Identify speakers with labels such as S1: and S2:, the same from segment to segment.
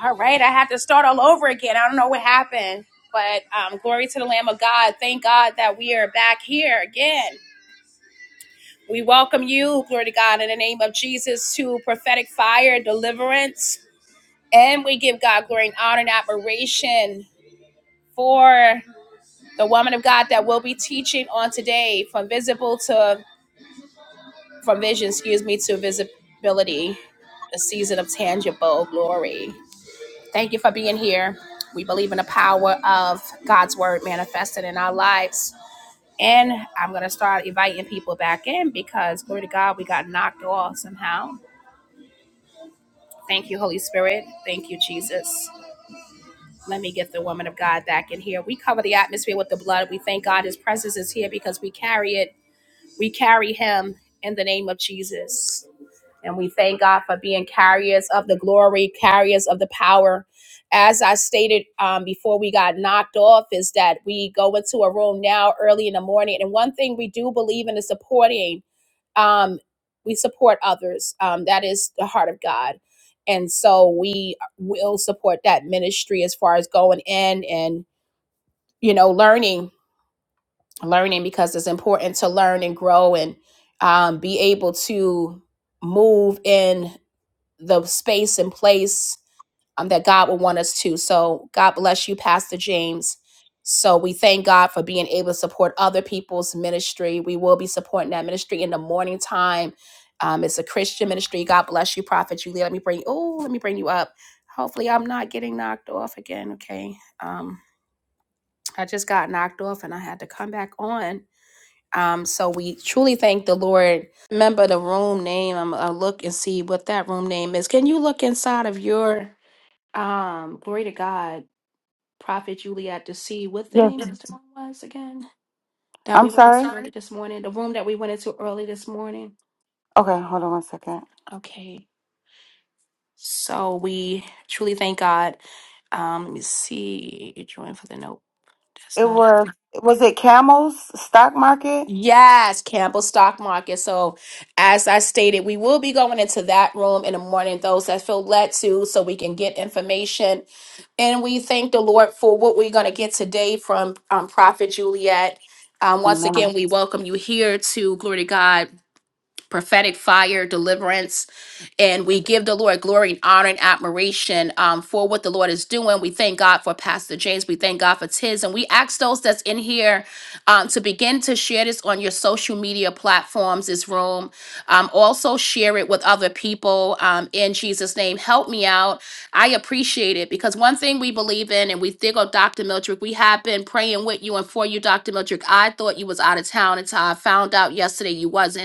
S1: All right, I have to start all over again. I don't know what happened, but um, glory to the Lamb of God. Thank God that we are back here again. We welcome you, glory to God, in the name of Jesus, to prophetic fire deliverance. And we give God glory and honor and admiration for the woman of God that will be teaching on today from visible to, from vision, excuse me, to visibility, the season of tangible glory. Thank you for being here. We believe in the power of God's word manifested in our lives. And I'm going to start inviting people back in because, glory to God, we got knocked off somehow. Thank you, Holy Spirit. Thank you, Jesus. Let me get the woman of God back in here. We cover the atmosphere with the blood. We thank God his presence is here because we carry it. We carry him in the name of Jesus. And we thank God for being carriers of the glory, carriers of the power. As I stated um, before we got knocked off, is that we go into a room now early in the morning. And one thing we do believe in is supporting, um, we support others. Um, that is the heart of God. And so we will support that ministry as far as going in and, you know, learning, learning because it's important to learn and grow and um, be able to move in the space and place um, that God would want us to. So God bless you, Pastor James. So we thank God for being able to support other people's ministry. We will be supporting that ministry in the morning time. Um, it's a Christian ministry. God bless you, Prophet Julia. Let me bring oh, let me bring you up. Hopefully, I'm not getting knocked off again. Okay. Um, I just got knocked off and I had to come back on. Um, so we truly thank the Lord. Remember the room name. I'm gonna look and see what that room name is. Can you look inside of your um glory to God, Prophet Juliet, to see what the
S2: Yes.
S1: name of the room was again? That
S2: I'm
S1: we went I'm into
S2: sorry.
S1: sorry? early this morning. The room that we went into early this morning.
S2: Okay, hold on one second.
S1: Okay. So we truly thank God. Um, let me see. Join for the note. That's
S2: It
S1: not.
S2: was was it Camel's stock market?
S1: Yes, Campbell Stock Market. So, as I stated, we will be going into that room in the morning, those that feel led to, so we can get information. And we thank the Lord for what we're going to get today from um, Prophet Juliet. Um, once again,
S2: Amen.
S1: we welcome you here to Glory to God prophetic fire, deliverance. And we give the Lord glory and honor and admiration um, for what the Lord is doing. We thank God for Pastor James. We thank God for Tiz. And we ask those that's in here um, to begin to share this on your social media platforms, this room. Um, also, share it with other people um, in Jesus' name. Help me out. I appreciate it because one thing we believe in, and we think of Dr. Miltrick, we have been praying with you and for you, Dr. Miltrick. I thought you was out of town until I found out yesterday you wasn't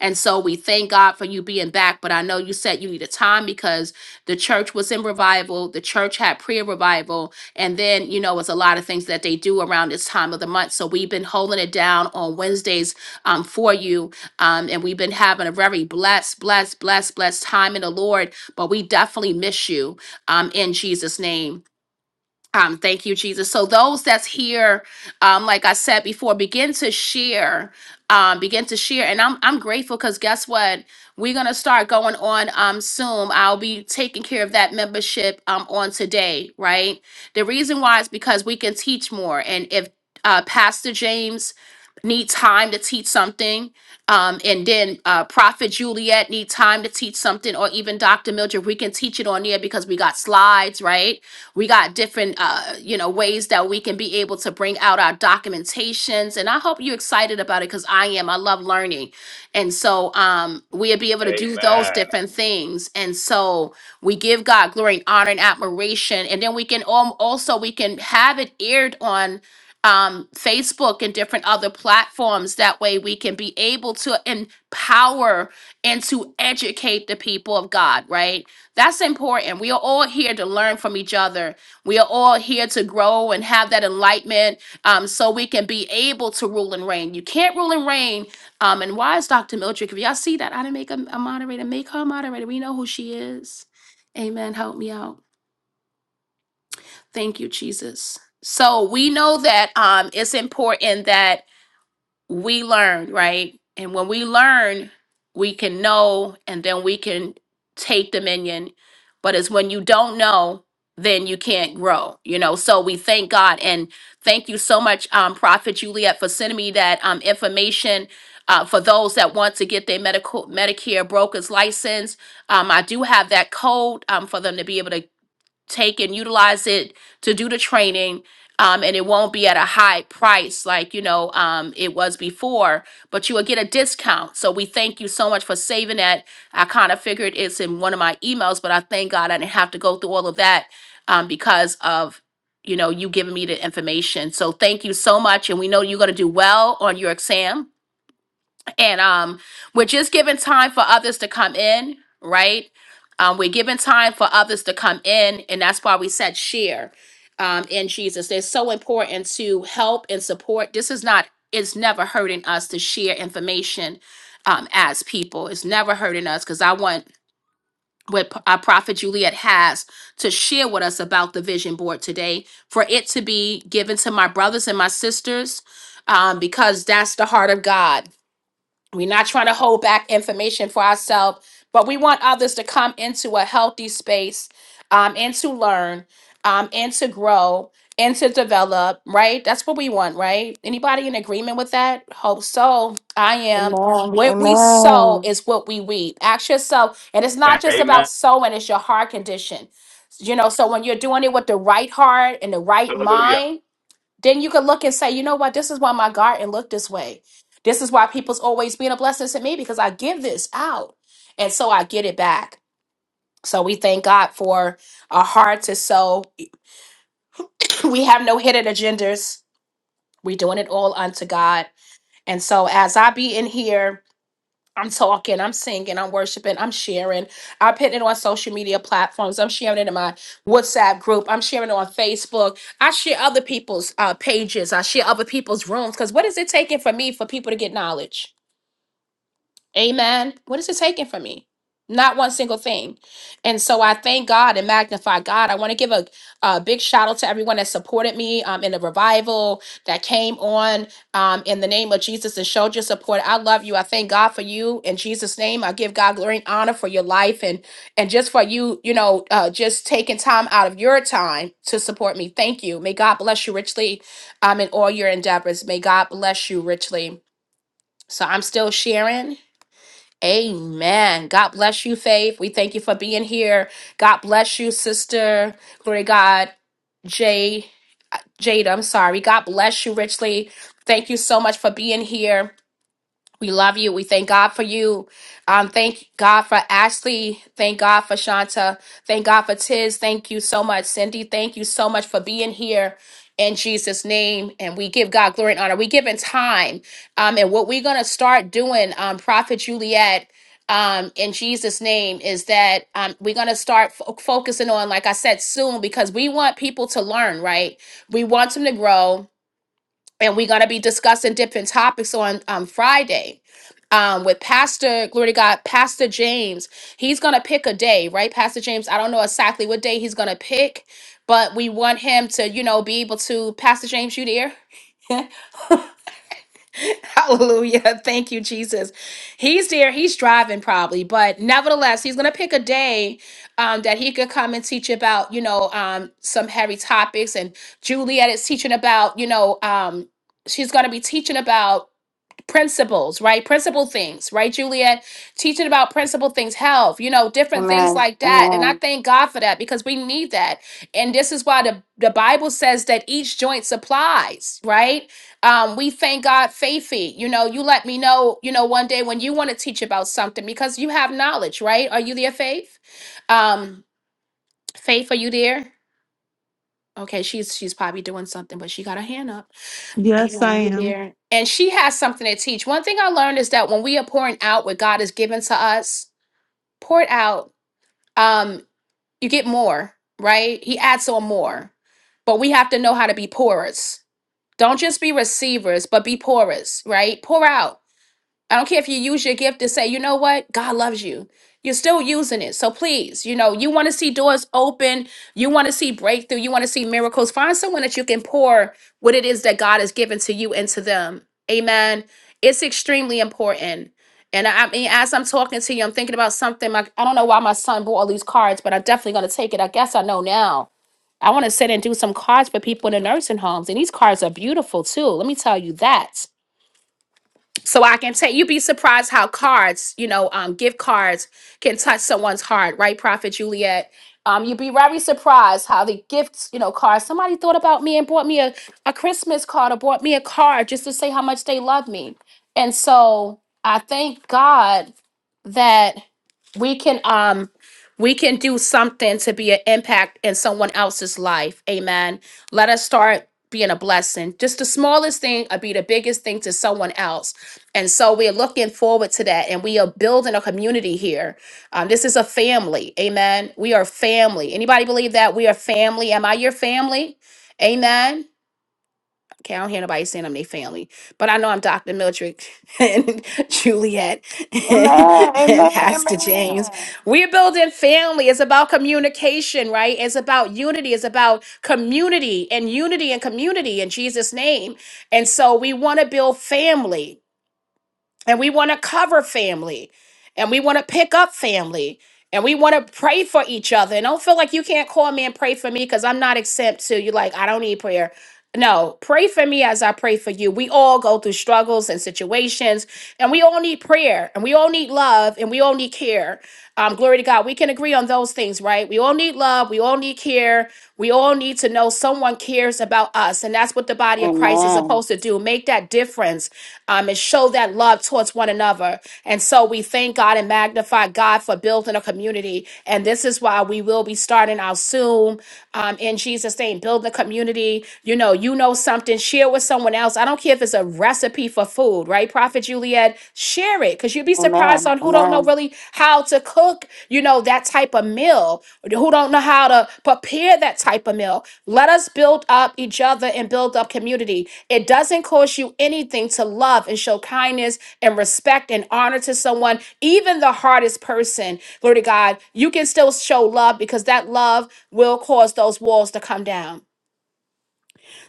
S1: and so we thank God for you being back. But I know you said you needed time because the church was in revival, the church had prayer revival, and then, you know, it's a lot of things that they do around this time of the month. So we've been holding it down on Wednesdays um, for you. Um, and we've been having a very blessed, blessed, blessed, blessed time in the Lord. But we definitely miss you um, in Jesus' name. Um, thank you, Jesus. So those that's here, um, like I said before, begin to share, um, begin to share, and I'm I'm grateful because guess what? We're gonna start going on um Zoom. I'll be taking care of that membership um on today, right? The reason why is because we can teach more, and if uh, Pastor James need time to teach something um, and then uh, prophet juliet need time to teach something or even dr mildred we can teach it on there because we got slides right we got different, uh, you know, ways that we can be able to bring out our documentations. And I hope you're excited about it because I am. I love learning. And so um, we'll be able to do those
S3: Amen.
S1: different things. And so we give God glory and honor and admiration. And then we can al- also, we can have it aired on um, Facebook and different other platforms. That way we can be able to empower and to educate the people of God, right? That's important. We are all here to learn from each other. We are all here to grow and have that enlightenment um, so we can be able to rule and reign. You can't rule and reign. Um, and why is Dr. Mildred? If y'all see that, I didn't make a, a moderator. Make her a moderator. We know who she is. Amen. Help me out. Thank you, Jesus. So we know that um, it's important that we learn, right? And when we learn, we can know and then we can take dominion. But it's when you don't know, then you can't grow, you know. So we thank God and thank you so much, um, Prophet Juliet, for sending me that um, information. Uh, for those that want to get their medical Medicare broker's license, um, I do have that code um, for them to be able to take and utilize it to do the training um, and it won't be at a high price like you know um, it was before but you will get a discount so we thank you so much for saving that i kind of figured it's in one of my emails but i thank god i didn't have to go through all of that um, because of you know you giving me the information so thank you so much and we know you're going to do well on your exam and um we're just giving time for others to come in right um we're giving time for others to come in and that's why we said share um in jesus it's so important to help and support this is not it's never hurting us to share information um as people it's never hurting us because i want what P- our prophet Juliet has to share with us about the vision board today, for it to be given to my brothers and my sisters, um, because that's the heart of God we're not trying to hold back information for ourselves, but we want others to come into a healthy space um, and to learn um, and to grow and to develop, right? That's what we want, right? Anybody in agreement with that? Hope so. I am.
S2: Amen.
S1: What we sow
S2: Amen.
S1: is what we reap. Ask yourself, and it's not just about
S3: Amen.
S1: sowing, it's your heart condition. You know, so when you're doing it with the right heart and the right
S3: Hallelujah.
S1: mind, then you could look and say, you know what? This is why my garden looked this way. This is why people's always being a blessing to me because I give this out. And so I get it back. So we thank God for our hearts. And so we have no hidden agendas. We're doing it all unto God. And so as I be in here, I'm talking, I'm singing, I'm worshiping, I'm sharing. I'm putting it on social media platforms. I'm sharing it in my WhatsApp group. I'm sharing it on Facebook. I share other people's uh, pages. I share other people's rooms. Because what is it taking for me for people to get knowledge? Amen. What is it taking from me? Not one single thing. And so I thank God and magnify God. I want to give a, a big shout out to everyone that supported me um, in the revival that came on um, in the name of Jesus and showed your support. I love you. I thank God for you in Jesus' name. I give God glory and honor for your life and and just for you, you know, uh, just taking time out of your time to support me. Thank you. May God bless you richly um, in all your endeavors. May God bless you richly. So I'm still sharing. Amen. God bless you, Faith. We thank you for being here. God bless you, sister. Glory to God. Jay, Jada, I'm sorry. God bless you richly. Thank you so much for being here. We love you. We thank God for you. Um, thank God for Ashley. Thank God for Shanta. Thank God for Tiz. Thank you so much, Cindy. Thank you so much for being here in Jesus' name. And we give God glory and honor. We give in time. Um, and what we're going to start doing, um, Prophet Juliet, um, in Jesus' name, is that um, we're going to start fo- focusing on, like I said, soon, because we want people to learn, right? We want them to grow and we're going to be discussing different topics on um, Friday um, with Pastor, glory to God, Pastor James. He's going to pick a day, right? Pastor James, I don't know exactly what day he's going to pick, but we want him to, you know, be able to, Pastor James, you there? Hallelujah. Thank you, Jesus. He's there. He's driving probably, but nevertheless, he's going to pick a day um, that he could come and teach about, you know, um, some heavy topics. And Juliet is teaching about, you know, um, she's going to be teaching about principles, right? Principle things, right, Juliet? Teaching about principle things, health, you know, different things
S2: Amen.
S1: like that. And I
S2: Amen.
S1: thank God for that because we need that. And this is why the, the Bible says that each joint supplies, right? Um, we thank God, Faithy. You know, you let me know, you know, one day when you want to teach about something because you have knowledge, right? Are you there, Faith? Um, Faith, are you there? Okay, she's she's probably doing something, but she got her hand up.
S4: Yes, I
S1: Amen. You're
S4: am.
S1: there. And she has something to teach. One thing I learned is that when we are pouring out what God has given to us, pour it out, um, you get more, right? He adds on more. But we have to know how to be pourers. Don't just be receivers, but be pourers, right? Pour out. I don't care if you use your gift to say, you know what, God loves you. You're still using it. So please, you know, you want to see doors open, you want to see breakthrough, you want to see miracles. Find someone that you can pour what it is that God has given to you into them. Amen. It's extremely important. And I, I mean, as I'm talking to you, I'm thinking about something. Like, I don't know why my son bought all these cards, but I'm definitely going to take it. I guess I know now. I want to sit and do some cards for people in the nursing homes. And these cards are beautiful too. Let me tell you that so I can take you'd be surprised how cards, you know, um, gift cards can touch someone's heart, right, Prophet Juliet? Um, you'd be very surprised how the gifts, you know, cards. Somebody thought about me and bought me a, a Christmas card or bought me a card just to say how much they love me. And so I thank God that we can um we can do something to be an impact in someone else's life. Amen. Let us start being a blessing. Just the smallest thing uh, be the biggest thing to someone else and so we're looking forward to that. And we are building a community here. Um, this is a family. Amen. We are family. Anybody believe that? We are family. Am I your family? Amen. Okay, I don't hear nobody saying I'm their family, but I know I'm Dr. Mildred and Juliet
S2: Amen.
S1: and
S2: Amen.
S1: and
S2: Amen.
S1: Pastor James. We're building family. It's about communication, right? It's about unity. It's about community and unity and community in Jesus' name. And so we want to build family and we want to cover family and we want to pick up family and we want to pray for each other and don't feel like you can't call me and pray for me because i'm not exempt to you like i don't need prayer no, pray for me as I pray for you. We all go through struggles and situations, and we all need prayer, and we all need love, and we all need care. Um, glory to God. We can agree on those things, right? We all need love. We all need care. We all need to know someone cares about us, and that's what the body of Christ is
S2: Amen.
S1: supposed to do. Make that difference, um, and show that love towards one another. And so we thank God and magnify God for building a community. And this is why we will be starting out soon. Um, in Jesus' sustain, build the community. You know, you know something, share with someone else. I don't care if it's a recipe for food, right? Prophet Juliet, share it because you'd be surprised
S2: Amen.
S1: on who don't know
S2: Amen.
S1: really how to cook, you know, that type of meal, who don't know how to prepare that type of meal. Let us build up each other and build up community. It doesn't cost you anything to love and show kindness and respect and honor to someone, even the hardest person. Glory to God, you can still show love because that love will cause those walls to come down.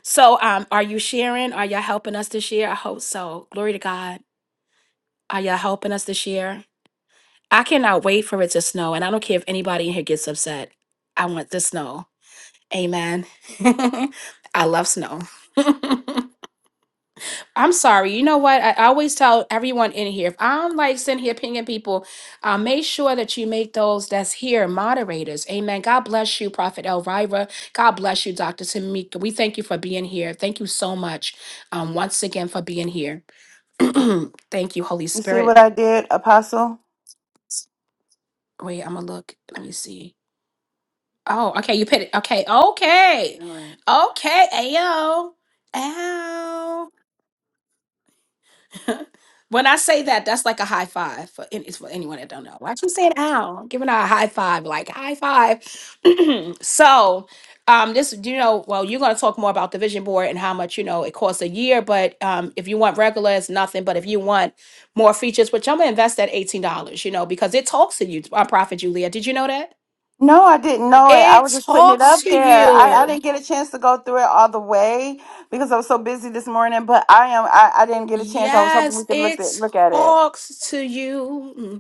S1: So, um, are you sharing? Are y'all helping us this year? I hope so. Glory to God. Are y'all helping us this year? I cannot wait for it to snow, and I don't care if anybody in here gets upset. I want the snow. Amen. I love snow. I'm sorry. You know what? I I always tell everyone in here if I'm like sitting here pinging people, uh, make sure that you make those that's here moderators. Amen. God bless you, Prophet Elvira. God bless you, Dr. Tamika. We thank you for being here. Thank you so much um, once again for being here. thank you, Holy
S2: You see what
S1: Spirit.
S2: I did, Apostle?
S1: Wait, I'm going to look. Let me see. Oh, okay. You put it. Okay. Okay. Okay. Ayo. Ow. when I say that, that's like a high five for any, it's for anyone that don't know. Why you saying ow? Giving her a high five, like high five. so, um, this you know, well, you're gonna talk more about the vision board and how much you know it costs a year. But um, if you want regular, it's nothing. But if you want more features, which I'm gonna invest that eighteen dollars, you know, because it talks to you, uh, Prophet Julia. Did you know that
S2: No, I didn't know it. I
S1: it
S2: was just putting it
S1: talks
S2: up
S1: to
S2: there. I, I
S1: you?
S2: didn't get a chance to go through it all the way because I was so busy this morning. But I am. I, I didn't get a chance. I was hoping we
S1: Yes,
S2: could look
S1: it
S2: at look at it.
S1: talks to you.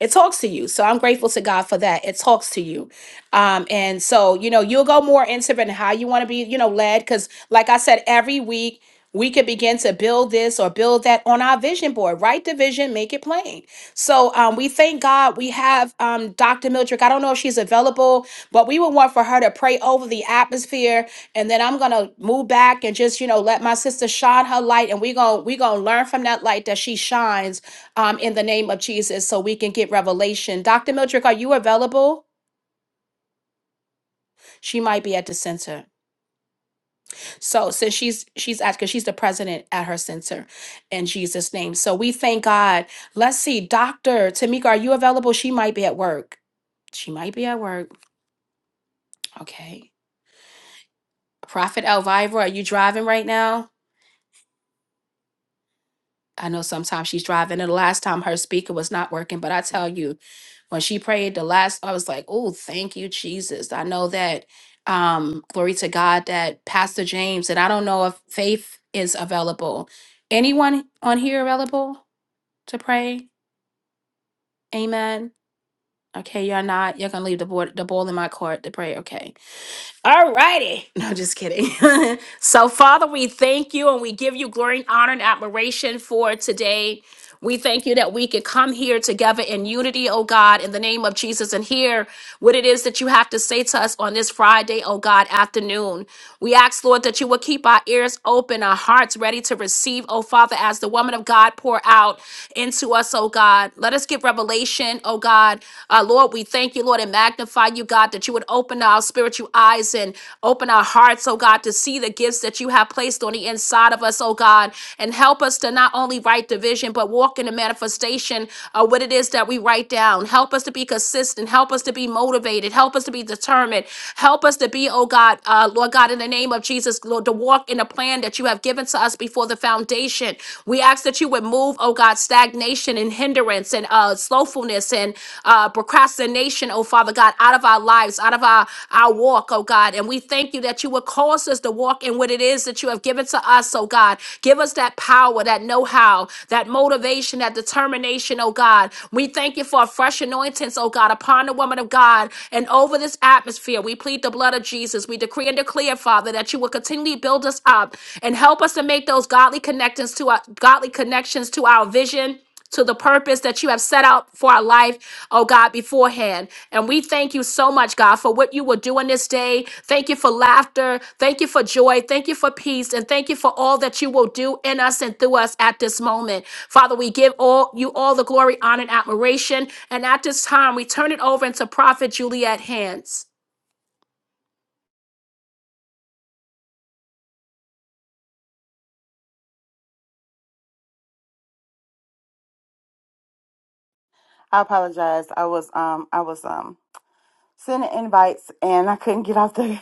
S1: It talks to you. So I'm grateful to God for that. It talks to you. Um, and so, you know, you'll go more into it and how you want to be, you know, led. Because, like I said, every week we could begin to build this or build that on our vision board. Write the vision, make it plain. So um, we thank God we have um, Dr. Mildred. I don't know if she's available, but we would want for her to pray over the atmosphere. And then I'm going to move back and just, you know, let my sister shine her light. And we're going to we're gonna learn from that light that she shines um, in the name of Jesus so we can get revelation. Dr. Mildred, are you available? She might be at the center. So since she's she's at because she's the president at her center in Jesus' name. So we thank God. Let's see, Dr. Tamika, are you available? She might be at work. She might be at work. Okay. Prophet Elvira, are you driving right now? I know sometimes she's driving, and the last time her speaker was not working, but I tell you, when she prayed the last, I was like, oh, thank you, Jesus. I know that, um, glory to God, that Pastor James, and I don't know if Faith is available. Anyone on here available to pray? Amen. Okay, you're not. You're gonna leave the board, the ball in my court to pray. Okay. All righty. No, just kidding. so, Father, we thank you and we give you glory and honor and admiration for today. We thank you that we could come here together in unity, oh God, in the name of Jesus, and hear what it is that you have to say to us on this Friday, oh God, afternoon. We ask, Lord, that you will keep our ears open, our hearts ready to receive, oh Father, as the woman of God pour out into us, oh God. Let us get revelation, oh God. Uh, Lord, we thank you, Lord, and magnify you, God, that you would open our spiritual eyes and open our hearts, oh God, to see the gifts that you have placed on the inside of us, oh God, and help us to not only write the vision, but walk in the manifestation of what it is that we write down. Help us to be consistent. Help us to be motivated. Help us to be determined. Help us to be, oh God, uh, Lord God, in the name of Jesus, Lord, to walk in the plan that you have given to us before before the foundation. We ask that you would move, oh God, stagnation and hindrance and uh, slowfulness and uh, procrastination, oh Father God, out of our lives, out of our, our walk, oh God. And we thank you that you would cause us to walk in what it is that you have given to us, oh God. Give us that power, that know how, that motivation, that determination, oh God. We thank you for a fresh anointings, oh God, upon the woman of God and over this atmosphere. We plead the blood of Jesus. We decree and declare, Father that you would continually build us up and help us to make those godly connections to our godly connections to our vision. To the purpose that you have set out for our life, oh God, beforehand. And we thank you so much, God, for what you will do in this day. Thank you for laughter. Thank you for joy. Thank you for peace. And thank you for all that you will do in us and through us at this moment. Father, we give all you all the glory, honor, and admiration. And at this time, we turn it over into Prophet Juliet hands.
S2: I apologize. I was um I was um sending invites and I couldn't get off the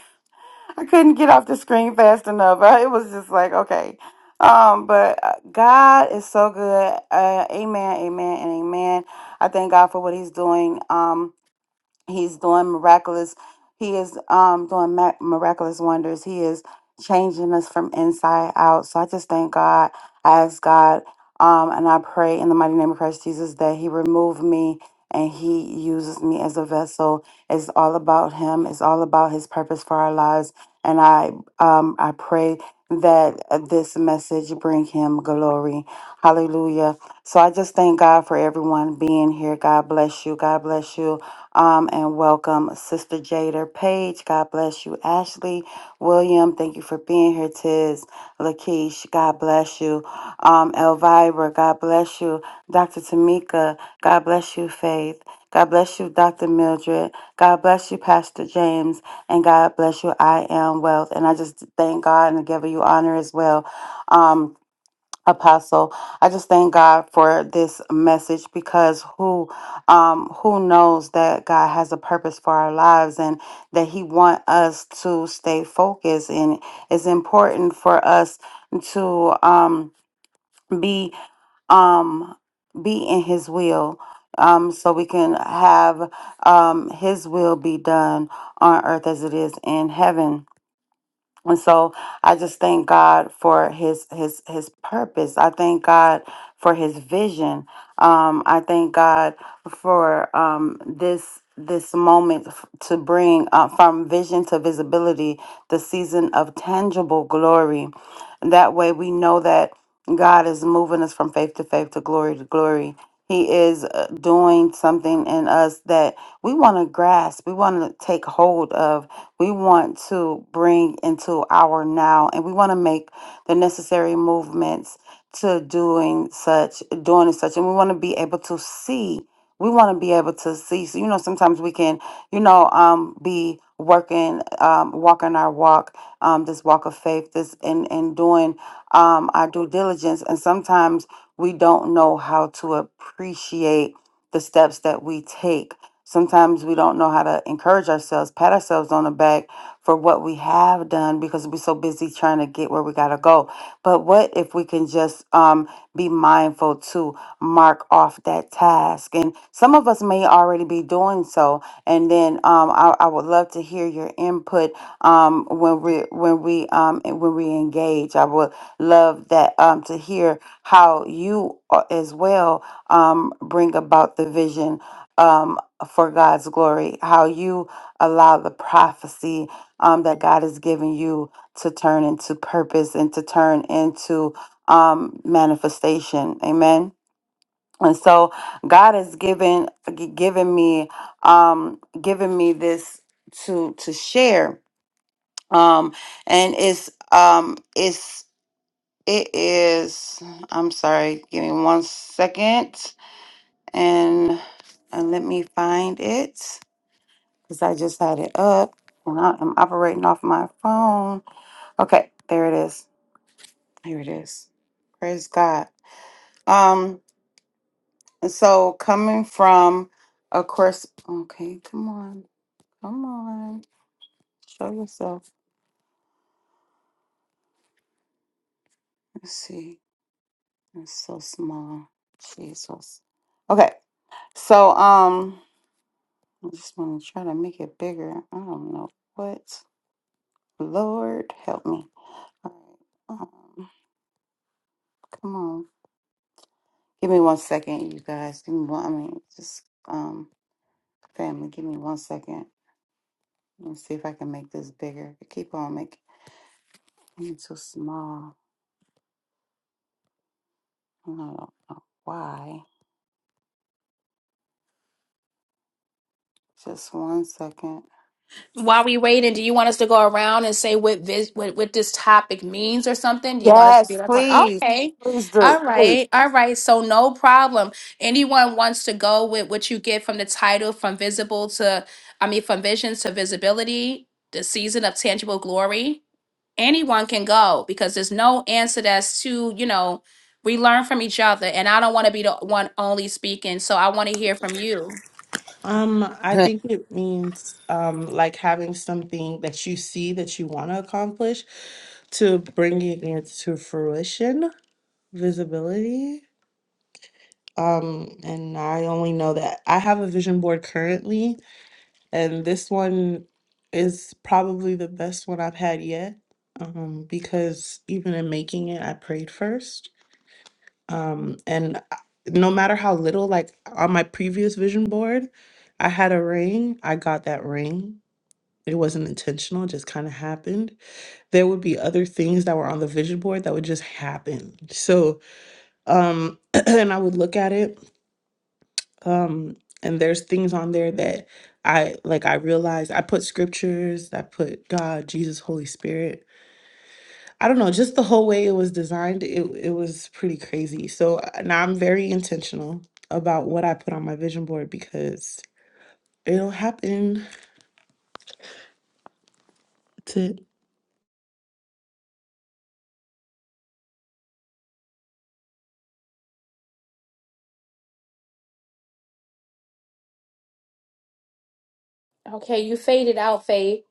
S2: I couldn't get off the screen fast enough. It was just like, okay. Um, but uh, God is so good. Uh, amen, amen, and amen. I thank God for what He's doing. Um, He's doing miraculous. He is um doing ma- miraculous wonders. He is changing us from inside out. So I just thank God. I ask God, um, and I pray in the mighty name of Christ Jesus that He remove me and He uses me as a vessel. It's all about Him. It's all about His purpose for our lives. And I um I pray that uh, this message bring Him glory. Hallelujah. So I just thank God for everyone being here. God bless you. God bless you. Um, and welcome, Sister Jader Page. God bless you. Ashley William, thank you for being here. Tiz Lakeish, God bless you. Um, Elvira, God bless you. Dr. Tamika, God bless you, Faith. God bless you, Dr. Mildred. God bless you, Pastor James. And God bless you, I am wealth. And I just thank God and give you honor as well. Um, Apostle, I just thank God for this message because who um who knows that God has a purpose for our lives and that he want us to stay focused and it's important for us to um be um be in his will um so we can have um his will be done on earth as it is in heaven and so I just thank God for his his his purpose. I thank God for his vision. Um, I thank God for um, this this moment f- to bring uh, from vision to visibility the season of tangible glory. That way we know that God is moving us from faith to faith to glory to glory. He is uh, doing something in us that we want to grasp, we want to take hold of, we want to bring into our now, and we want to make the necessary movements to doing such, doing and such, and we want to be able to see. We want to be able to see. So, you know, sometimes we can, you know, um, be working, um, walking our walk, um, this walk of faith, this and and doing um, our due diligence. And sometimes we don't know how to appreciate the steps that we take. Sometimes we don't know how to encourage ourselves, pat ourselves on the back for what we have done because we're so busy trying to get where we got to go. But what if we can just um, be mindful to mark off that task? And some of us may already be doing so. And then um, I, I would love to hear your input um, when we when we um, when we engage. I would love that um, to hear how you a- as well um, bring about the vision um, for God's glory, how you allow the prophecy um, that God has given you to turn into purpose and to turn into um, manifestation. Amen. And so God has given gi- given me um, given me this to to share, um, and it's um, it's it is, I'm sorry, give me one second and, and let me find it because I just had it up and I am operating off my phone. Okay, there it is. Here it is. Praise God. Um, and so coming from, of course, okay, come on, come on, show yourself. Let's see, it's so small. Jesus. Okay, so, um, I just want to try to make it bigger. I don't know what. Lord, help me. All right. Um, come on. Give me one second, you guys. Give me one. I mean, just um, family. Give me one second. Let me see if I can make this bigger. I keep on making it too small. I don't know why. Just one second.
S1: While we waiting, do you want us to go around and say what this what, what this topic means or something? Do you want us to do
S2: Yes,
S1: that part?
S2: please.
S1: Okay.
S2: Please do.
S1: All
S2: Please.
S1: right. All right. So no problem. Anyone wants to go with what you get from the title from visible to I mean from visions to visibility, the season of tangible glory. Anyone can go because there's no answer that's too, you know, we learn from each other and I don't want to be the one only speaking. So I want to hear from you.
S4: Um, I
S5: Pra-
S4: think it means um like having something that you see that you want to accomplish to bringing it to fruition, visibility. Um, and I only know that I have a vision board currently, and this one is probably the best one I've had yet. Um, because even in making it, I prayed first. Um, and I- no matter how little, like on my previous vision board, I had a ring. I got that ring. It wasn't intentional, it just kind of happened. There would be other things that were on the vision board that would just happen. So, um, and I would look at it, um, and there's things on there that I like, I realized I put scriptures, I put God, Jesus, Holy Spirit I don't know, just the whole way it was designed, it it was pretty crazy. So uh, now I'm very intentional about what I put on my vision board because it'll happen. That's it.
S1: Okay, you faded out, Faith.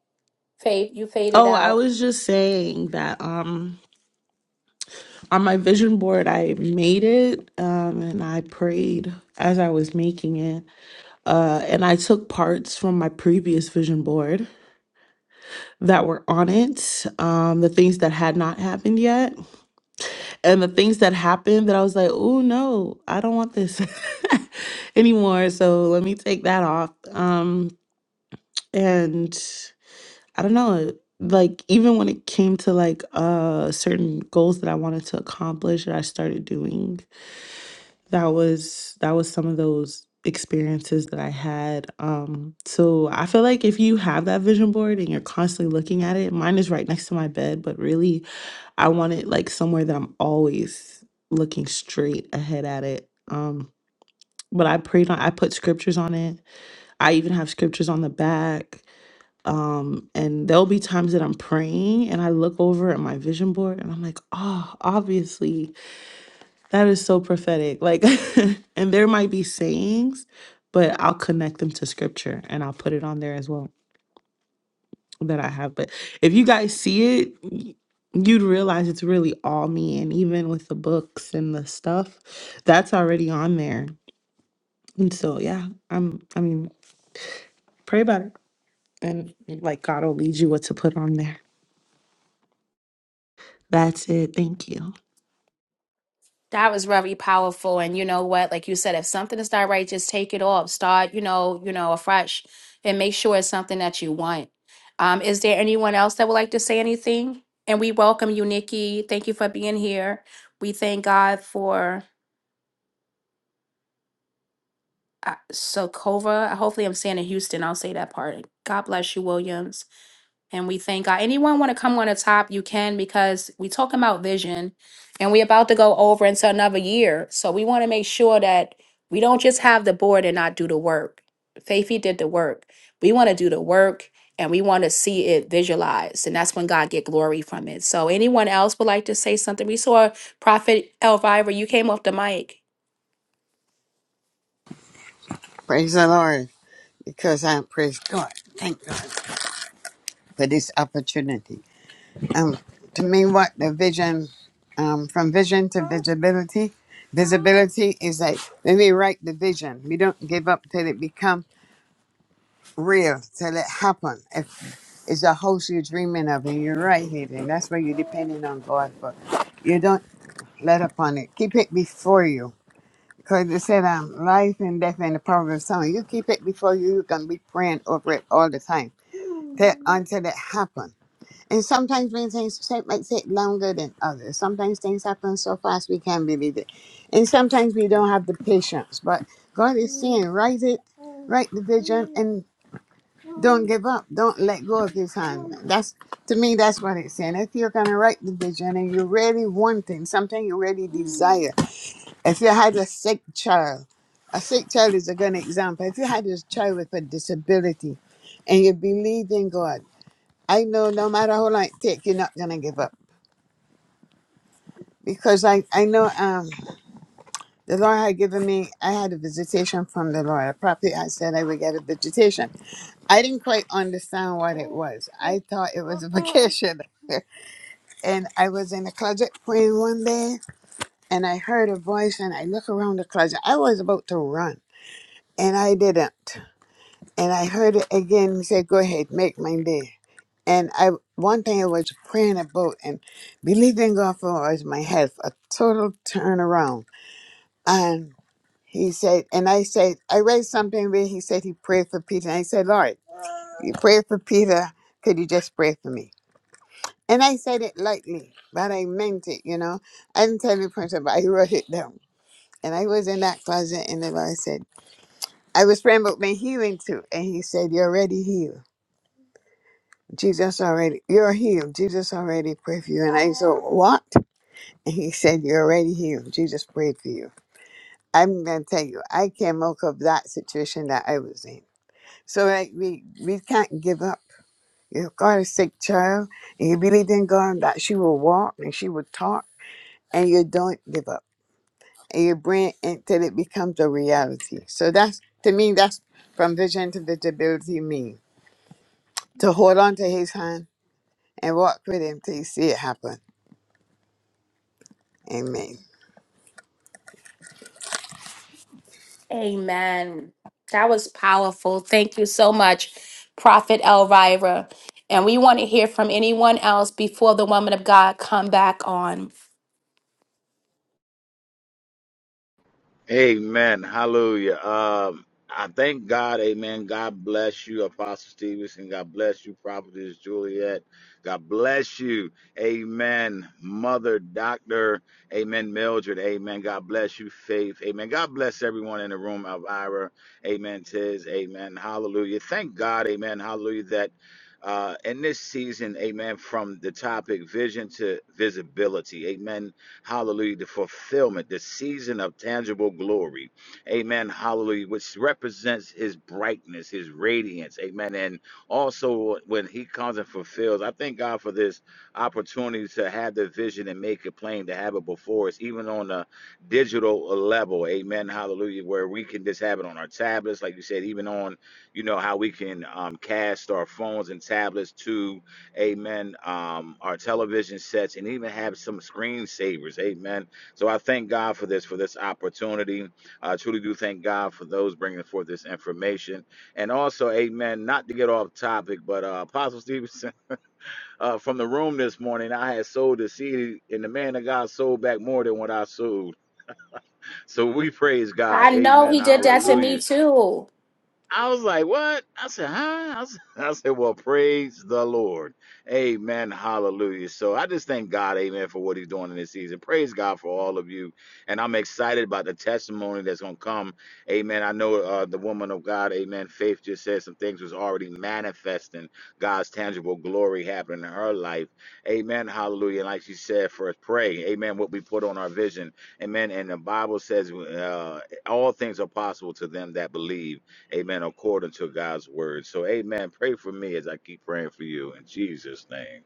S1: Faith, you faded
S4: Oh, I
S1: out.
S4: was just saying that um on my vision board I made it um and I prayed as I was making it. Uh and I took parts from my previous vision board that were on it, um the things that had not happened yet and the things that happened that I was like, oh no, I don't want this anymore. So let me take that off. Um, and I don't know, like even when it came to like uh certain goals that I wanted to accomplish that I started doing, that was that was some of those experiences that I had. Um, so I feel like if you have that vision board and you're constantly looking at it, mine is right next to my bed, but really I want it like somewhere that I'm always looking straight ahead at it. Um, but I prayed on I put scriptures on it. I even have scriptures on the back. Um, and there'll be times that I'm praying and I look over at my vision board and I'm like, oh, obviously that is so prophetic. Like and there might be sayings, but I'll connect them to scripture and I'll put it on there as well. that I have. But if you guys see it, y- you'd realize it's really all me. And even with the books and the stuff, that's already on there. And so yeah, I'm I mean, pray about it. And like God will lead you what to put on there. That's it. Thank you.
S1: That was very powerful. And you know what? Like you said, if something is not right, just take it off. Start, you know, you know, afresh and make sure it's something that you want. Um, is there anyone else that would like to say anything? And we welcome you, Nikki. Thank you for being here. We thank God for uh, Sokova. Hopefully, I'm saying in Houston. I'll say that part. God bless you, Williams. And we thank God. Anyone want to come on the top? You can because we talking about vision, and we about to go over into another year. So we want to make sure that we don't just have the board and not do the work. Faithy did the work. We want to do the work, and we want to see it visualized, and that's when God get glory from it. So anyone else would like to say something? We saw Prophet Elvira. You came off the mic.
S5: Praise the Lord, because I praise God. Thank God for this opportunity. Um, to me, what the vision, um, from vision to visibility, visibility is like when we write the vision, we don't give up till it become real, till it happen. If it's a house you're dreaming of and you're writing it, then that's what you're depending on God for. You don't let up on it. Keep it before you Because it said, um, life and death in the power of the tongue. You keep it before you, you're going to be praying over it all the time till, until it happens. And sometimes when things say- might take longer than others. Sometimes things happen so fast we can't believe it. And sometimes we don't have the patience. But God is saying, write it, write the vision, and don't give up. Don't let go of His hand. That's to me, that's what it's saying. If you're going to write the vision and you really want it, something you really desire. If you had a sick child, a sick child is a good example. If you had a child with a disability and you believe in God, I know no matter how long it takes, you're not going to give up. Because I, I know um, the Lord had given me, I had a visitation from the Lord. I probably I said I would get a visitation. I didn't quite understand what it was. I thought it was a vacation. and I was in the closet praying one day and I heard a voice and I look around the closet. I was about to run and I didn't. And I heard it again. He said, Go ahead, make my day. And I one thing I was praying about and believing God for was my health, a total turnaround. And he said, and I said, I read something where he said he prayed for Peter. And I said, Lord, you prayed for Peter, could you just pray for me? And I said it lightly, but I meant it, you know. I didn't tell the person, but I wrote it down. And I was in that closet and the Lord said, I was praying about my healing too. And he said, You're already healed. Jesus already, you're healed. Jesus already prayed for you. And I said, What? And he said, You're already healed. Jesus prayed for you. I'm going to tell you, I came out of that situation that I was in. So like, we, we can't give up. You've got a sick child, and you believe in God that she will walk and she will talk, and you don't give up. And you bring it until it becomes a reality. So that's, to me, that's from vision to visibility mean to hold on to his hand and walk with him till you see it happen. Amen.
S1: Amen. That was powerful. Thank you so much, Prophet Elvira. And we want to hear from anyone else before the woman of God come back on.
S3: Amen. Hallelujah. Um, I thank God. Amen. God bless you, Apostle Stevenson. God bless you, Prophetess Juliet. God bless you. Amen. Mother, Doctor. Amen. Mildred. Amen. God bless you, Faith. Amen. God bless everyone in the room. Elvira. Amen. Tiz. Amen. Hallelujah. Thank God. Amen. Hallelujah. That uh, in this season, amen, from the topic vision to visibility, amen Hallelujah. The fulfillment, the season of tangible glory. Amen. Hallelujah. Which represents his brightness, his radiance. Amen. And also when he comes and fulfills, I thank God for this opportunity to have the vision and make it plain, to have it before us, even on a digital level. Amen. Hallelujah. Where we can just have it on our tablets, like you said, even on, you know, how we can um, cast our phones and tablets to amen um our television sets and even have some screensavers amen so i thank god for this for this opportunity i truly do thank god for those bringing forth this information and also amen not to get off topic but uh apostle stevenson uh from the room this morning i had sold the seed and the man of god sold back more than what i sold so we praise god
S1: I know
S3: amen
S1: he did that to
S3: hallelujah
S1: me too.
S3: I was like, what? I said, huh? I, s- I said, well, praise the Lord. Amen. Hallelujah. So I just thank God, amen, for what he's doing in this season. Praise God for all of you. And I'm excited about the testimony that's going to come. Amen. I know uh, the woman of God, amen, Faith just said some things was already manifesting God's tangible glory happening in her life. Amen. Hallelujah. And like she said, first pray. Amen. What we put on our vision. Amen. And the Bible says uh, all things are possible to them that believe. Amen. According to God's word. So, amen. Pray for me as I keep praying for you in Jesus' name.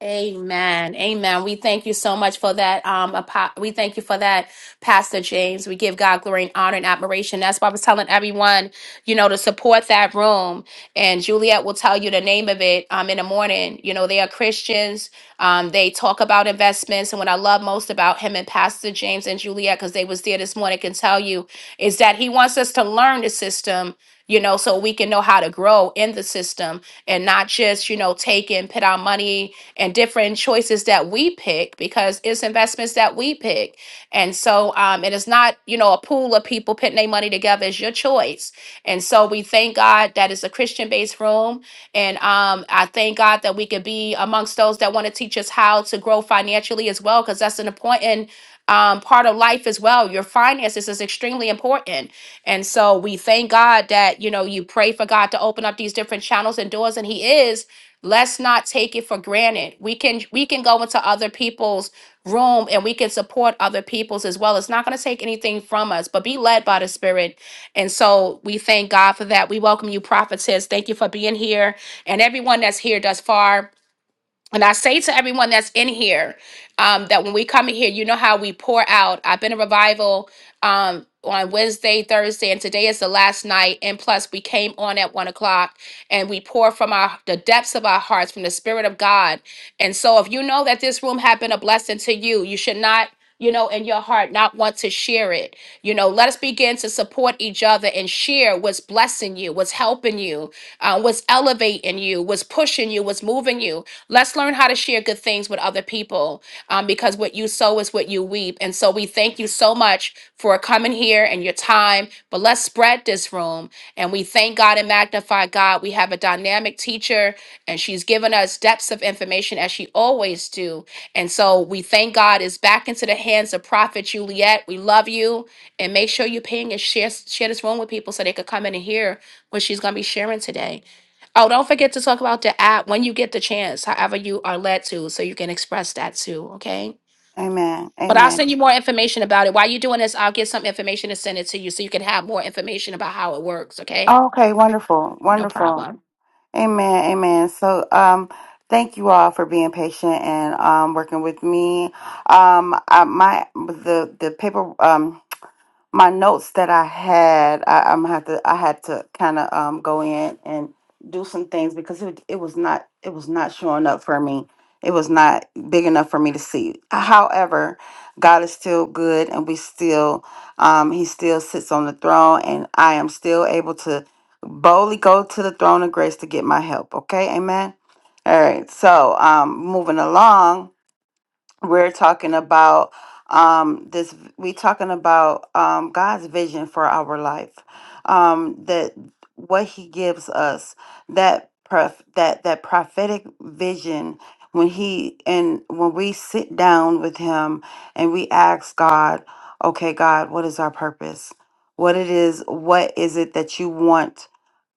S1: Amen. Amen. We thank you so much for that. Um, apo- we thank you for that, Pastor James. We give God glory and honor and admiration. That's why I was telling everyone, you know, to support that room. And Juliet will tell you the name of it um, in the morning. You know, they are Christians. Um, they talk about investments. And what I love most about him and Pastor James and Juliet, because they was there this morning, can tell you, is that he wants us to learn the system, you know, so we can know how to grow in the system and not just, you know, take and put our money and different choices that we pick because it's investments that we pick. And so um, it is not, you know, a pool of people putting their money together. It's your choice. And so we thank God that it's a Christian based room. And um, I thank God that we could be amongst those that want to teach us how to grow financially as well, because that's an important um, part of life as well. Your finances is extremely important. And so we thank God that, you know, you pray for God to open up these different channels and doors, and He is. Let's not take it for granted. We can we can go into other people's room and we can support other people's as well. It's not going to take anything from us, but be led by the Spirit. And so we thank God for that. We welcome you, prophetess. Thank you for being here and everyone that's here thus far. And I say to everyone that's in here um, that when we come in here, you know how we pour out. I've been a revival um, on Wednesday, Thursday, and today is the last night. And plus, we came on at one o'clock, and we pour from our the depths of our hearts, from the Spirit of God. And so, if you know that this room had been a blessing to you, you should not. You know, in your heart, not want to share it. You know, let us begin to support each other and share what's blessing you, what's helping you, uh, what's elevating you, what's pushing you, what's moving you Let's learn how to share good things with other people um, because what you sow is what you weep. And so we thank you so much for coming here and your time. But let's spread this room. And we thank God and magnify God. We have a dynamic teacher, and she's given us depths of information as she always do. And so we thank God is back into the hands of Prophet Juliet. We love you. And make sure you ping and share, share this room with people so they could come in and hear what she's going to be sharing today. Oh, don't forget to talk about the app when you get the chance, however you are led to, so you can express that too, okay?
S2: Amen.
S1: But I'll
S2: Amen.
S1: send you more information about it. While you're doing this, I'll get some information and send it to you so you can have more information about how it works, okay?
S2: Okay, wonderful.
S1: No
S2: Wonderful.
S1: problem.
S2: Amen, amen. So, um, thank you all for being patient and um, working with me. Um, I, my the the paper. Um, my notes that I had, I, I'm have to I had to kind of um go in and do some things because it it was not it was not showing up for me. It was not big enough for me to see. However, God is still good, and we still um He still sits on the throne, and I am still able to boldly go to the throne of grace to get my help. Okay, Amen. All right, so um moving along we're talking about um this we talking about um God's vision for our life um that what he gives us that prof- that that prophetic vision when he and when we sit down with him and we ask God okay God what is our purpose what it is what is it that you want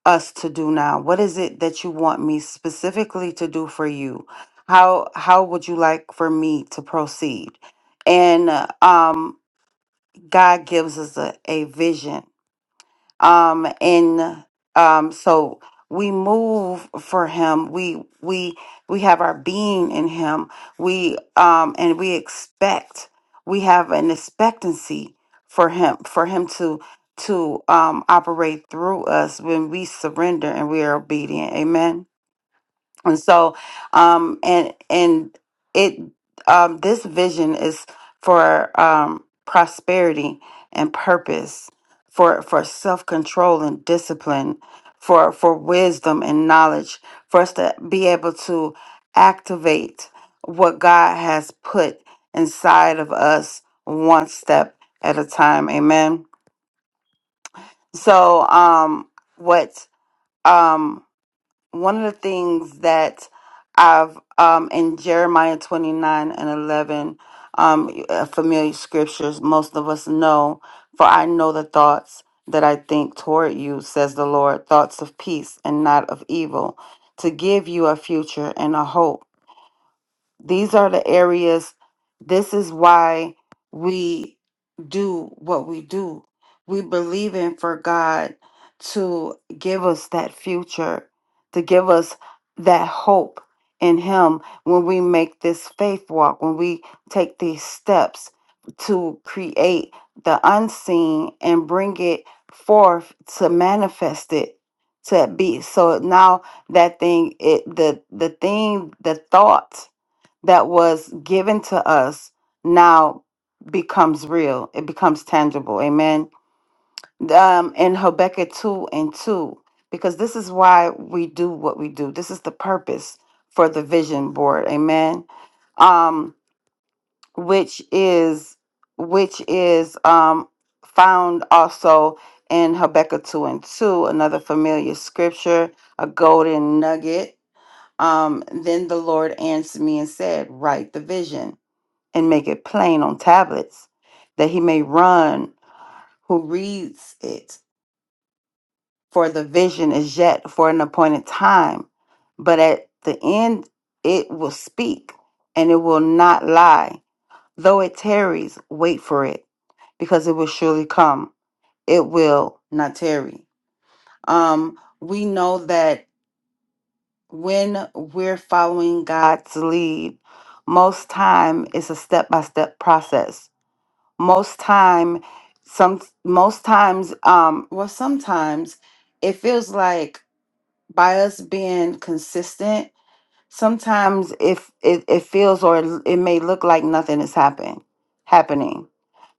S2: us to do now? What is it that you want me specifically to do for you? How how would you like for me to proceed? And uh, um, God gives us a, a vision um and um so we move for him we we we have our being in him we um and we expect we have an expectancy for him for him to to um operate through us when we surrender and we are obedient amen and so um and and it um this vision is for um prosperity and purpose for for self-control and discipline for for wisdom and knowledge for us to be able to activate what God has put inside of us one step at a time amen so um what um one of the things that I've um, in Jeremiah 29 and 11, um, uh, familiar scriptures, most of us know, for I know the thoughts that I think toward you, says the Lord, thoughts of peace and not of evil, to give you a future and a hope. These are the areas, this is why we do what we do. We believe in for God to give us that future, to give us that hope in Him when we make this faith walk, when we take these steps to create the unseen and bring it forth to manifest it to be so now that thing it the the thing the thought that was given to us now becomes real. It becomes tangible. Amen. Um, in Habakkuk 2 and 2, because this is why we do what we do. This is the purpose for the vision board. Amen. Um, which is which is um found also in Habakkuk 2 and 2, another familiar scripture, a golden nugget. Um, then the Lord answered me and said, Write the vision and make it plain on tablets, that he may run who reads it. For the vision is yet for an appointed time, but at the end it will speak, and it will not lie. Though it tarries, wait for it, because it will surely come. It will not tarry. Um, we know that when we're following God's lead, most time it's a step by step process most time some most times um well sometimes it feels like by us being consistent sometimes if it, it feels or it may look like nothing is happen happening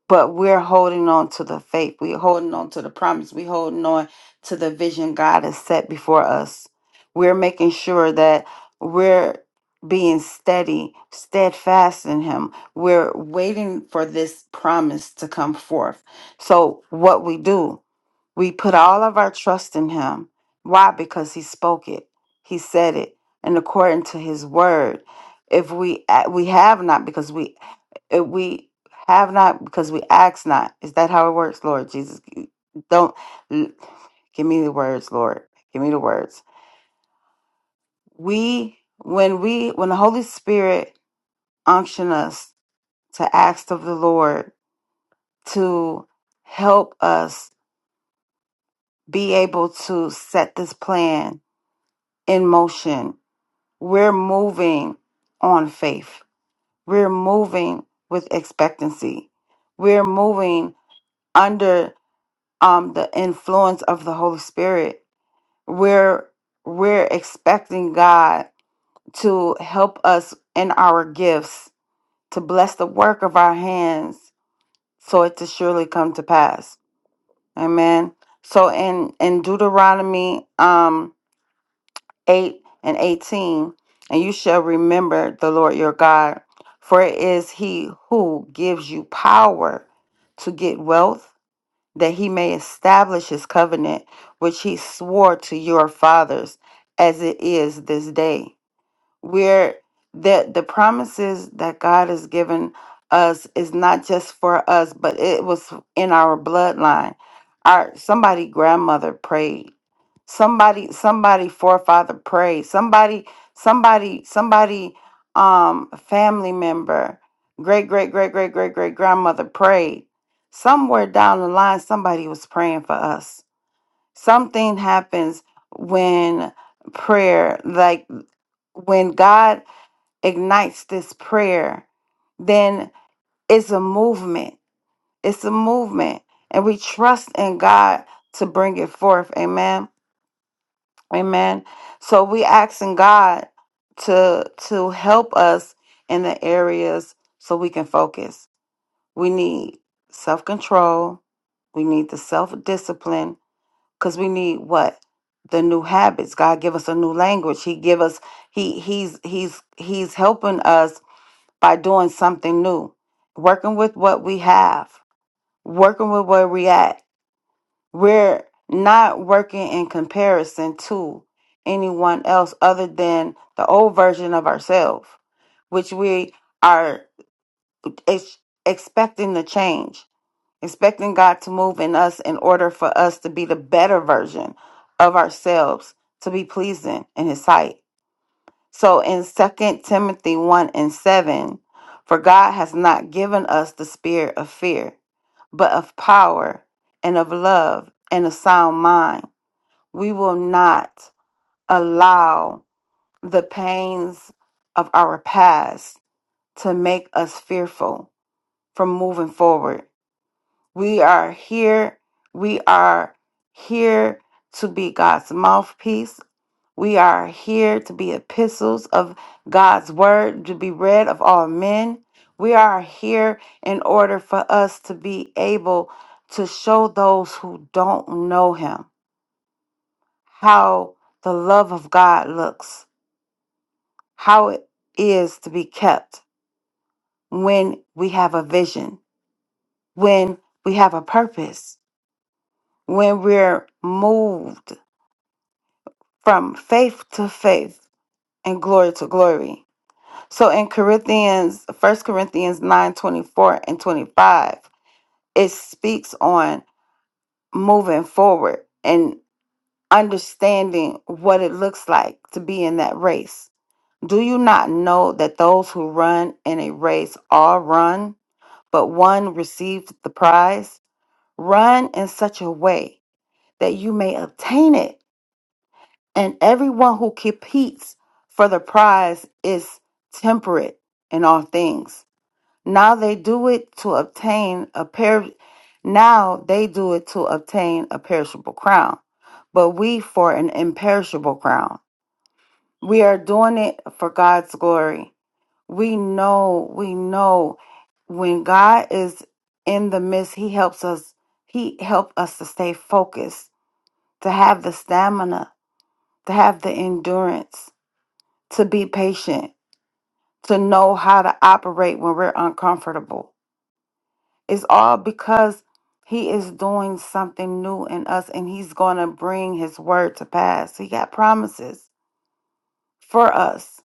S2: but we're holding on to the faith. We're holding on to the promise. We're holding on to the vision God has set before us. We're making sure that we're being steady, steadfast in Him. We're waiting for this promise to come forth. So, what we do, we put all of our trust in him. Why? Because he spoke it. He said it and according to his word. If we a- we have not because we if we have not because we ask not. Is that how it works, Lord Jesus? Don't give me the words, Lord. Give me the words. We when we when the Holy Spirit unction us to ask of the Lord to help us be able to set this plan in motion We're moving on faith. We're moving with expectancy. We're moving under um, the influence of the Holy Spirit. We're we're expecting God to help us in our gifts, to bless the work of our hands, so it to surely come to pass. Amen. So in in Deuteronomy, um, 8 and 18. And you shall remember the Lord your God, for it is he who gives you power to get wealth, that he may establish his covenant, which he swore to your fathers, as it is this day. Where the, the promises that God has given us is not just for us, but it was in our bloodline. Our somebody grandmother prayed somebody somebody forefather prayed somebody somebody somebody um family member great great great great great great grandmother prayed somewhere down the line somebody was praying for us something happens when prayer like when god ignites this prayer then it's a movement it's a movement and we trust in god to bring it forth amen Amen. So we asking God to to help us in the areas so we can focus. We need self-control. We need the self-discipline cuz we need what? The new habits. God give us a new language. He give us he he's he's he's helping us by doing something new. Working with what we have. Working with where we at we're not working in comparison to anyone else other than the old version of ourselves, which we are ex- expecting to change, expecting God to move in us in order for us to be the better version of ourselves, to be pleasing in His sight. So in Second Timothy 1 and 7, for God has not given us the spirit of fear, but of power and of love and a sound mind we will not allow the pains of our past to make us fearful from moving forward. We are here. We are here to be God's mouthpiece. We are here to be epistles of God's word to be read of all men. We are here in order for us to be able to show those who don't know Him how the love of God looks how it is to be kept when we have a vision, when we have a purpose, when we're moved from faith to faith and glory to glory. So in Corinthians, First Corinthians 9 24 and 25, it speaks on moving forward and understanding what it looks like to be in that race. Do you not know that those who run in a race all run? but one received the prize. Run in such a way that you may obtain it. And everyone who competes for the prize is temperate in all things. Now they do it to obtain a per- now they do it to obtain a perishable crown, but we for an imperishable crown. We are doing it for God's glory we know, we know when God is in the midst, He helps us, He help us to stay focused, to have the stamina, to have the endurance, to be patient, to know how to operate when we're uncomfortable. It's all because He is doing something new in us and He's going to bring His word to pass. He got promises for us.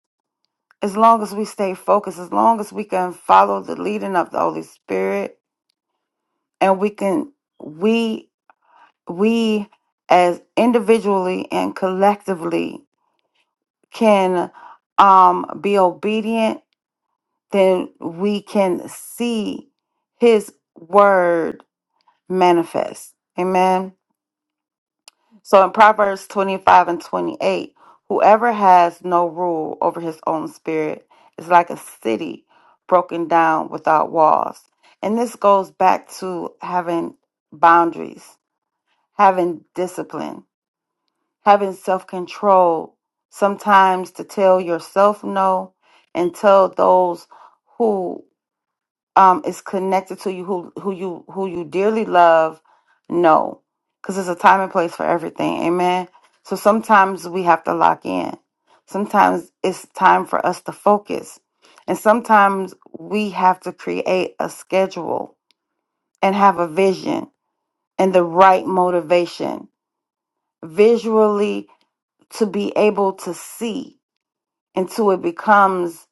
S2: As long as we stay focused, as long as we can follow the leading of the Holy Spirit, and we can we we as individually and collectively can um be obedient then we can see his word manifest amen so in proverbs 25 and 28 whoever has no rule over his own spirit is like a city broken down without walls and this goes back to having boundaries having discipline, having self control, sometimes to tell yourself no and tell those who um, is connected to you, who, who you who you dearly love, no, because there's a time and place for everything. Amen. So sometimes we have to lock in. Sometimes it's time for us to focus. And sometimes we have to create a schedule and have a vision and the right motivation visually to be able to see until it becomes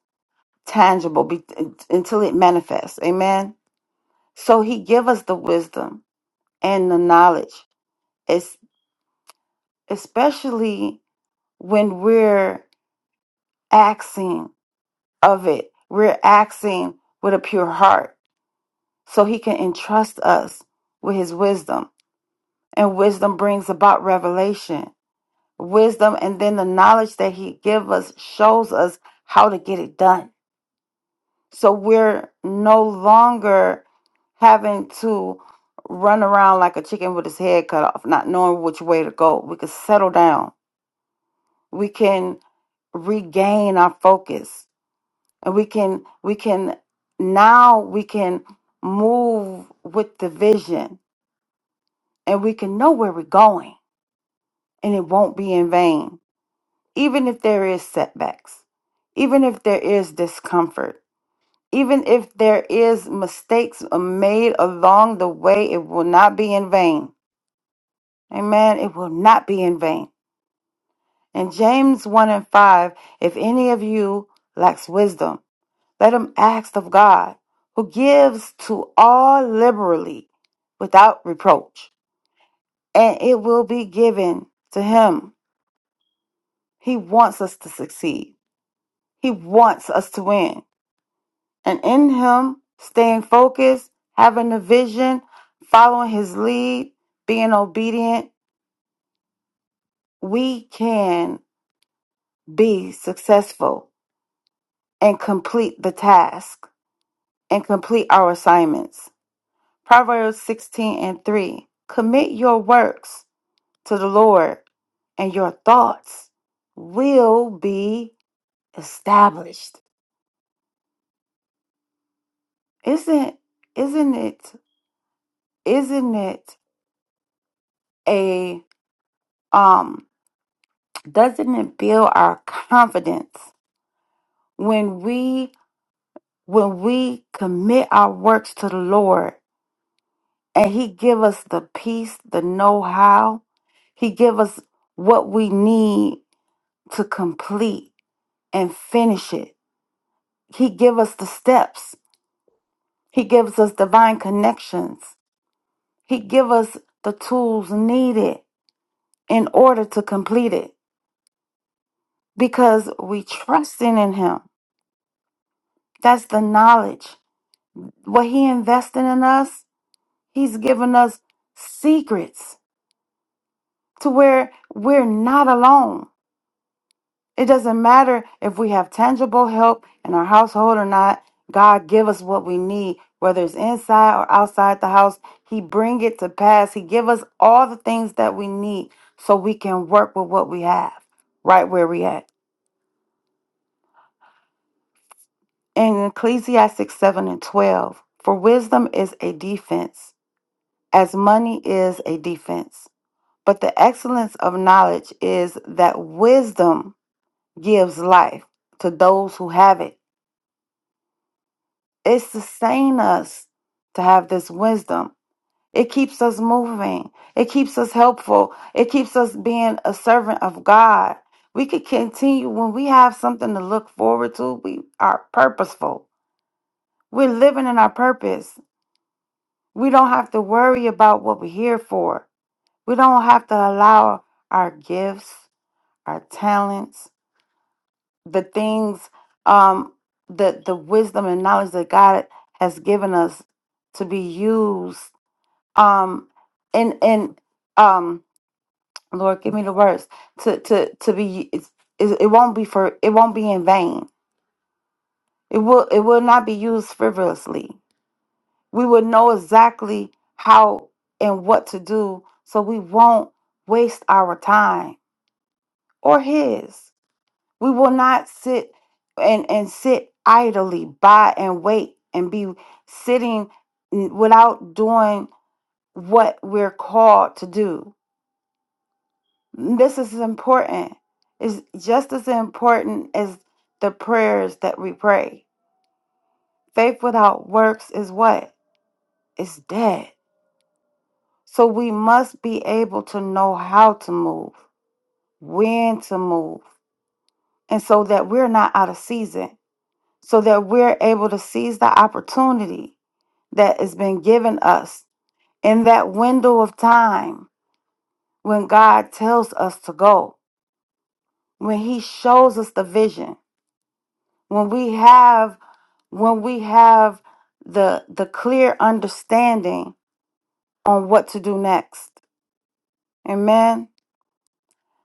S2: tangible be, until it manifests amen so he give us the wisdom and the knowledge es- especially when we're asking of it we're asking with a pure heart so he can entrust us with his wisdom and wisdom brings about revelation wisdom and then the knowledge that he give us shows us how to get it done So we're no longer having to run around like a chicken with his head cut off, not knowing which way to go. We can settle down. We can regain our focus. And we can we can now we can move with the vision and we can know where we're going and it won't be in vain. Even if there is setbacks, even if there is discomfort Even if there is mistakes made along the way, it will not be in vain. Amen. It will not be in vain. In James 1 and 5, if any of you lacks wisdom, let him ask of God, who gives to all liberally without reproach, and it will be given to him. He wants us to succeed. He wants us to win. and in him staying focused, having a vision, following his lead, being obedient, we can be successful and complete the task and complete our assignments. Proverbs 16 and 3 Commit your works to the Lord, and your thoughts will be established. Isn't isn't it isn't it a um doesn't it build our confidence when we when we commit our works to the lord and he give us the peace the know-how he give us what we need to complete and finish it he give us the steps he gives us divine connections he give us the tools needed in order to complete it because we trusting in him that's the knowledge what he investing in us He's given us secrets to where we're not alone. It doesn't matter if we have tangible help in our household or not. God give us what we need, whether it's inside or outside the house. He bring it to pass. He give us all the things that we need so we can work with what we have, right where we at. In Ecclesiastes 7 and 12, for wisdom is a defense, as money is a defense. But the excellence of knowledge is that wisdom gives life to those who have it. It sustains us to have this wisdom. It keeps us moving. It keeps us helpful. It keeps us being a servant of God. We could continue when we have something to look forward to. We are purposeful. We're living in our purpose. We don't have to worry about what we're here for. We don't have to allow our gifts, our talents, the things um the the wisdom and knowledge that God has given us to be used um and and um Lord give me the words to to to be it's, it, it won't be for it won't be in vain it will it will not be used frivolously we will know exactly how and what to do so we won't waste our time or his We will not sit and, and sit idly by and wait and be sitting n- without doing what we're called to do. This is important. It's just as important as the prayers that we pray. Faith without works is what? It's dead. So we must be able to know how to move, when to move, and so that we're not out of season, so that we're able to seize the opportunity that has been given us in that window of time when God tells us to go, when he shows us the vision, when we have when we have the the clear understanding on what to do next. Amen.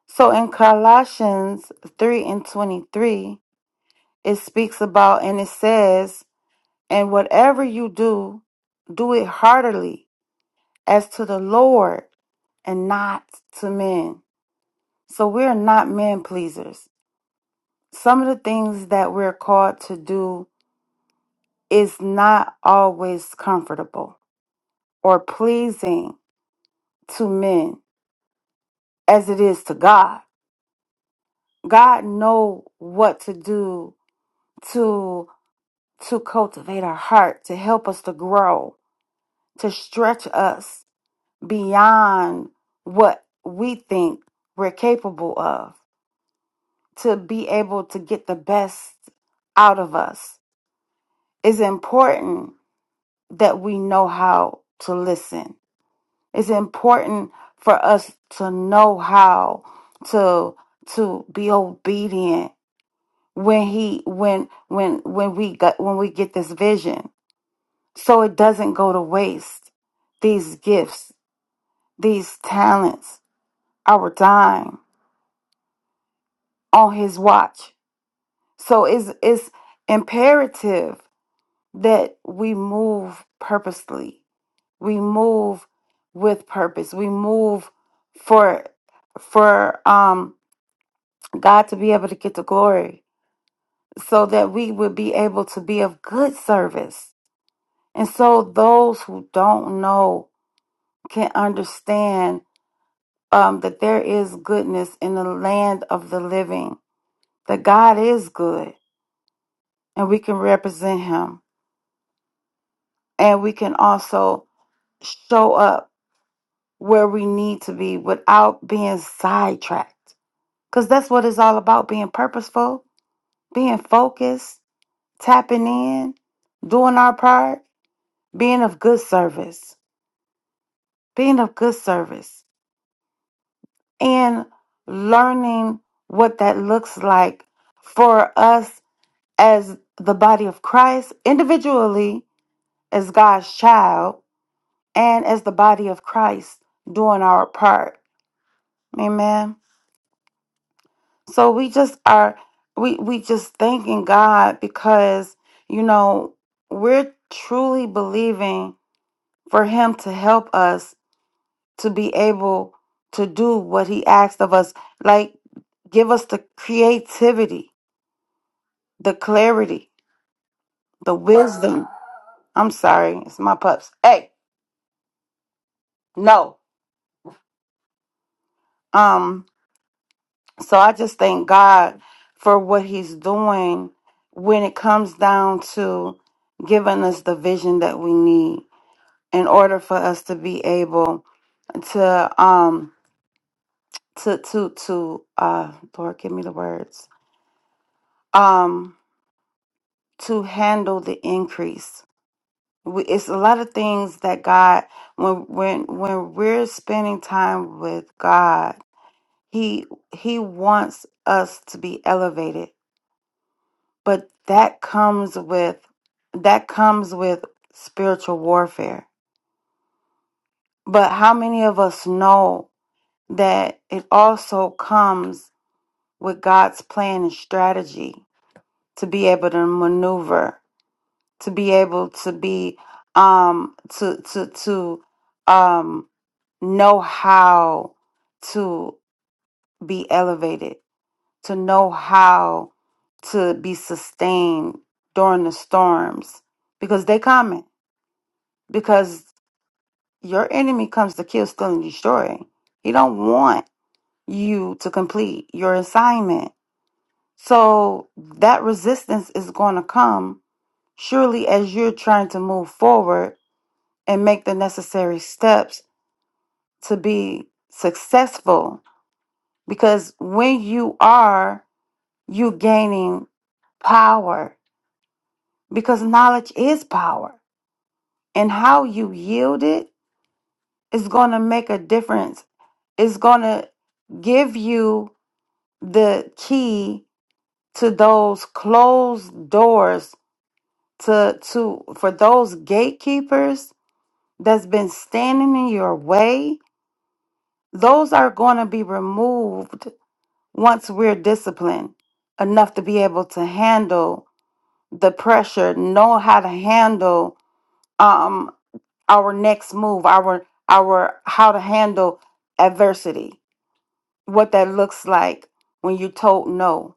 S2: So in Colossians 3 and 23, it speaks about and it says, And whatever you do, do it heartily as to the Lord and not to men So we're not man pleasers. Some of the things that we're called to do is not always comfortable or pleasing to men as it is to God. God know what to do to to cultivate our heart, to help us to grow, to stretch us beyond what we think we're capable of, to be able to get the best out of us. It's important that we know how to listen. It's important for us to know how to to be obedient when he when when when we got when we get this vision so it doesn't go to waste these gifts these talents our time on his watch so it's it's imperative that we move purposely we move with purpose we move for for um god to be able to get the glory so that we would be able to be of good service and so those who don't know can understand um that there is goodness in the land of the living that god is good and we can represent him and we can also show up where we need to be without being sidetracked Because that's what it's all about being purposeful, being focused, tapping in, doing our part, being of good service, being of good service, and learning what that looks like for us as the body of Christ, individually, as God's child, and as the body of Christ, doing our part. Amen. So we just are we we just thanking God because you know we're truly believing for him to help us to be able to do what he asked of us like give us the creativity, the clarity, the wisdom. I'm sorry, it's my pups. Hey, no. Um so I just thank God for what he's doing when it comes down to giving us the vision that we need in order for us to be able to um to to to uh Lord give me the words um to handle the increase. We, it's a lot of things that God when when when we're spending time with God, he he wants us to be elevated, but that comes with that comes with spiritual warfare. But how many of us know that it also comes with God's plan and strategy to be able to maneuver, to be able to be um to to to um know how to be elevated, to know how to be sustained during the storms because they coming because your enemy comes to kill, steal and destroy. He don't want you to complete your assignment So that resistance is going to come surely as you're trying to move forward and make the necessary steps to be successful. Because when you are, you gaining power because knowledge is power and how you yield it is going to make a difference. It's going to give you the key to those closed doors to to for those gatekeepers that's been standing in your way those are going to be removed once we're disciplined enough to be able to handle the pressure know how to handle um our next move our our how to handle adversity what that looks like when you're told no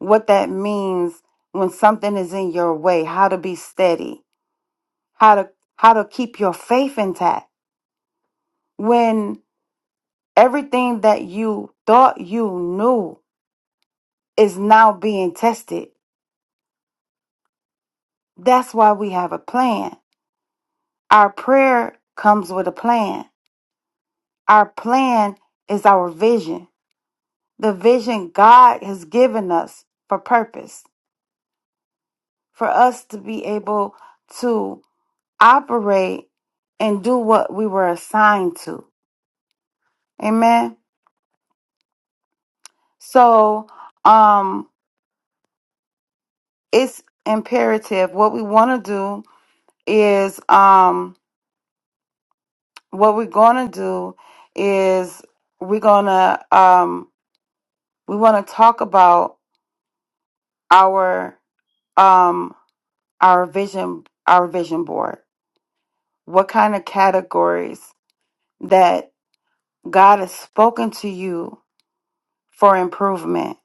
S2: what that means when something is in your way how to be steady how to how to keep your faith intact when everything that you thought you knew is now being tested that's why we have a plan our prayer comes with a plan our plan is our vision the vision god has given us for purpose for us to be able to operate and do what we were assigned to amen so um it's imperative. What we want to do is, um, what we're going to do is we're going to, um, we want to talk about our, um, our vision, our vision board. What kind of categories that God has spoken to you for improvement?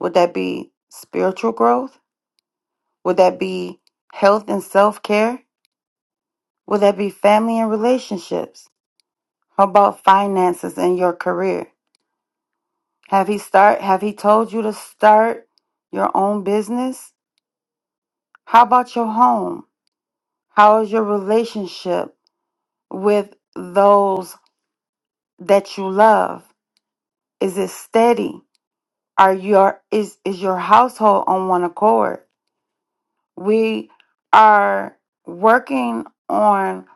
S2: Would that be spiritual growth? Would that be health and self care? Would that be family and relationships? How about finances and your career? Have he start have he told you to start your own business? How about your home? How is your relationship with those that you love? Is it steady? Are your is is your household on one accord? We are working on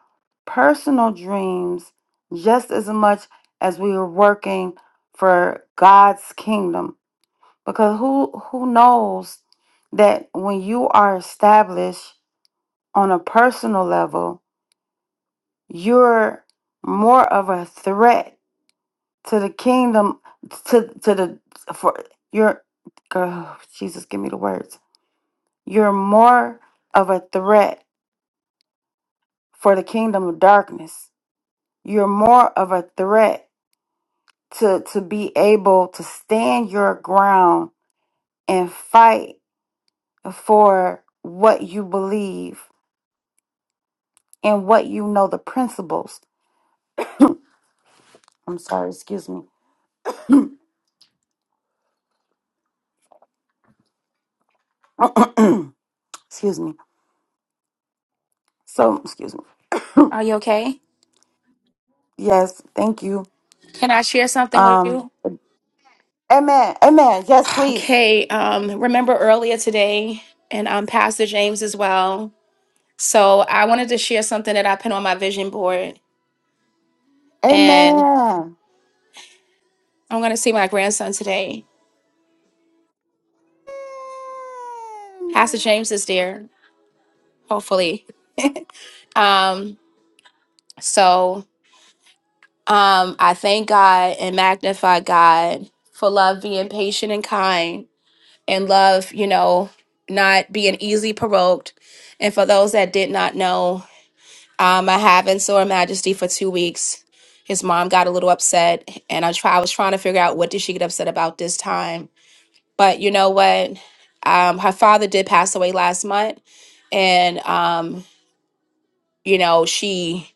S2: personal dreams just as much as we are working for God's kingdom because who who knows that when you are established on a personal level you're more of a threat to the kingdom to to the for your oh, jesus give me the words you're more of a threat for the kingdom of darkness you're more of a threat to to be able to stand your ground and fight for what you believe and what you know the principles. I'm sorry, excuse me. excuse me. So, excuse me.
S1: Are you okay?
S2: Yes, thank you.
S1: Can I share something with
S2: Um
S1: you?
S2: amen. Amen. Yes, please.
S1: Okay, um, remember earlier today, and um, Pastor James as well. So I wanted to share something that I put on my vision board.
S2: Amen.
S1: I'm gonna see my grandson today. Pastor
S2: Amen.
S1: James is there, hopefully. Um, so um I thank God and magnify God for love being patient and kind and love, you know, not being easily provoked. And for those that did not know, um I haven't saw her majesty for two weeks. His mom got a little upset and I try I was trying to figure out what did she get upset about this time But you know what? Um, her father did pass away last month, and um, you know she,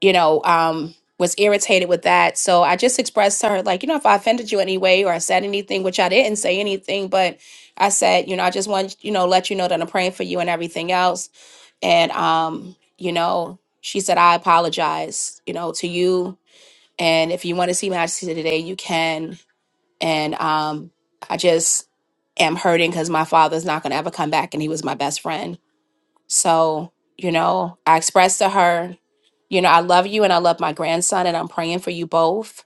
S1: you know, um, was irritated with that. So I just expressed to her, like, you know, if I offended you in any way or I said anything, which I didn't say anything, but I said, you know, I just want you know let you know that I'm praying for you and everything else. And um, you know, she said I apologize, you know, to you. And if you want to see my today, you can and um, I just am hurting because my father's not going to ever come back, and he was my best friend. So, you know, I expressed to her, you know, I love you and I love my grandson, and I'm praying for you both.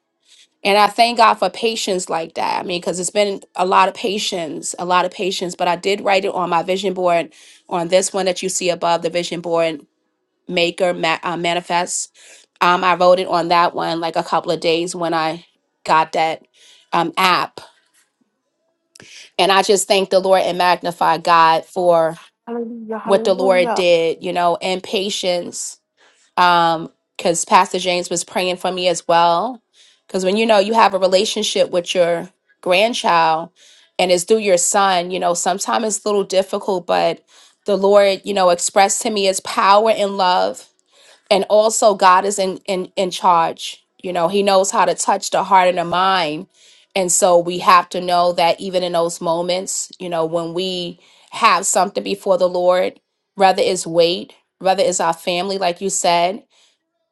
S1: And I thank God for patience like that. I mean, because it's been a lot of patience, a lot of patience. But I did write it on my vision board, on this one that you see above the vision board maker ma- uh, manifest. Um, I wrote it on that one like a couple of days when I got that um, app and I just thank the Lord and magnify God for
S2: Hallelujah.
S1: what the Lord
S2: Hallelujah.
S1: did, you know, and patience. Um, because Pastor James was praying for me as well. Because when you know you have a relationship with your grandchild and it's through your son, you know, sometimes it's a little difficult, but the Lord, you know, expressed to me his power and love and also God is in in in charge. You know, He knows how to touch the heart and the mind, and so we have to know that even in those moments, you know, when we have something before the Lord, whether it's weight, whether it's our family, like you said,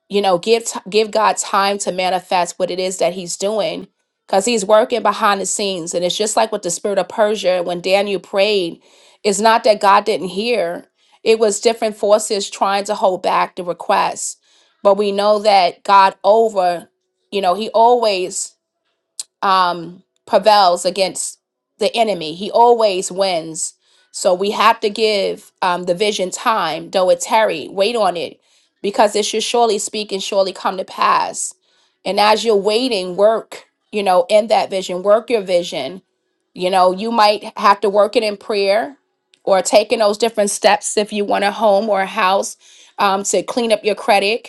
S1: you know give t- give god time to manifest what it is that he's doing because he's working behind the scenes and it's just like with the spirit of persia when daniel prayed it's not that god didn't hear it was different forces trying to hold back the request but we know that god over you know he always um, prevails against the enemy. He always wins. So we have to give um, the vision time, though it tarry, wait on it, because it should surely speak and surely come to pass. And as you're waiting, work, you know, in that vision, work your vision. You know, you might have to work it in prayer or taking those different steps if you want a home or a house um, to clean up your credit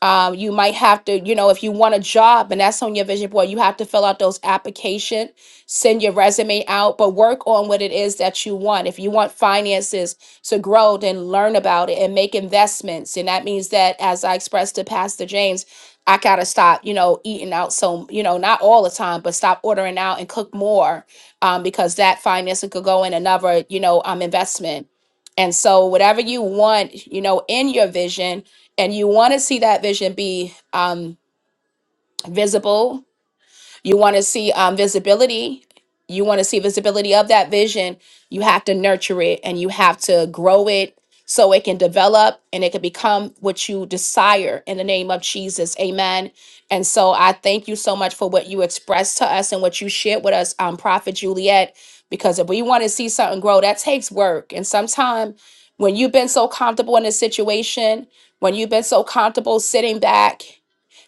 S1: um, you might have to, you know, if you want a job and that's on your vision board, you have to fill out those application, send your resume out, but work on what it is that you want. If you want finances to grow, then learn about it and make investments. And that means that, as I expressed to Pastor James, I gotta stop, you know, eating out. So, you know, not all the time, but stop ordering out and cook more, um, because that finance could go in another, you know, um, investment. And so, whatever you want, you know, in your vision and you want to see that vision be um, visible you want to see um, visibility. You want to see visibility of that vision. You have to nurture it and you have to grow it so it can develop and it can become what you desire in the name of Jesus. Amen. And so I thank you so much for what you expressed to us and what you shared with us, um, Prophet Juliet, because if we want to see something grow, that takes work. And sometimes when you've been so comfortable in a situation, when you've been so comfortable sitting back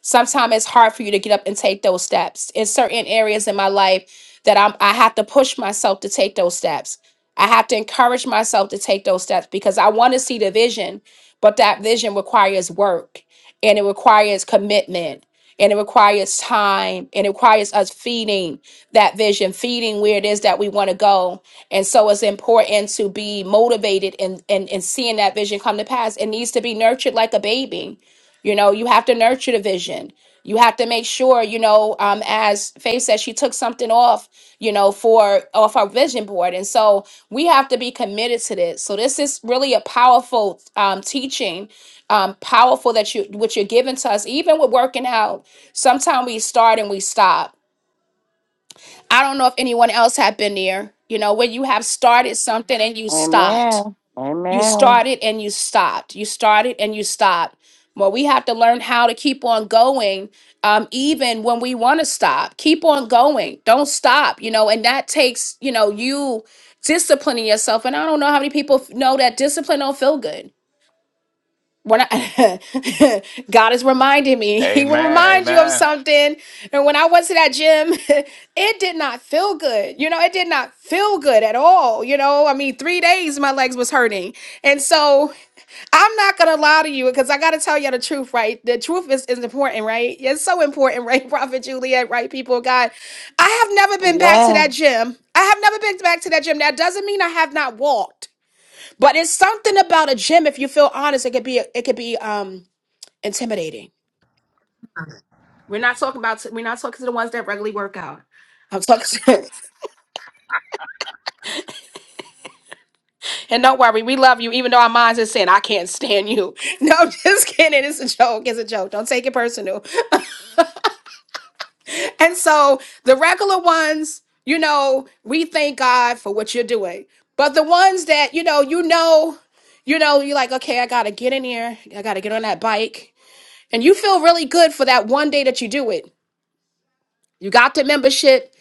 S1: sometimes it's hard for you to get up and take those steps. In certain areas in my life that I'm I have to push myself to take those steps. I have to encourage myself to take those steps because I want to see the vision, but that vision requires work and it requires commitment and it requires time and it requires us feeding that vision, feeding where it is that we want to go. And so it's important to be motivated and, and, and seeing that vision come to pass. It needs to be nurtured like a baby you know, you have to nurture the vision. You have to make sure, you know, um, as Faith said, she took something off, you know, for off our vision board. And so we have to be committed to this. So this is really a powerful um, teaching, um, powerful that you what you're giving to us, even with working out. Sometimes we start and we stop. I don't know if anyone else have been there, you know, when you have started something and you stopped
S2: Amen.
S1: you
S2: Amen.
S1: started and you stopped. You started and you stopped. Well, we have to learn how to keep on going, um, even when we want to stop. Keep on going. Don't stop, you know, and that takes, you know, you disciplining yourself. And I don't know how many people f- know that discipline don't feel good. When I, God is reminding me, He will
S3: Amen.
S1: remind you of
S3: Amen.
S1: something. And when I went to that gym, it did not feel good. You know, it did not feel good at all. You know, I mean, three days my legs was hurting. And so I'm not gonna lie to you because I gotta tell you the truth, right? The truth is, is important, right? It's so important, right, Prophet Juliet, right? People of God. I have never been back to that
S2: Amen.
S1: gym. I have never been back to that gym. That doesn't mean I have not walked, but it's something about a gym, if you feel honest, it could be it could be um intimidating. We're not talking about we're not talking to the ones that regularly work out. I'm talking and don't worry, we love you, even though our minds are saying, I can't stand you. No, I'm just kidding. It's a joke. It's a joke. Don't take it personal. And so the regular ones, you know, we thank God for what you're doing. But the ones that, you know, you know, you know, you're like, okay, I gotta get in here. I gotta get on that bike. And you feel really good for that one day that you do it. You got the membership.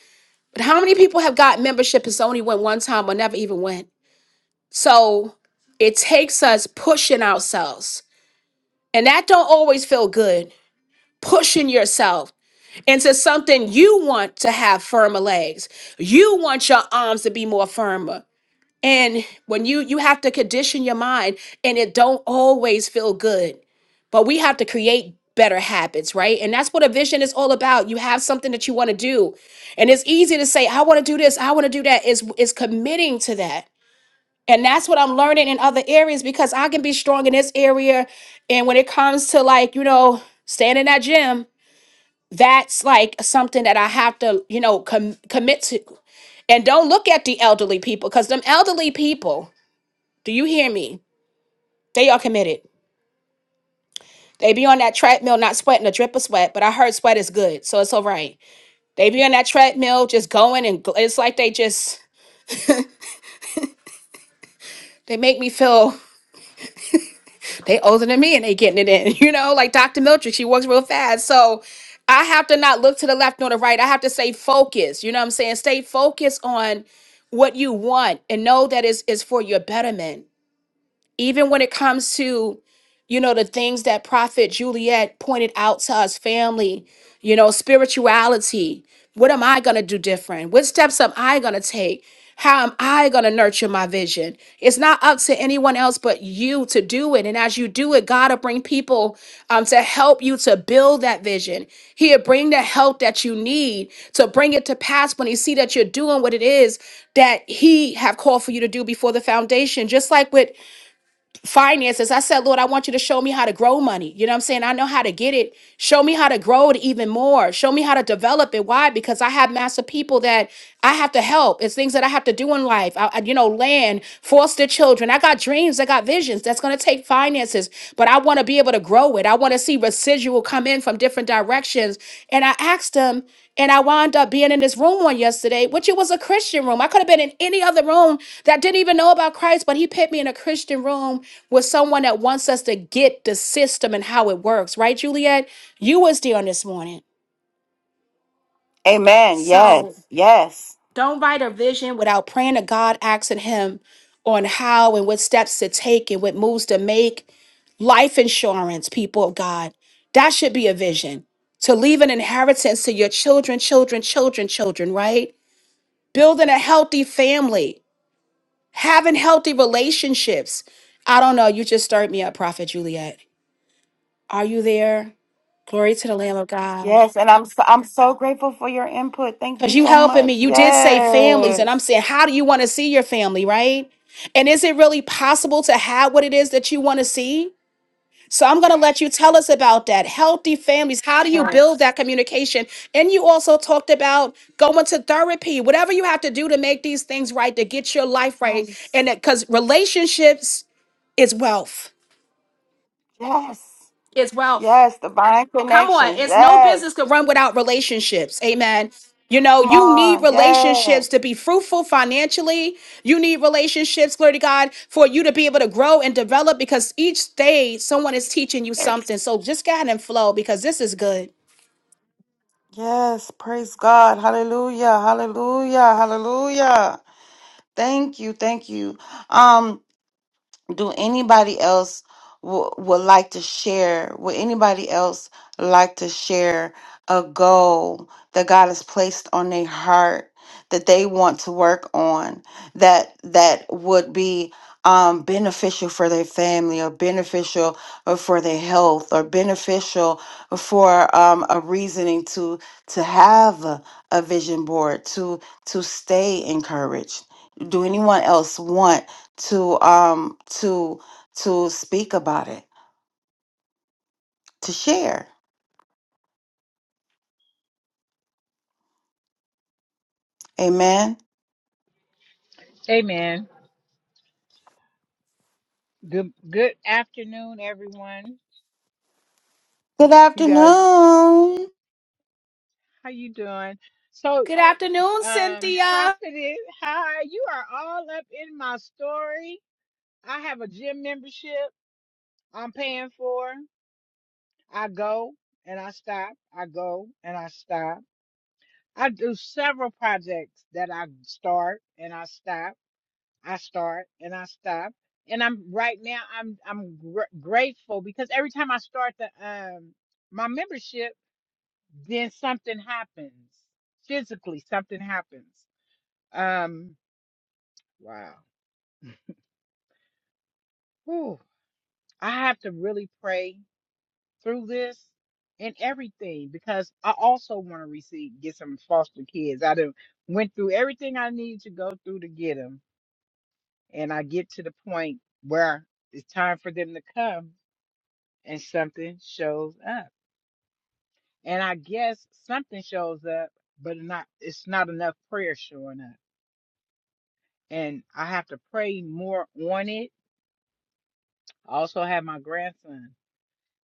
S1: But how many people have got membership and so only went one time or never even went? So it takes us pushing ourselves. And that don't always feel good. Pushing yourself into something you want to have firmer legs. You want your arms to be more firmer. And when you you have to condition your mind and it don't always feel good. But we have to create better habits, right? And that's what a vision is all about. You have something that you want to do. And it's easy to say I want to do this, I want to do that. Is is committing to that. And that's what I'm learning in other areas because I can be strong in this area and when it comes to like, you know, staying in that gym, that's like something that I have to, you know, com- commit to. And don't look at the elderly people because them elderly people, do you hear me? They are committed. They be on that treadmill, not sweating a drip of sweat, but I heard sweat is good, so it's all right. They be on that treadmill, just going and gl- it's like they just, they make me feel they older than me and they getting it in. You know, like Dr. Miltrick, she works real fast. So I have to not look to the left nor the right. I have to stay focused. You know what I'm saying? Stay focused on what you want and know that is is for your betterment even when it comes to you know the things that prophet juliet pointed out to us family you know spirituality what am i going to do different what steps am i going to take how am i going to nurture my vision it's not up to anyone else but you to do it and as you do it god will bring people um, to help you to build that vision he'll bring the help that you need to bring it to pass when he see that you're doing what it is that he have called for you to do before the foundation just like with finances. I said, Lord, I want you to show me how to grow money. You know what I'm saying? I know how to get it. Show me how to grow it even more. Show me how to develop it. Why? Because I have massive people that I have to help. It's things that I have to do in life. I, I- you know, land, foster children. I got dreams. I got visions. That's going to take finances, but I want to be able to grow it. I want to see residual come in from different directions. And I asked them and I wound up being in this room one yesterday, which it was a Christian room. I could have been in any other room that didn't even know about Christ, but he put me in a Christian room with someone that wants us to get the system and how it works, right, Juliet? You was there on this morning.
S2: Amen.
S1: So
S2: Yes. Yes.
S1: don't write a vision without praying to God, asking him on how and what steps to take and what moves to make. Life insurance, people of God. That should be a vision. To leave an inheritance to your children, children, children, children, right? building a healthy family, having healthy relationships. I don't know. You just stirred me up, Prophet Juliet. Are you there? Glory to the Lamb of God.
S2: Yes, and I'm so, I'm so grateful for your input. Thank you
S1: Because you
S2: so
S1: helping me.
S2: much.
S1: You did say families, and I'm
S2: Yes.
S1: saying, how do you want to see your family, right? And is it really possible to have what it is that you want to see? So I'm going to let you tell us about that. Healthy families. How do you build
S2: Yes.
S1: that communication? And you also talked about going to therapy, whatever you have to do to make these things right, to get your life right. And
S2: Yes.
S1: because relationships is wealth.
S2: Yes.
S1: Is wealth.
S2: Yes, divine
S1: Come on,
S2: connections.
S1: it's no
S2: Yes.
S1: business to run without relationships. Amen. You know,
S2: Come
S1: you need
S2: on. Yes.
S1: relationships to be fruitful financially. You need relationships, glory to God, for you to be able to grow and develop because each day someone is teaching you something. So just go ahead and flow because this is good.
S2: Yes. Praise God. Hallelujah. Hallelujah. Hallelujah. Thank you. Thank you. Um do anybody else w- would like to share would anybody else like to share a goal that god has placed on their heart that they want to work on that that would be um, beneficial for their family or beneficial uh, for their health or beneficial for um, a reasoning to to have a, a vision board to to stay encouraged do anyone else want to um to to speak about it to share amen
S6: Amen. Good good afternoon, everyone.
S2: good
S6: You guys,
S2: afternoon
S6: how you doing? So,
S1: Good afternoon,
S6: um,
S1: Cynthia.
S6: Prophet, hi. You are all up in my story. I have a gym membership I'm paying for. I go and I stop. I go and I stop. I do several projects that I start and I stop. I start and I stop. And I'm right now. I'm I'm gr- grateful because every time I start the um my membership. then something happens physically something happens um wow Whew. i have to really pray through this and everything because i also want to receive get some foster kids i done went through everything i need to go through to get them and i get to the point where it's time for them to come and something shows up and i guess something shows up but not it's not enough prayer showing up and I have to pray more on it. I also have my grandson.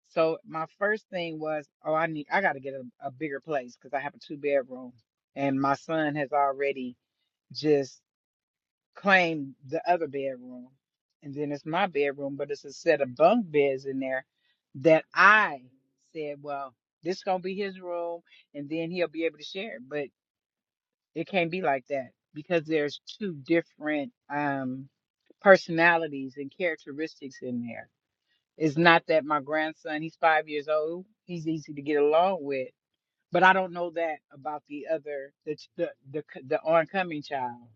S6: So my first thing was, oh, I need, I got to get a, a bigger place because I have a two bedroom, and my son has already just claimed the other bedroom, and then it's my bedroom, but it's a set of bunk beds in there that I said, well, this gonna be his room, and then he'll be able to share. it. But It can't be like that because there's two different um, personalities and characteristics in there. It's not that my grandson, he's five years old, he's easy to get along with, but I don't know that about the other, the ch- the the, c- the oncoming child.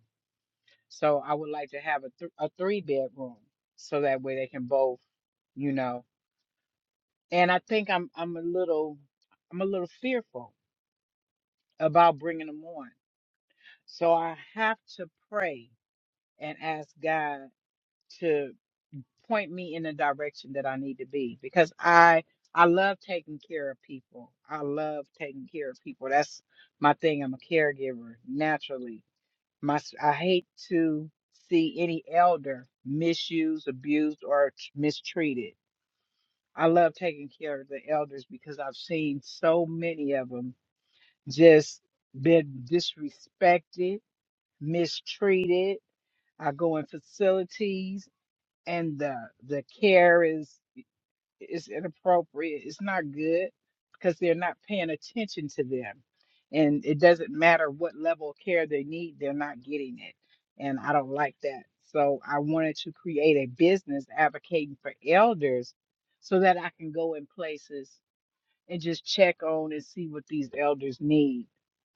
S6: So I would like to have a th- a three bedroom so that way they can both, you know. And I think I'm I'm a little I'm a little fearful about bringing them on. So I have to pray and ask God to point me in the direction that I need to be because I I love taking care of people. I love taking care of people. That's my thing. I'm a caregiver naturally. My s- I hate to see any elder misused, abused, or t- mistreated. I love taking care of the elders because I've seen so many of them just been disrespected, mistreated. I go in facilities and the the care is It's inappropriate. It's not good because they're not paying attention to them. And it doesn't matter what level of care they need, they're not getting it. And I don't like that. So I wanted to create a business advocating for elders so that I can go in places and just check on and see what these elders need.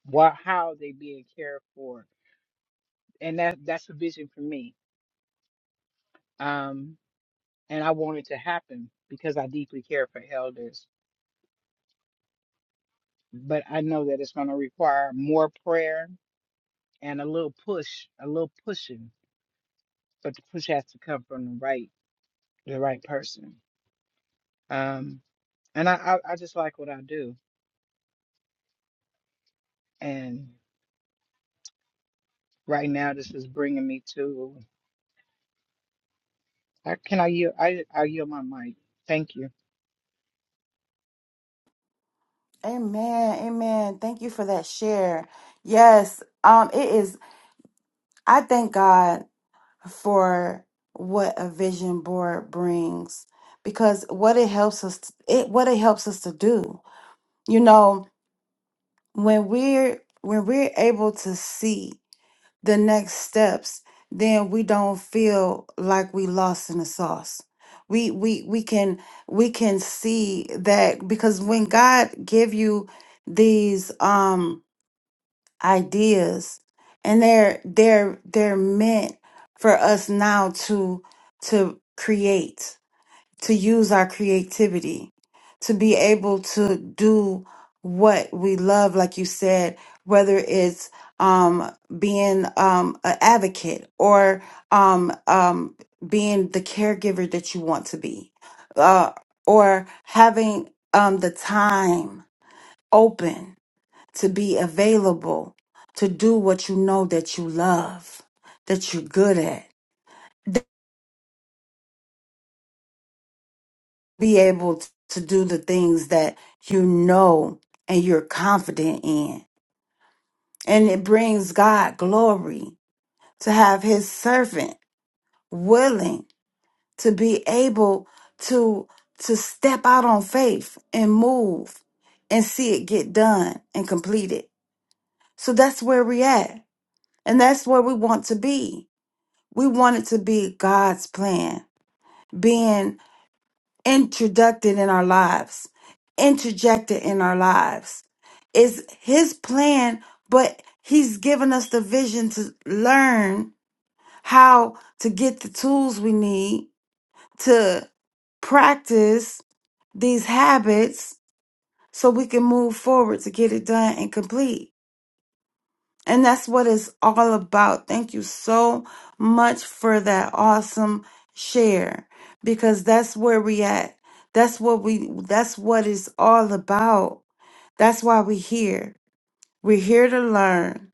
S6: What how are they being cared for? And that that's a vision for me. Um and I want it to happen because I deeply care for elders. but I know that it's going to require more prayer and a little push, a little pushing. But the push has to come from the right, the right person. Um, and I, I, I just like what I do. And right now, this is bringing me to. I, can I yield? I, I yield my mic. Thank you.
S2: amen amen thank you for that share yes um it is i thank god for what a vision board brings because what it helps us it what it helps us to do you know when we're when we're able to see the next steps, then we don't feel like we lost in the sauce. We we we can we can see that because when God give you these um ideas and they're they're they're meant for us now to to create to use our creativity, to be able to do what we love, like you said, whether it's um, being um, an advocate or um, um, being the caregiver that you want to be, uh, or having um, the time open to be available to do what you know that you love, that you're good at. be able t- to do the things that you know and you're confident in. And it brings God glory to have his servant willing to be able to to step out on faith and move and see it get done and completed. So that's where we at. And that's where we want to be. We want it to be God's plan, introducted in our lives, interjected in our lives. It's his plan, but he's given us the vision to learn how to get the tools we need to practice these habits so we can move forward to get it done and complete. And that's what it's all about. Thank you so much for that awesome share because that's where we at. That's what we that's what it's all about. That's why we're here. We're here to learn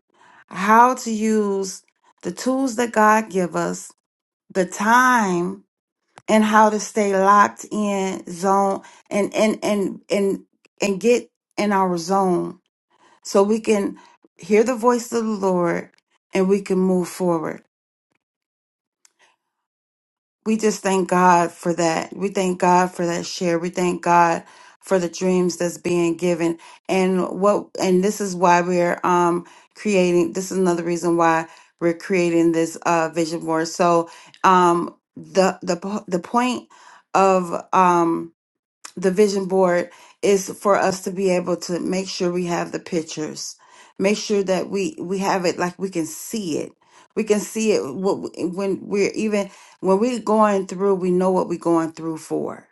S2: how to use the tools that God give us, the time and how to stay locked in zone and and and and and get in our zone so we can hear the voice of the Lord and we can move forward. We just thank God for that. We thank God for that share. We thank God for the dreams that's being given. And what and this is why we're um creating this is another reason why we're creating this uh vision board. So um the the po- the point of um the vision board is for us to be able to make sure we have the pictures make sure that we we have it like we can see it we can see it wh- when we're even when we're going through we know what we're going through for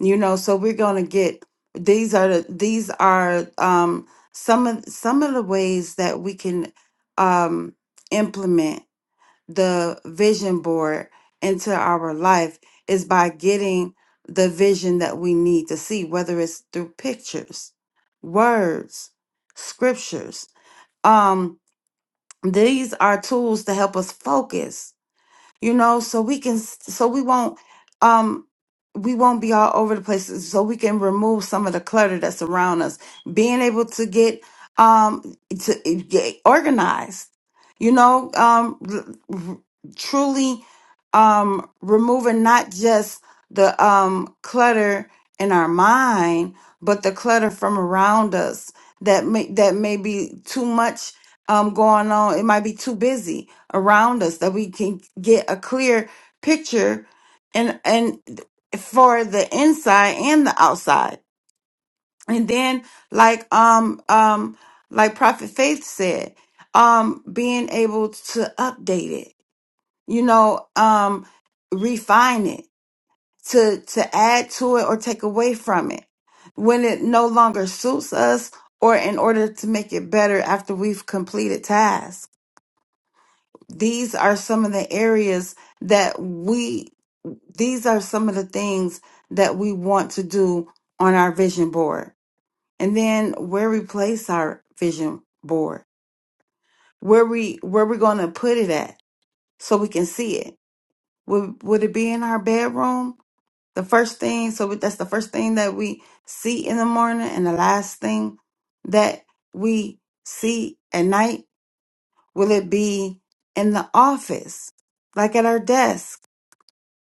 S2: you know so we're going to get these are the these are um some of some of the ways that we can um implement the vision board into our life is by getting the vision that we need to see, whether it's through pictures, words, scriptures. Um, these are tools to help us focus you know so we can so we won't um we won't be all over the place. so we can remove some of the clutter that's around us being able to get um to eh, get organized you know um r- r- truly um removing not just the um clutter in our mind but the clutter from around us that may that may be too much um going on it might be too busy around us that we can get a clear picture and and for the inside and the outside and then like um um like prophet faith said um being able to update it you know um refine it to to add to it or take away from it when it no longer suits us or in order to make it better after we've completed tasks these are some of the areas that we these are some of the things that we want to do on our vision board and then where we place our vision board where we where we're going to put it at so we can see it would would it be in our bedroom the first thing so that's the first thing that we see in the morning and the last thing that we see at night will it be in the office like at our desk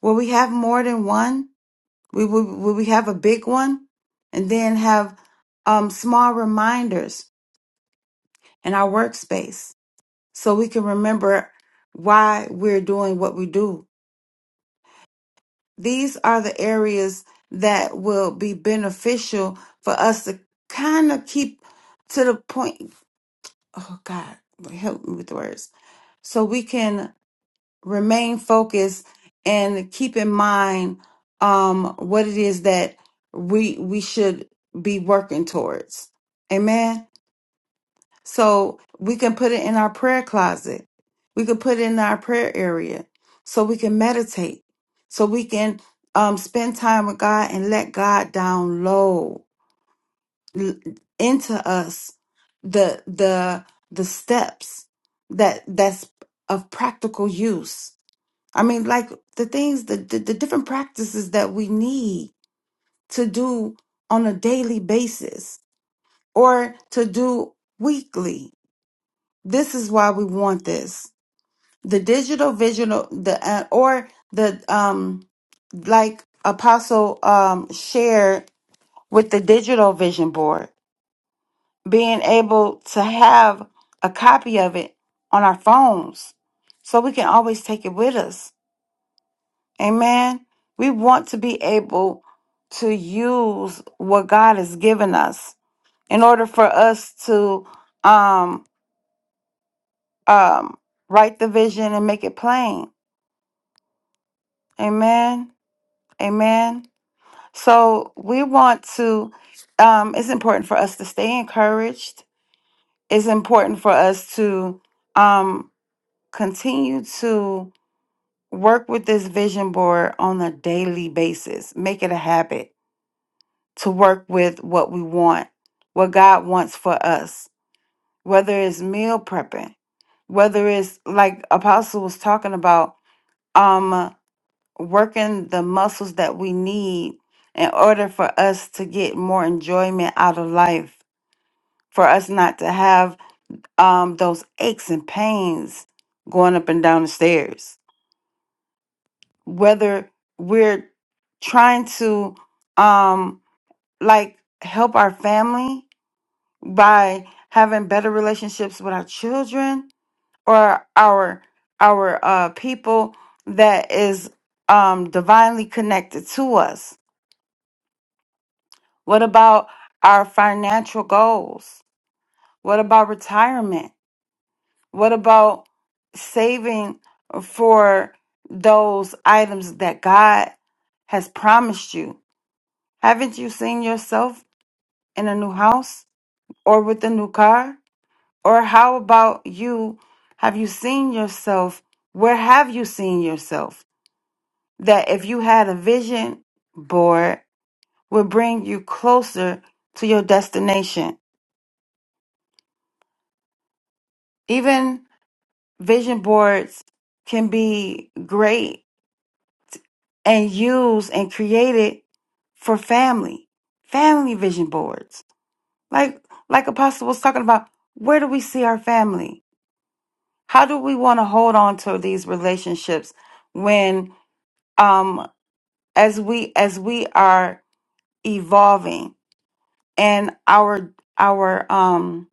S2: Will we have more than one? We will, will we have a big one and then have um, small reminders in our workspace so we can remember why we're doing what we do. These are the areas that will be beneficial for us to kind of keep to the point. Oh God, help me with words. So we can remain focused and keep in mind um, what it is that we we should be working towards. Amen. So we can put it in our prayer closet. We can put it in our prayer area, so we can meditate. So we can um, spend time with God and let God download l- into us the the the steps that that's of practical use I mean, like the things, the, the, the different practices that we need to do on a daily basis or to do weekly. This is why we want this. The digital visual, the uh, or the um, like Apostle um shared with the digital vision board, being able to have a copy of it on our phones, so we can always take it with us Amen. We want to be able to use what God has given us in order for us to um, um, write the vision and make it plain. Amen. Amen. So we want to, um, it's important for us to stay encouraged. It's important for us to um, continue to work with this vision board on a daily basis, make it a habit to work with what we want, what God wants for us, whether it's meal prepping, whether it's like Apostle was talking about, um, working the muscles that we need in order for us to get more enjoyment out of life, for us not to have um, those aches and pains going up and down the stairs, whether we're trying to um, like help our family by having better relationships with our children or our our uh people that is um divinely connected to us what about our financial goals what about retirement what about saving for those items that god has promised you haven't you seen yourself in a new house or with a new car Or how about you? Have you seen yourself? Where have you seen yourself? That if you had a vision board, would bring you closer to your destination. Even vision boards can be great and used and created for family, family vision boards. Like like Apostle was talking about, where do we see our family? How do we want to hold on to these relationships when? Um, as we as we are evolving and our our um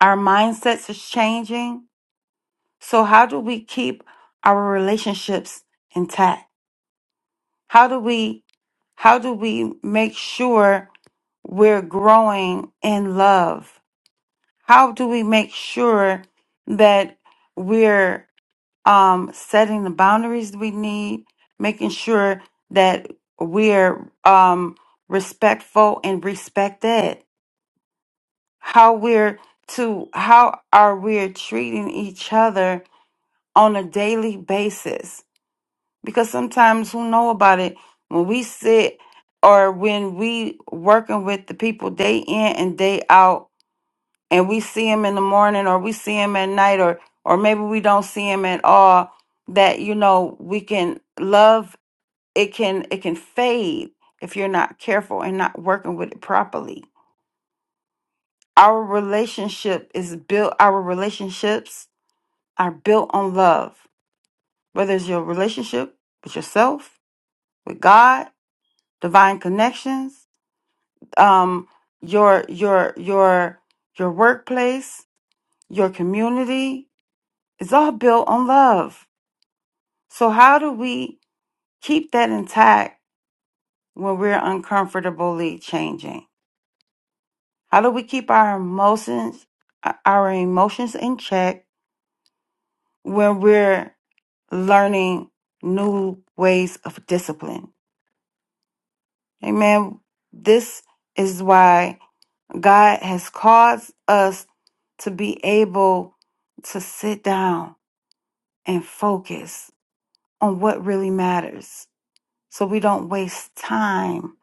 S2: our mindsets is changing so how do we keep our relationships intact how do we how do we make sure we're growing in love how do we make sure that we're um, setting the boundaries we need, making sure that we're um, respectful and respected. How we're to how are we treating each other on a daily basis? Because sometimes who know about it when we sit or when we working with the people day in and day out and we see him in the morning or we see him at night or or maybe we don't see him at all that you know we can love it can it can fade if you're not careful and not working with it properly our relationship is built our relationships are built on love whether it's your relationship with yourself with god divine connections um your your your your workplace your community it's all built on love So, how do we keep that intact when we're uncomfortably changing? How do we keep our emotions, uh, our emotions in check when we're learning new ways of discipline? Amen. This is why God has caused us to be able to sit down and focus on what really matters so we don't waste time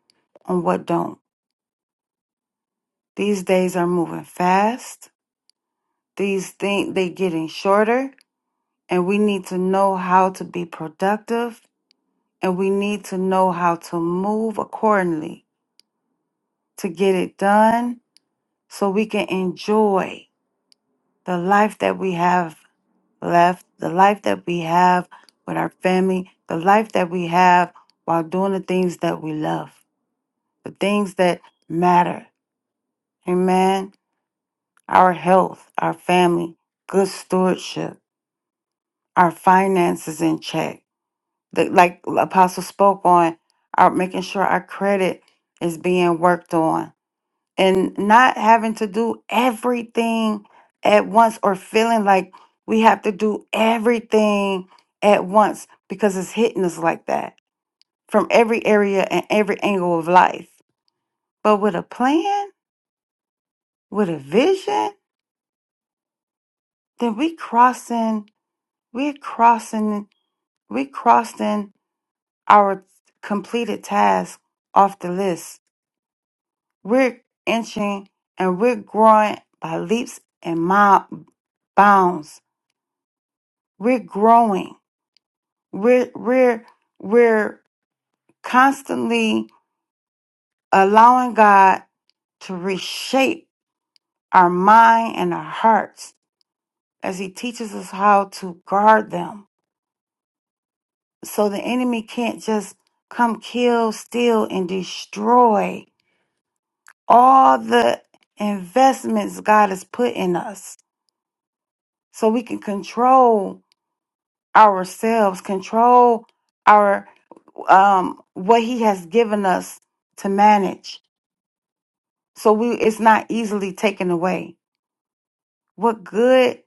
S2: on what don't. These days are moving fast. These things they are getting shorter and we need to know how to be productive and we need to know how to move accordingly to get it done so we can enjoy the life that we have left, the life that we have with our family, the life that we have while doing the things that we love, the things that matter. Amen. Our health, our family, good stewardship our finances in check. The like Apostle spoke on, our making sure our credit is being worked on and not having to do everything at once or feeling like we have to do everything at once because it's hitting us like that from every area and every angle of life. But with a plan, with a vision, then we crossing, we're crossing, we crossing. our completed tasks off the list. We're inching and we're growing by leaps and mile bounds. We're growing. We're we're we're constantly allowing God to reshape our mind and our hearts as He teaches us how to guard them. So the enemy can't just come kill, steal, and destroy all the investments God has put in us so we can control ourselves, control our um what he has given us to manage so we it's not easily taken away. What good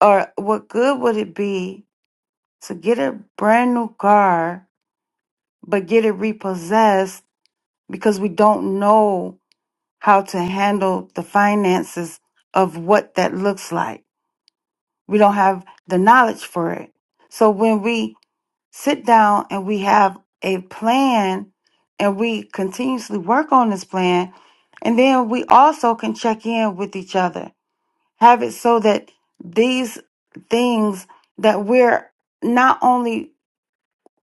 S2: or what good would it be to get a brand new car but get it repossessed because we don't know how to handle the finances of what that looks like? We don't have the knowledge for it. So when we sit down and we have a plan and we continuously work on this plan, and then we also can check in with each other, have it so that these things that we're not only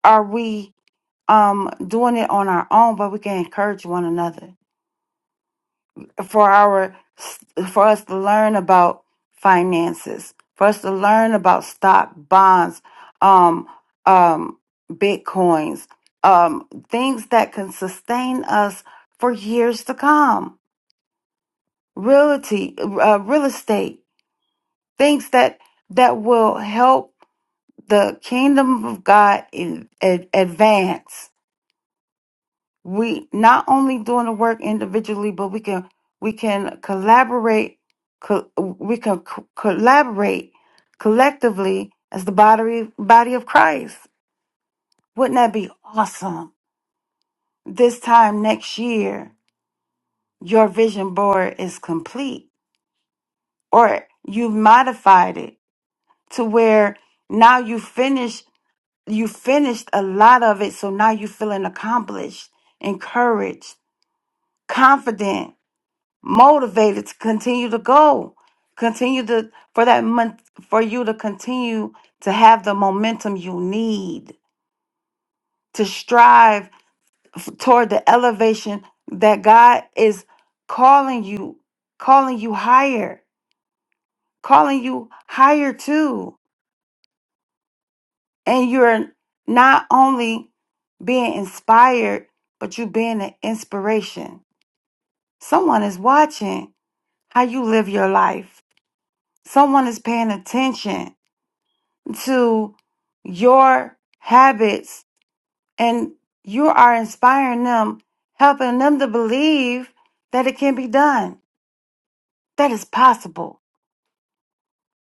S2: are we um, doing it on our own, but we can encourage one another. for our for us to learn about finances, for us to learn about stock bonds, um, um, bitcoins, um, things that can sustain us for years to come. Realty, uh, real estate, things that that will help the kingdom of God in, ad- advance. we not only doing the work individually but we can we can collaborate co- we can co- collaborate collectively as the body body of Christ wouldn't that be awesome this time next year your vision board is complete or you've modified it to where now you finish you finished a lot of it so now you feeling accomplished encouraged confident motivated to continue to go continue to for that month for you to continue to have the momentum you need to strive toward the elevation that god is calling you calling you higher calling you higher too and you're not only being inspired but you being an inspiration someone is watching how you live your life someone is paying attention to your habits and you are inspiring them, helping them to believe that it can be done, that it's possible.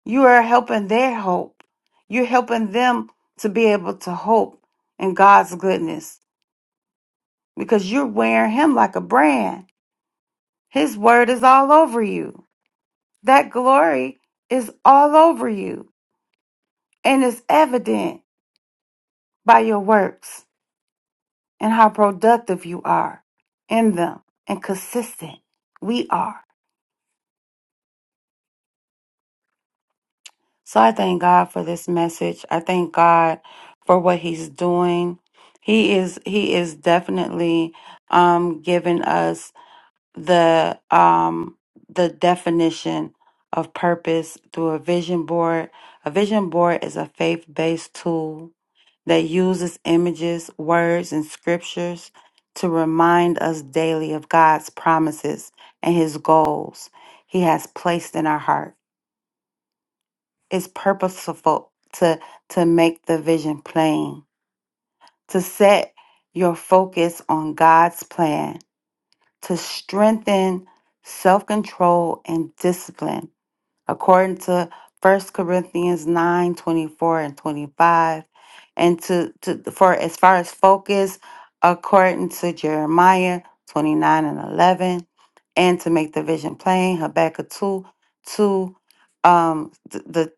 S2: You are helping their hope. You're helping them to be able to hope in God's goodness because you're wearing Him like a brand. His word is all over you. That glory is all over you and it's evident by your works. and how productive you are in them and consistent we are. So I thank God for this message. I thank God for what he's doing. He is he is definitely um giving us the um the definition of purpose through a vision board. A vision board is a faith-based tool that uses images, words, and scriptures to remind us daily of God's promises and his goals he has placed in our heart. It's purposeful to, to make the vision plain, to set your focus on God's plan, to strengthen self control and discipline according to First Corinthians 9 24 and 25. And to, to for as far as focus, according to Jeremiah 29 and 11. And to make the vision plain, Habakkuk 2 2, um, th- the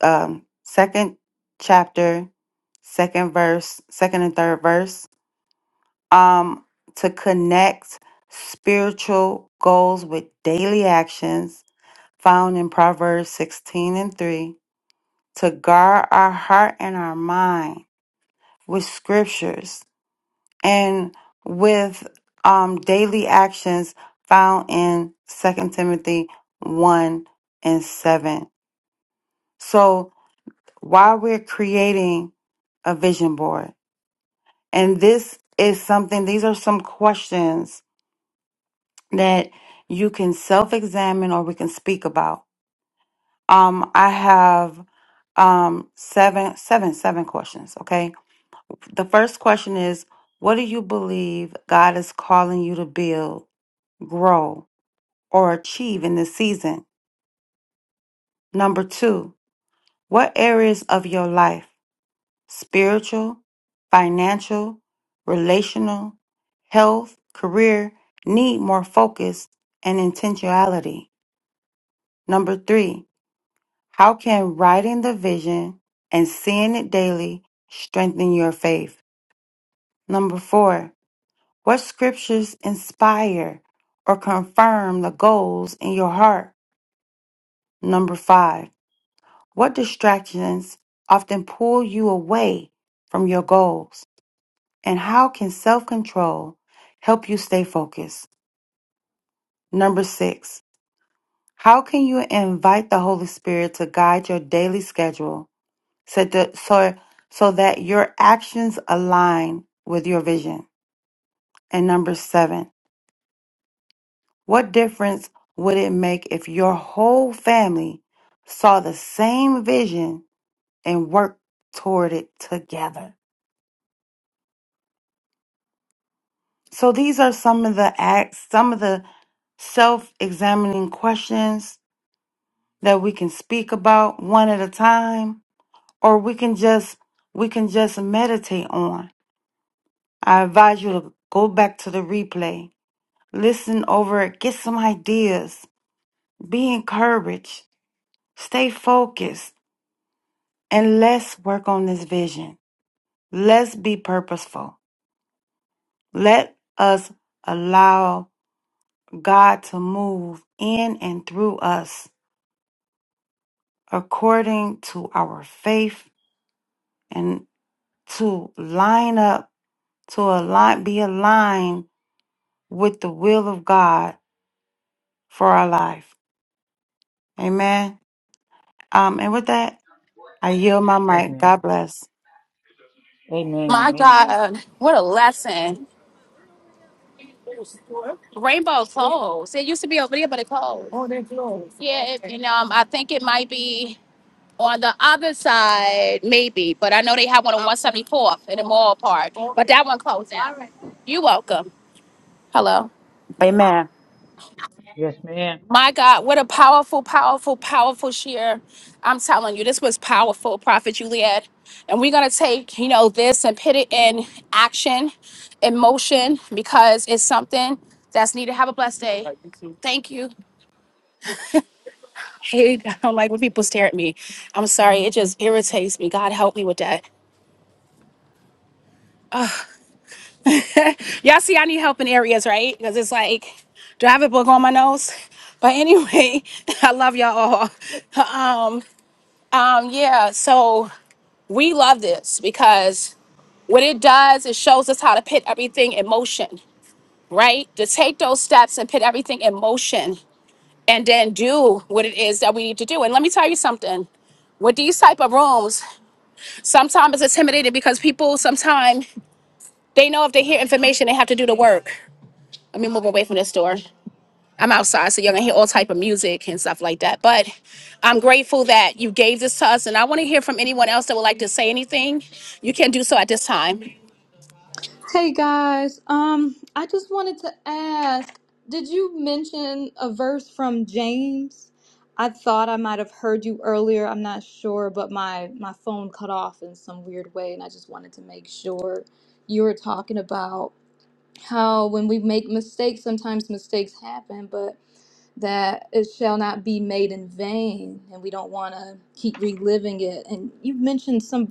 S2: um, second chapter, second verse, second and third verse. Um, to connect spiritual goals with daily actions found in Proverbs 16 and 3 to guard our heart and our mind with scriptures and with um, daily actions found in Second Timothy 1 and 7. So while we're creating a vision board, and this is something, these are some questions that you can self examine or we can speak about Um, I have um seven seven seven questions, okay? The first question is what do you believe God is calling you to build, grow, or achieve in this season? Number 2, what areas of your life, spiritual, financial, relational, health, career, need more focus and intentionality? Number 3, How can writing the vision and seeing it daily strengthen your faith? Number four, what scriptures inspire or confirm the goals in your heart? Number five, what distractions often pull you away from your goals? And how can self control help you stay focused? Number six, how can you invite the Holy Spirit to guide your daily schedule so, to, so, so that your actions align with your vision. And number seven, what difference would it make if your whole family saw the same vision and worked toward it together? So these are some of the acts, some of the self-examining questions that we can speak about one at a time, or we can just we can just meditate on. I advise you to go back to the replay Listen over it, get some ideas, be encouraged, stay focused, and let's work on this vision. Let's be purposeful. Let us allow God to move in and through us according to our faith and to line up, to align, be aligned with the will of God for our life. Amen. Um, and with that, I yield my mic.
S6: Amen.
S2: God bless.
S6: Amen.
S1: My
S6: Amen.
S1: God, what a lesson. Rainbow clothes. It used to be over there, but it closed. Yeah, it, and um, I think it might be. on the other side, maybe, but I know they have one on 174th in the mall part. But that one closed down. You're welcome. Hello.
S2: Amen.
S6: Yes, ma'am.
S1: My God, what a powerful, powerful, powerful share. I'm telling you, this was powerful, Prophet Juliet. And we're going to take, you know, this and put it in action, in motion, because it's something that's needed. Have a blessed day. Thank you. Hey, I don't like when people stare at me. I'm sorry. It just irritates me. God help me with that. Y'all see, I need help in areas, right? Because it's like, do I have a book on my nose? But anyway, I love y'all. all. Um, um, yeah, so we love this because what it does, it shows us how to put everything in motion, right? To take those steps and put everything in motion and then do what it is that we need to do. And let me tell you something. With these type of rooms, sometimes it's intimidating because people sometimes they know if they hear information, they have to do the work. Let me move away from this door. I'm outside, so you're gonna hear all type of music and stuff like that. But I'm grateful that you gave this to us, and I want to hear from anyone else that would like to say anything. You can do so at this time.
S7: Hey guys, um, I just wanted to ask, did you mention a verse from James? I thought I might have heard you earlier. I'm not sure, but my my phone cut off in some weird way, and I just wanted to make sure you were talking about how when we make mistakes, sometimes mistakes happen, but that it shall not be made in vain, and we don't want to keep reliving it. And you mentioned some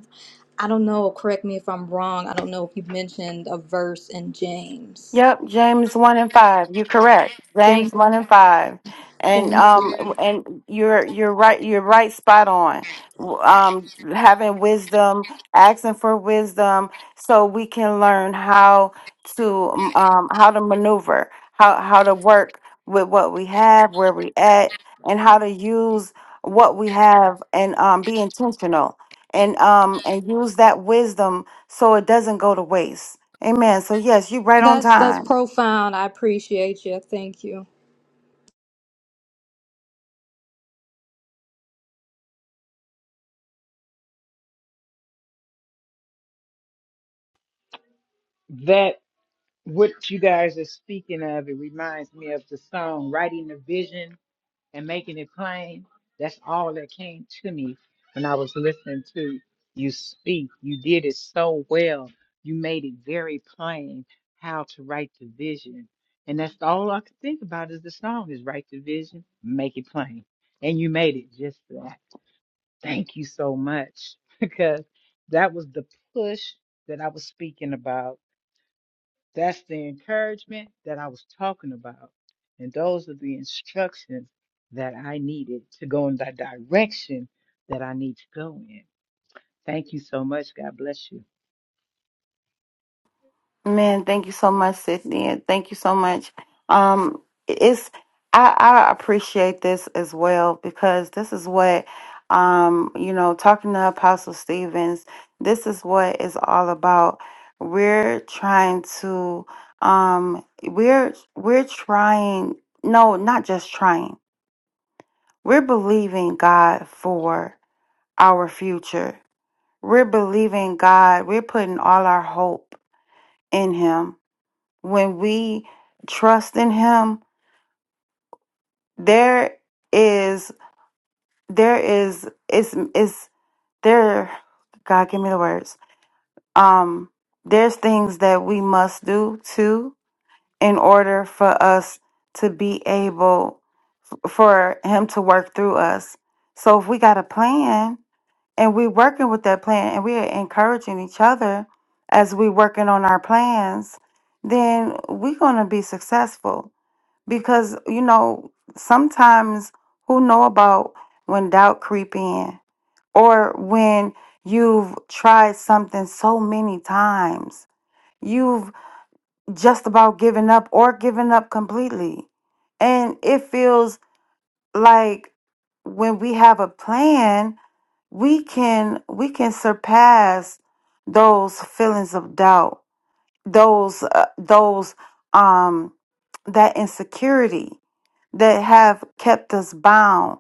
S7: I don't know, correct me if I'm wrong. I don't know if you mentioned a verse in James.
S2: Yep, James one and five. You're correct. James
S7: James,
S2: one and five, and
S7: thank
S2: um,
S7: you.
S2: and you're you're right. You're right, spot on. W- Um, having wisdom, asking for wisdom, so we can learn how to um how to maneuver, how how to work with what we have, where we at, and how to use what we have, and um, be intentional, and um, and use that wisdom so it doesn't go to waste Amen. So yes, you're right on
S7: That's that's
S2: time.
S7: profound. I appreciate you. Thank you.
S6: That what you guys are speaking of, it reminds me of the song "Writing the Vision." and making it plain. That's all that came to me when I was listening to you speak. You did it so well. You made it very plain how to write the vision. And that's all I could think about is the song is write the vision, make it plain. And you made it just that. Thank you so much because that was the push that I was speaking about that's the encouragement that I was talking about. And those are the instructions that I needed to go in the direction that I need to go in. Thank you so much. God bless you.
S2: Man, thank you so much, Sydney. and Thank you so much. Um it's I, I appreciate this as well because this is what um, you know, talking to Apostle Stevens, this is what it's all about. We're trying to um we're we're trying no, not just trying. We're believing God for our future. We're believing God. We're putting all our hope in him when we trust in him there is there is is is there god give me the words um there's things that we must do too in order for us to be able for him to work through us so if we got a plan and we're working with that plan and we're encouraging each other as we are working on our plans then we're going to be successful because you know sometimes who know about when doubt creep in or when you've tried something so many times you've just about given up or given up completely and it feels like when we have a plan we can we can surpass those feelings of doubt those uh, those um that insecurity that have kept us bound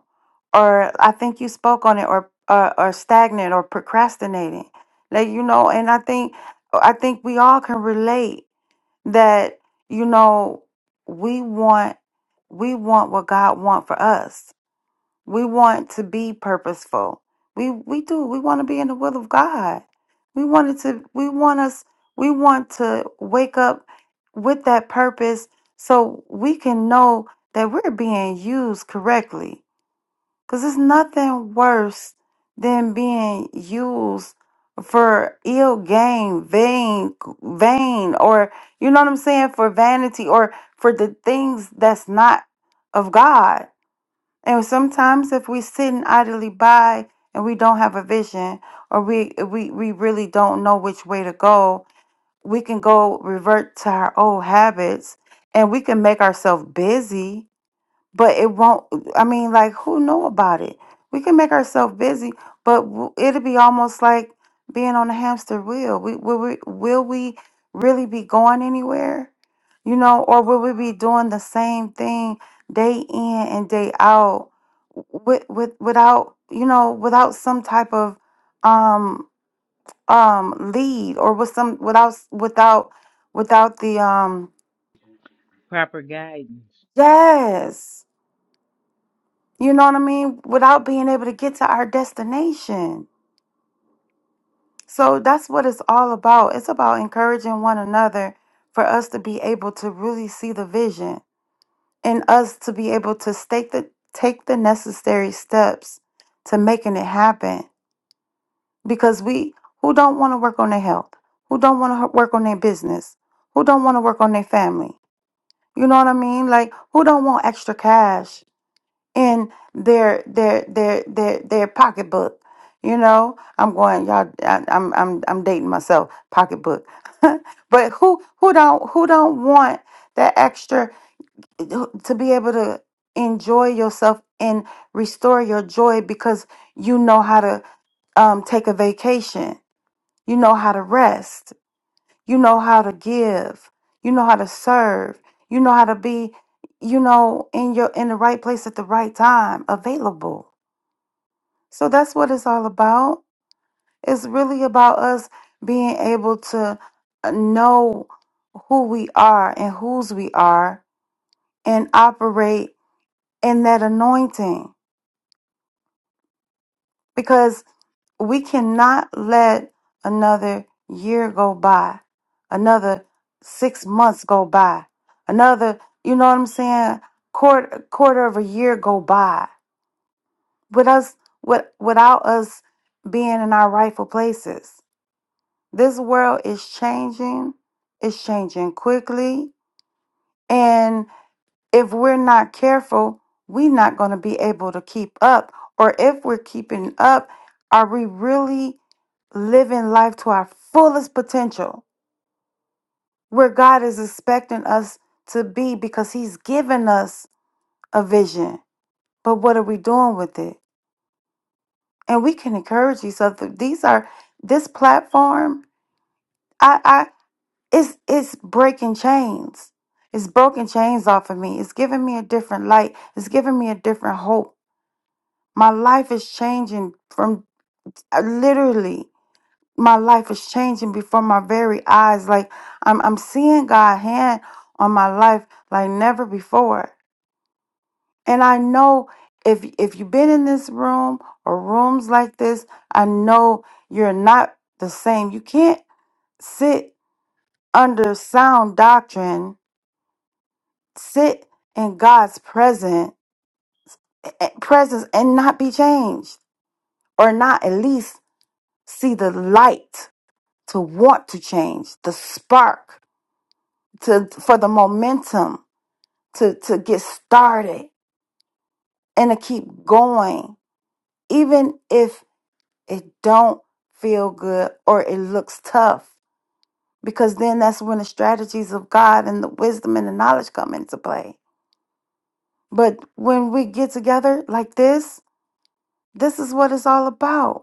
S2: or i think you spoke on it or or, or stagnant or procrastinating like you know and i think i think we all can relate that you know we want we want what god want for us we want to be purposeful. We we do. We want to be in the will of God. We wanted to we want us we want to wake up with that purpose so we can know that we're being used correctly. Cuz there's nothing worse than being used for ill gain, vain vain or you know what I'm saying for vanity or for the things that's not of God and sometimes if we're sitting idly by and we don't have a vision or we, we, we really don't know which way to go, we can go revert to our old habits and we can make ourselves busy but it won't i mean like who know about it we can make ourselves busy but w- it'll be almost like being on a hamster wheel we will we will we really be going anywhere you know or will we be doing the same thing day in and day out with, with without you know without some type of um um lead or with some without without without the um
S6: Proper guidance.
S2: yes You know what I mean? Without being able to get to our destination. So that's what it's all about. It's about encouraging one another for us to be able to really see the vision and us to be able to stake the, take the necessary steps to making it happen. Because we, who don't want to work on their health? Who don't want to work on their business? Who don't want to work on their family? You know what I mean? Like, who don't want extra cash? in their their their their their pocketbook. You know, I'm going y'all. I, I'm I'm I'm dating myself. Pocketbook, but who who don't who don't want that extra to be able to enjoy yourself and restore your joy because you know how to um, take a vacation. You know how to rest. You know how to give. You know how to serve. You know how to be. You know in your in the right place at the right time, available so that's what it's all about. It's really about us being able to uh, know who we are and whose we are and operate in that anointing because we cannot let another year go by, another six months go by, another, you know what I'm saying, quarter, quarter of a year go by with us, with, without us being in our rightful places This world is changing, it's changing quickly. And if we're not careful, we're not going to be able to keep up. Or if we're keeping up, are we really living life to our fullest potential where God is expecting us to be because He's given us a vision? But what are we doing with it? And we can encourage each other. These are this platform. I. it's it's breaking chains. It's broken chains off of me. It's giving me a different light. It's giving me a different hope. My life is changing from uh, literally my life is changing before my very eyes. Like I'm I'm seeing God's hand on my life like never before. And I know if if you've been in this room or rooms like this, I know you're not the same. You can't sit under sound doctrine sit in God's present presence and not be changed, or not at least see the light to want to change, the spark to for the momentum to to get started and to keep going, even if it don't feel good or it looks tough. Because then that's when the strategies of God and the wisdom and the knowledge come into play. But when we get together like this, this is what it's all about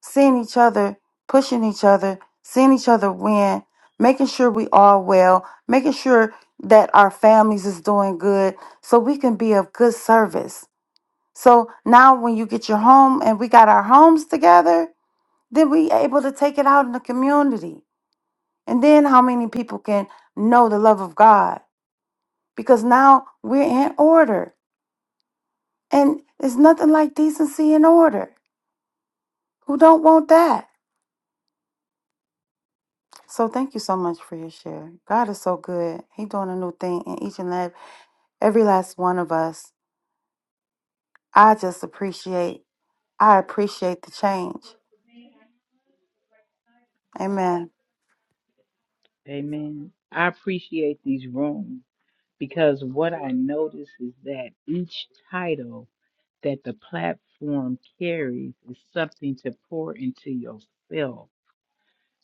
S2: seeing each other, pushing each other, seeing each other win, making sure we are well, making sure that our families is doing good so we can be of good service. So now when you get your home and we got our homes together, then we able to take it out in the community. And then how many people can know the love of God? Because now we're in order. And there's nothing like decency and order. Who don't want that? So thank you so much for your share. God is so good. He doing a new thing in each and every, every last one of us. I just appreciate. I appreciate the change. Amen.
S6: Amen. I appreciate these rooms because what I notice is that each title that the platform carries is something to pour into yourself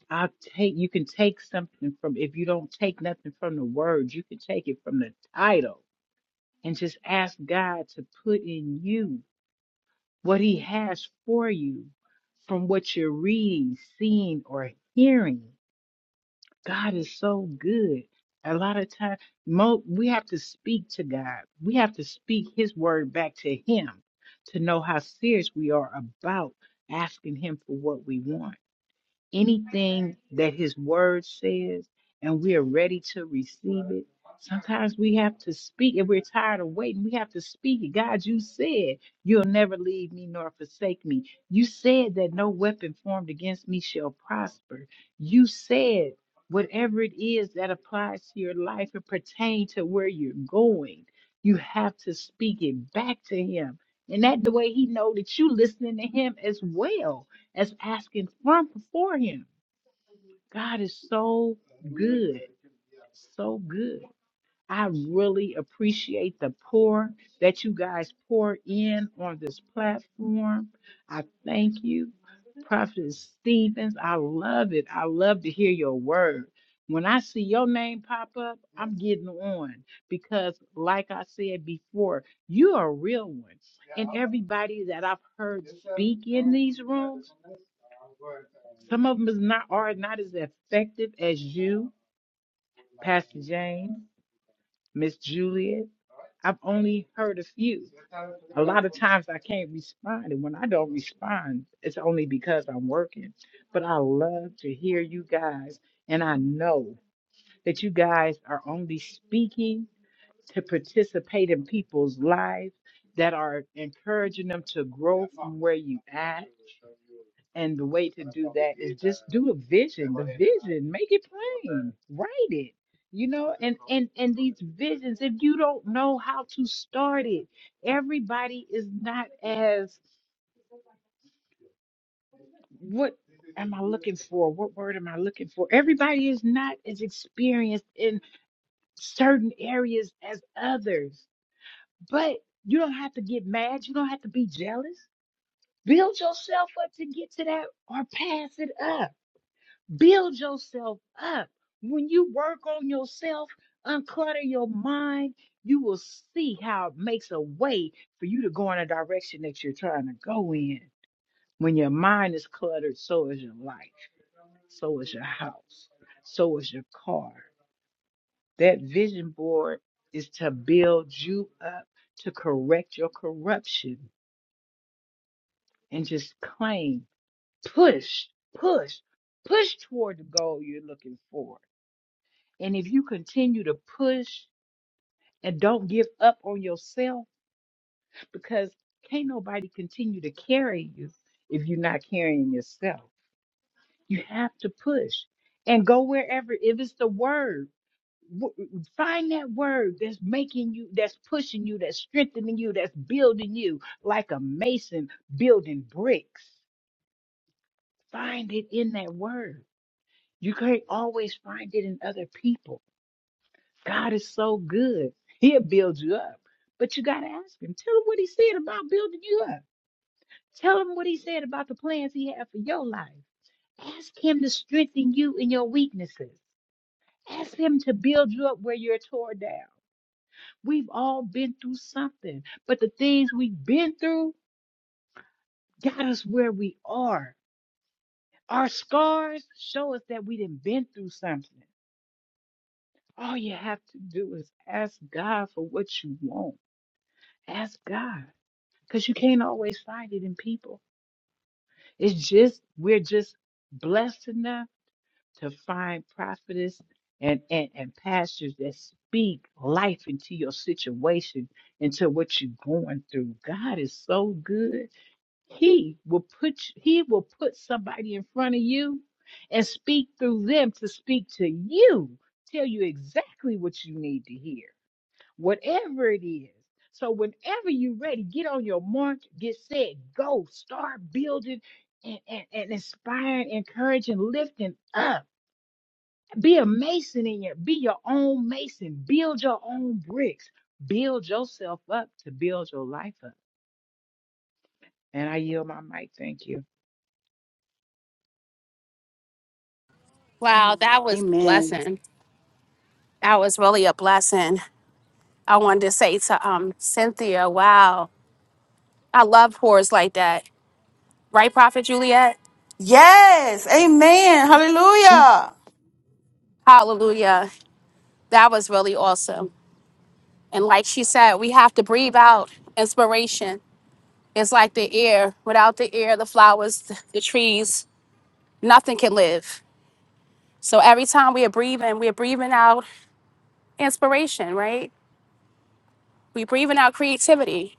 S6: I take you can take something from if you don't take nothing from the words, you can take it from the title and just ask God to put in you what he has for you from what you're reading, seeing or hearing. God is so good. A lot of times, mo we have to speak to God. We have to speak his word back to him to know how serious we are about asking him for what we want anything that his word says and we are ready to receive it. Sometimes we have to speak if we're tired of waiting. We have to speak it. God, you said you'll never leave me nor forsake me. You said that no weapon formed against me shall prosper. You said whatever it is that applies to your life and pertain to where you're going, you have to speak it back to him. And that the way he know that you listening to him as well as asking from before Him. God is so good, so good. I really appreciate the pour that you guys pour in on this platform. I thank you, Prophet Stevens. I love it. I love to hear your word. When I see your name pop up, I'm getting on because, like I said before, you are a real one. And everybody that I've heard speak in these rooms, some of them is not are not as effective as you, Pastor James. Miss Juliet. I've only heard a few. A lot of times I can't respond, and when I don't respond, it's only because I'm working. But I love to hear you guys, and I know that you guys are only speaking. to participate in people's lives that are encouraging them to grow from where you at. And the way to do that is just do a vision, the vision, make it plain, write it. You know, and and and these visions, if you don't know how to start it, everybody is not as what am I looking for? What word am I looking for? Everybody is not as experienced in certain areas as others But you don't have to get mad. You don't have to be jealous. Build yourself up to get to that or pass it up. Build yourself up. When you work on yourself, unclutter your mind, you will see how it makes a way for you to go in a direction that you're trying to go in. When your mind is cluttered, so is your life, so is your house, so is your car. That vision board is to build you up to correct your corruption and just claim, push, push, push toward the goal you're looking for. And if you continue to push and don't give up on yourself, because can't nobody continue to carry you if you're not carrying yourself. You have to push and go wherever. If it's the word, w- find that word that's making you, that's pushing you, that's strengthening you, that's building you like a mason building bricks. Find it in that word You can't always find it in other people. God is so good. He'll build you up. But you got to ask him. Tell him what he said about building you up. Tell him what he said about the plans he had for your life. Ask him to strengthen you in your weaknesses. Ask him to build you up where you're torn down. We've all been through something, but the things we've been through got us where we are. Our scars show us that we didn't been through something. All you have to do is ask God for what you want. Ask God. Because you can't always find it in people. It's just, we're just blessed enough to find prophetess and, and, and pastors that speak life into your situation, into what you're going through. God is so good. He will put you- he will put somebody in front of you and speak through them to speak to you, tell you exactly what you need to hear whatever it is. So whenever you're ready, get on your mark, get set, go, start building and, and, and inspiring, encouraging, lifting up. Be a mason in your, be your own mason. Build your own bricks. Build yourself up to build your life up. And I yield my mic. Thank you.
S1: Wow, that was a
S2: Amen.
S1: blessing. That was really a blessing. I wanted to say to um Cynthia, wow, I love pours like that, right, Prophet Juliet?
S2: Yes. Amen. Hallelujah.
S1: Hallelujah. That was really awesome. And like she said, we have to breathe out inspiration. It's like the air. Without the air, the flowers, the trees, nothing can live. So every time we are breathing, we are breathing out inspiration, right? We're breathing out creativity.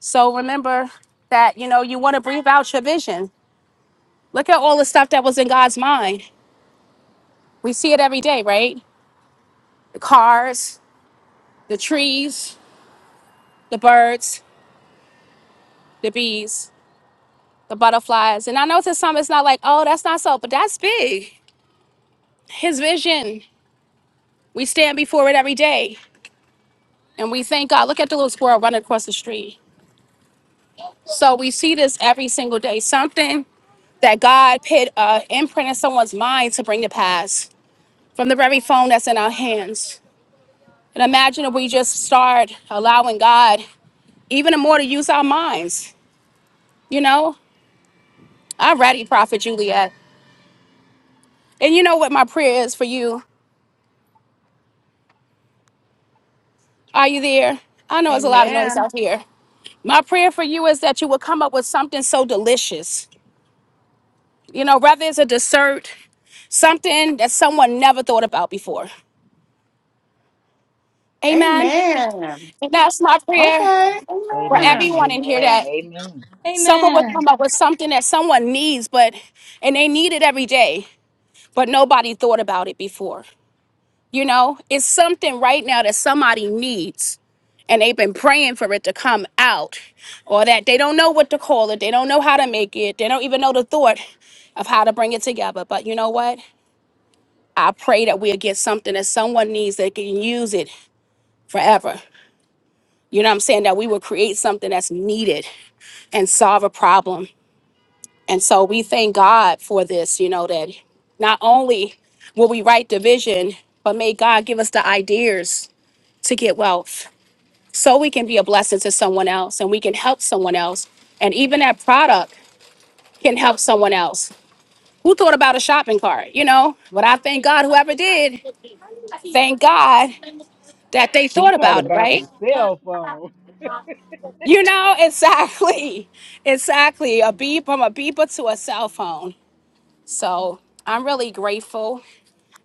S1: So remember that, you know, you want to breathe out your vision. Look at all the stuff that was in God's mind. We see it every day, right? The cars, the trees, the birds, the bees, the butterflies. And I know to some it's not like, oh, that's not so, but that's big. His vision. We stand before it every day. And we thank God. Look at the little squirrel running across the street. So we see this every single day. Something that God put an imprint in someone's mind to bring to pass from the very phone that's in our hands. And imagine if we just start allowing God even more to use our minds. You know, I'm ready, Prophet Juliet. And you know what my prayer is for you? Are you there? I know it's a lot of noise
S2: Amen.
S1: out here. My prayer for you is that you will come up with something so delicious. You know, whether it's a dessert, something that someone never thought about before. Amen.
S2: Amen.
S1: And that's my prayer
S2: Okay.
S1: for
S6: Amen.
S2: Amen.
S1: everyone in here
S6: Amen.
S1: that
S6: Amen.
S1: Someone would
S7: Amen.
S1: come up with something that someone needs, but and they need it every day, but nobody thought about it before. You know, it's something right now that somebody needs, and they've been praying for it to come out, or that they don't know what to call it, they don't know how to make it, they don't even know the thought of how to bring it together. But you know what? I pray that we'll get something that someone needs that can use it forever. You know what I'm saying? That we will create something that's needed and solve a problem. And so we thank God for this, you know, that not only will we write the vision, but may God give us the ideas to get wealth so we can be a blessing to someone else and we can help someone else. And even that product can help someone else. Who thought about a shopping cart, you know? But I thank God, whoever did, thank God that they
S6: Who
S1: thought
S6: thought
S1: about it,
S6: about
S1: right?
S6: the cell phone?
S1: You know, exactly. Exactly. A beep from a beeper to a cell phone. So I'm really grateful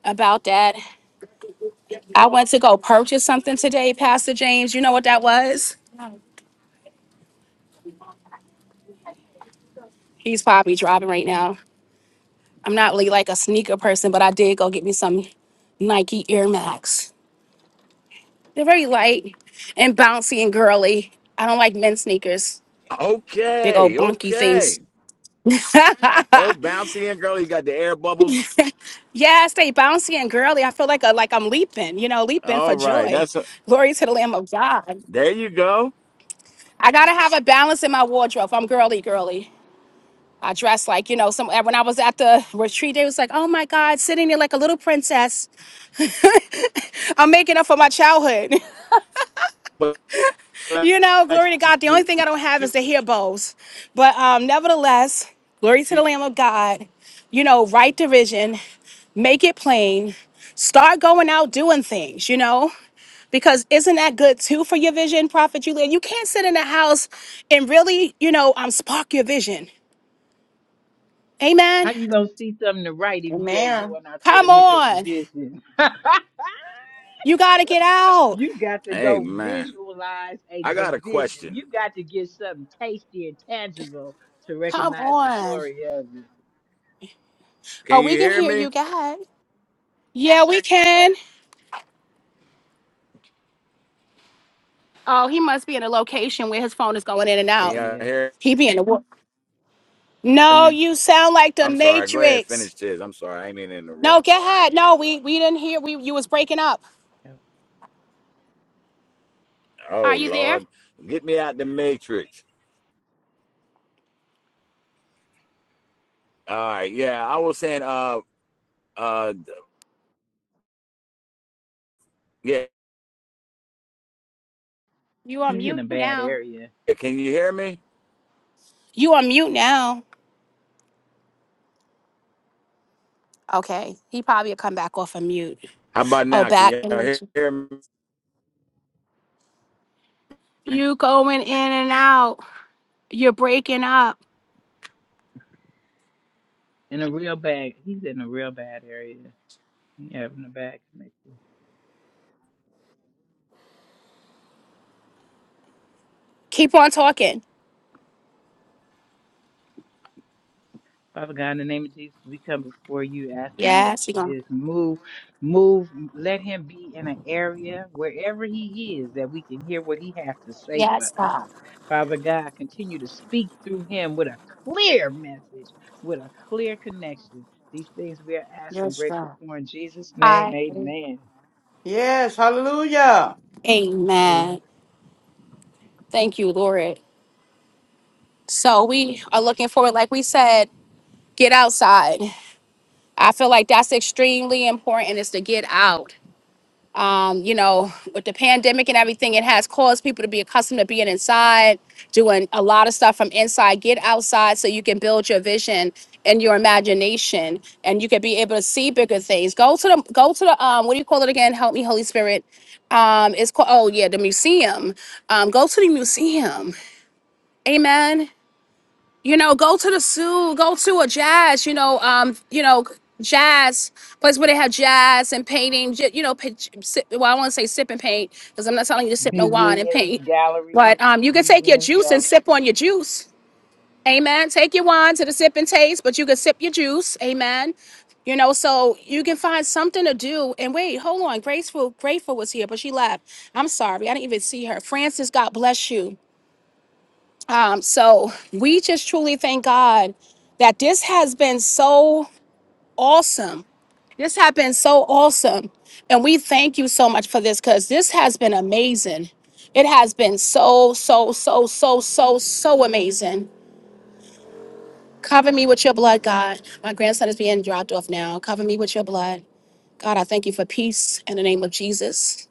S1: about that. I went to go purchase something today, Pastor James. You know what that was? He's probably driving right now. I'm not really like a sneaker person, but I did go get me some Nike Air Max. They're very light and bouncy and girly. I don't like men's sneakers, big old
S3: Okay,
S1: bunky things.
S3: okay. Oh, bouncy in, girl. You got the air bubbles.
S1: yes, they bouncy and girly. I feel like a, like I'm leaping, you know, leaping for
S3: All right,
S1: joy.
S3: that's a,
S1: Glory to the Lamb of God.
S3: there. You go.
S1: I gotta have a balance in my wardrobe. I'm girly, girly. I dressed like, you know, some uh, when I was at the retreat, they was like, oh my God, sitting there like a little princess. I'm making up for my childhood.
S3: But
S1: you know, glory to God. The only thing I don't have is the hair bows. But um, nevertheless, glory to the Lamb of God. You know, write the vision, make it plain, start going out doing things, you know? Because isn't that good too for your vision, Prophet Julia? You can't sit in the house and really, you know, um, spark your vision. Amen.
S6: How you gonna see something to write if you ain't
S2: Amen.
S6: going out there to
S1: Come
S6: look at the
S1: on.
S6: vision?
S1: You got to get out.
S6: You got to
S3: hey,
S6: go
S3: man,
S6: visualize a
S3: I got a
S6: division.
S3: question.
S6: You got to get something tasty and tangible to
S1: Come
S6: recognize the
S1: on.
S6: glory of it.
S3: Can
S1: Oh,
S3: you
S1: we can
S3: hear
S1: hear
S3: me?
S1: you, God. Yeah, we can. Oh, he must be in a location where his phone is going in and
S3: Can
S1: out.
S3: y'all
S6: Yeah.
S3: hear
S1: He be in the wo- No,
S3: me?
S1: you sound like the
S3: I'm sorry. Go ahead,
S1: Matrix.
S3: finish this. I'm sorry. I ain't mean to
S1: No,
S3: interrupt.
S1: go ahead. No, we we didn't hear. We you was breaking up.
S3: Oh
S1: Are you there?
S3: Lord, get me out the matrix. All right, yeah. I was saying. uh, Uh, yeah.
S1: You on
S6: He's in
S1: mute
S6: a bad
S1: now.
S6: area.
S3: Can you hear me?
S1: You on mute now. Okay, he probably will come back off of mute.
S3: How about
S1: Oh,
S3: now? Can
S1: back.
S3: you hear me?
S1: You going in and out. You're breaking up.
S6: In a real bad he's in a real bad area. He having a bad connection.
S1: Keep on talking.
S6: Father God, in the name of Jesus, we come before you asking that
S1: Yes, you going.
S6: you just move, move, let him be in an area wherever he is that we can hear what he has to say for
S1: Yes,
S6: us.
S1: God.
S6: Father God, continue to speak through him with a clear message, with a clear connection. These things we are asking,
S2: Yes,
S6: grateful
S2: God.
S6: for in Jesus' name,
S1: I.
S6: amen.
S2: Yes. Hallelujah.
S6: Praise
S1: Amen. Thank you, Lord. So we are looking forward, like we said, get outside. I feel like that's extremely important is to get out. Um, you know, with the pandemic and everything, it has caused people to be accustomed to being inside, doing a lot of stuff from inside. Get outside so you can build your vision and your imagination, and you can be able to see bigger things. Go to the, go to the, um, what do you call it again? Help me, Holy Spirit. Um, it's called. Oh yeah, the museum. Um, go to the museum. Amen you know, go to the zoo, go to a jazz, you know, um, you know, jazz place where they have jazz and painting, j- you know, pitch, sip, well, I want to say sip and paint because I'm not telling you to sip no wine and paint,
S6: museum, galleries,
S1: but um, you can take your
S6: museums,
S1: juice and
S6: galleries,
S1: sip on your juice. Amen. Take your wine to the sip and taste, but you can sip your juice. Amen. You know, so you can find something to do. And wait, hold on. Graceful, grateful was here, but she left. I'm sorry. I didn't even see her. Francis, God bless you. Um, so we just truly thank God that this has been so awesome. This has been so awesome. And we thank you so much for this because this has been amazing. It has been so, so, so, so, so, so amazing. Cover me with your blood, God. My grandson is being dropped off now. Cover me with your blood. God, I thank you for peace in the name of Jesus.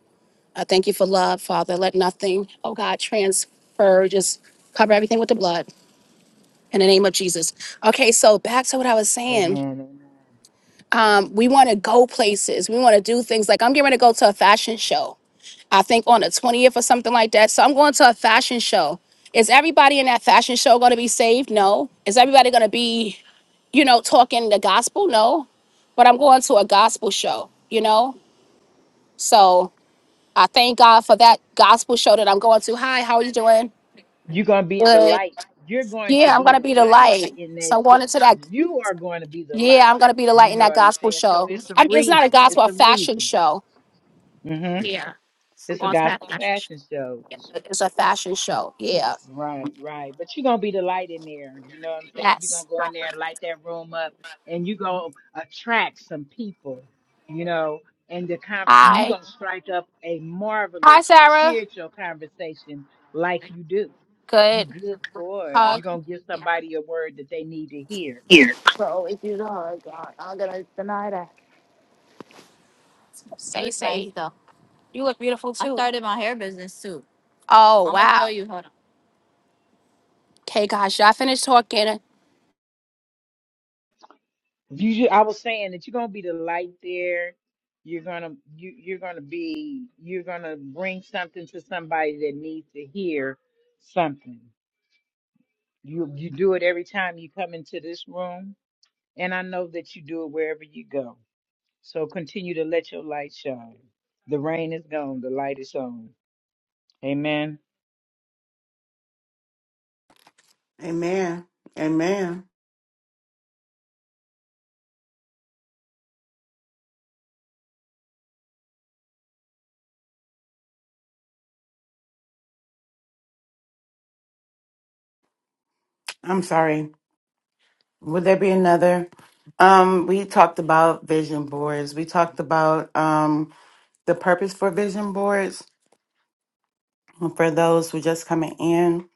S1: I thank you for love, Father. Let nothing, oh God, transfer. Just cover everything with the blood. in the name of Jesus. Okay, so back to what I was saying.
S6: amen, amen.
S1: Um, we want to go places. We want to do things. Like I'm getting ready to go to a fashion show. I think on the 20th or something like that. So I'm going to a fashion show. Is everybody in that fashion show going to be saved? No. Is everybody going to be, you know, talking the gospel? No. But I'm going to a gospel show, you know? So I thank God for that gospel show that I'm going to. Hi, how are you doing?
S6: You're going to be in the
S1: Good.
S6: light. You're going to
S1: Yeah, I'm
S6: be
S1: going to
S6: the
S1: be the
S6: light
S1: light.
S6: in that.
S1: So I'm
S6: sh-
S1: going into that
S6: You are going to be the
S1: Yeah,
S6: light.
S1: I'm gonna be the light
S6: You
S1: in
S6: know
S1: that
S6: what I'm
S1: gospel
S6: saying? So
S1: show.
S6: it's a
S1: I mean, it's not a
S6: reason.
S1: gospel,
S6: It's
S1: a
S6: a
S1: fashion
S6: reason.
S1: show.
S6: hmm It's a gospel fashion show.
S1: It's a fashion show. Yeah.
S6: Right, right. But you're gonna be the light in there. You know what I'm saying? You're gonna
S1: Yes.
S6: go in there and light that room up and you gonna attract some people, you know, and the con- you're
S1: Hi.
S6: gonna strike up a
S1: Hi,
S6: marvelous
S1: Sarah.
S6: spiritual conversation like you do. You
S1: Good.
S6: good for it.
S1: Hug.
S6: You're gonna give somebody a word that they need to hear.
S1: Bro, if you don't hug, I- I'm gonna deny that. Say, Look say. nice, though. You look beautiful too. I too. started my hair business too. Oh I'm gonna wow. Show you. Hold on. Okay, guys, y'all finished talking.
S6: You ju- I was saying that you're gonna be the light there. You're gonna you you're gonna be you're gonna bring something to somebody that needs to hear something. You you do it every time you come into this room, and I know that you do it wherever you go. So continue to let your light shine. The rain is gone, the light is on. Amen.
S2: Amen. Amen. I'm sorry. Would there be another? Um, we talked about vision boards. We talked about um, the purpose for vision boards for those who just coming in.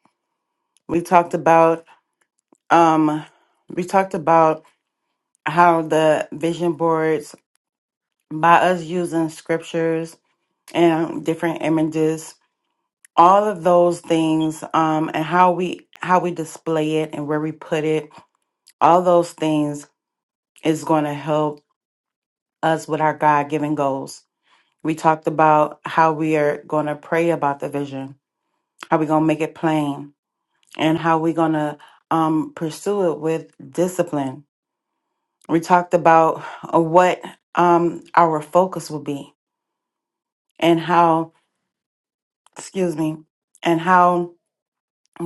S2: We talked about um, we talked about how the vision boards by us using scriptures and different images, all of those things, um, and how we how we display it and where we put it, all those things is going to help us with our God given goals We talked about how we are going to pray about the vision, how we're going to make it plain, and how we're going to um, pursue it with discipline. We talked about uh, what um, our focus will be and how, excuse me, and how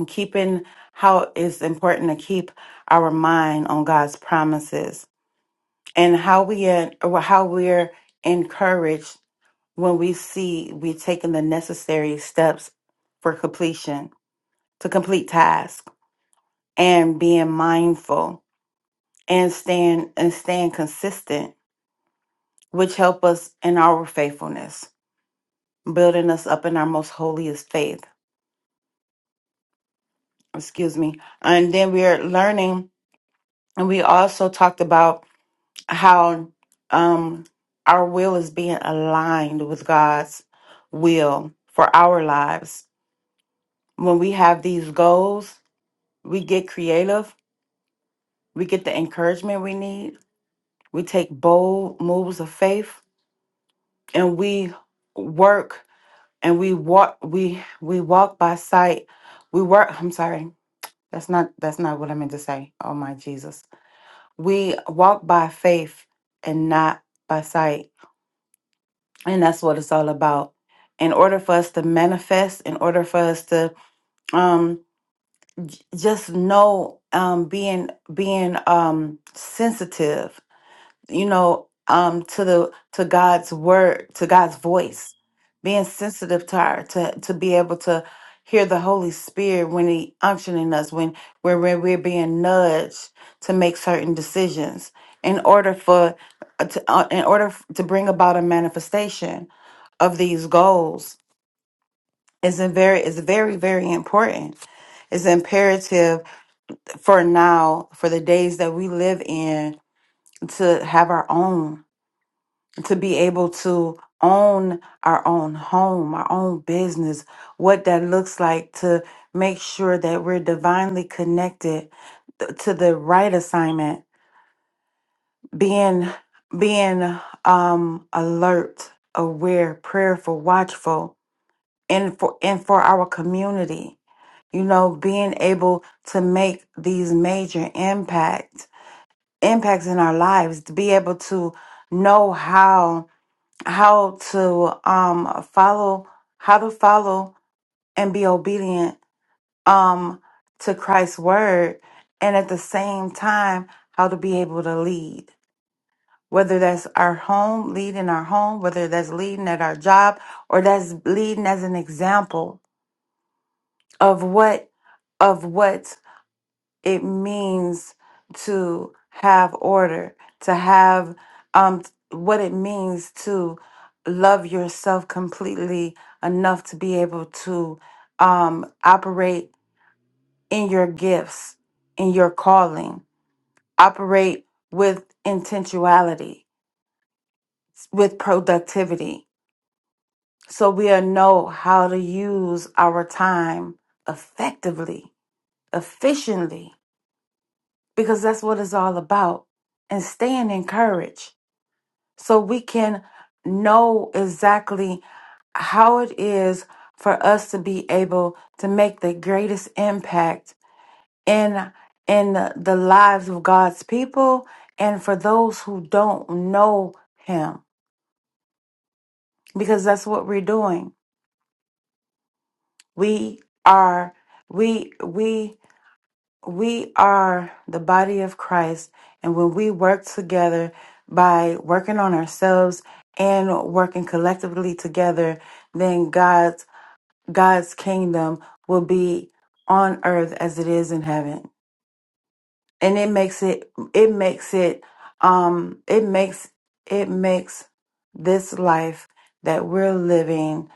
S2: keeping how it's important to keep our mind on God's promises and how we en- or how we're encouraged when we see we're taking the necessary steps for completion to complete tasks and being mindful and staying and staying consistent, which help us in our faithfulness, building us up in our most holiest faith. Excuse me. And then we are learning, and we also talked about how um, our will is being aligned with God's will for our lives. When we have these goals, we get creative, we get the encouragement we need, we take bold moves of faith and we work and we walk we we walk by sight we work i'm sorry that's not that's not what i meant to say oh my jesus we walk by faith and not by sight and that's what it's all about in order for us to manifest in order for us to um just know um being being um sensitive you know um to the to god's word to god's voice being sensitive to our to to be able to hear the holy spirit when he unctioning us when when we're, we're being nudged to make certain decisions in order for uh, to, uh, in order f- to bring about a manifestation of these goals is a very is very very important it's imperative for now for the days that we live in to have our own to be able to own our own home, our own business, what that looks like to make sure that we're divinely connected th- to the right assignment, being being um alert, aware, prayerful, watchful, and for and for our community. You know, being able to make these major impact impacts in our lives, to be able to know how how to um follow how to follow and be obedient um to Christ's word and at the same time how to be able to lead whether that's our home leading our home whether that's leading at our job or that's leading as an example of what of what it means to have order, to have um what it means to love yourself completely enough to be able to um operate in your gifts, in your calling, operate with intentionality, with productivity. So we'll know how to use our time effectively, efficiently because that's what it's all about and staying encouraged so we can know exactly how it is for us to be able to make the greatest impact in in the, the lives of God's people and for those who don't know him because that's what we're doing we are we we we are the body of Christ, and when we work together by working on ourselves and working collectively together, then God's God's kingdom will be on earth as it is in heaven. And it makes it it makes it um it makes it makes this life that we're living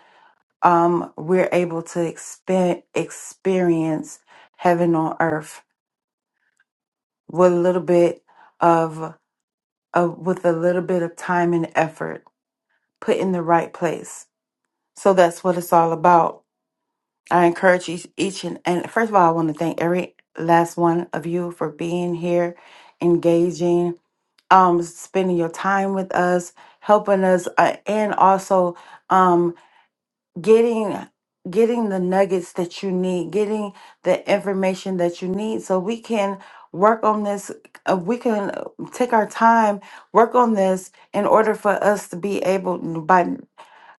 S2: um we're able to expe- experience heaven on earth with a little bit of, of with a little bit of time and effort put in the right place so that's what it's all about i encourage each, each and, and first of all i want to thank every last one of you for being here engaging um spending your time with us helping us uh, and also um, getting getting the nuggets that you need getting the information that you need so we can work on this uh, we can uh, take our time work on this in order for us to be able by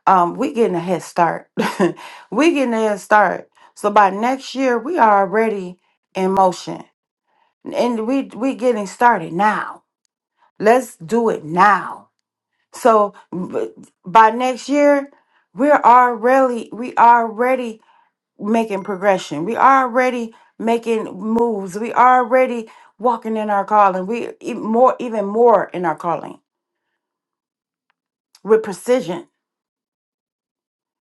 S2: um we getting a head start we getting a head start so by next year we are already in motion and we we getting started now let's do it now so b- by next year we're already we already making progression. We already making moves. We already walking in our calling. We e- more even more in our calling with precision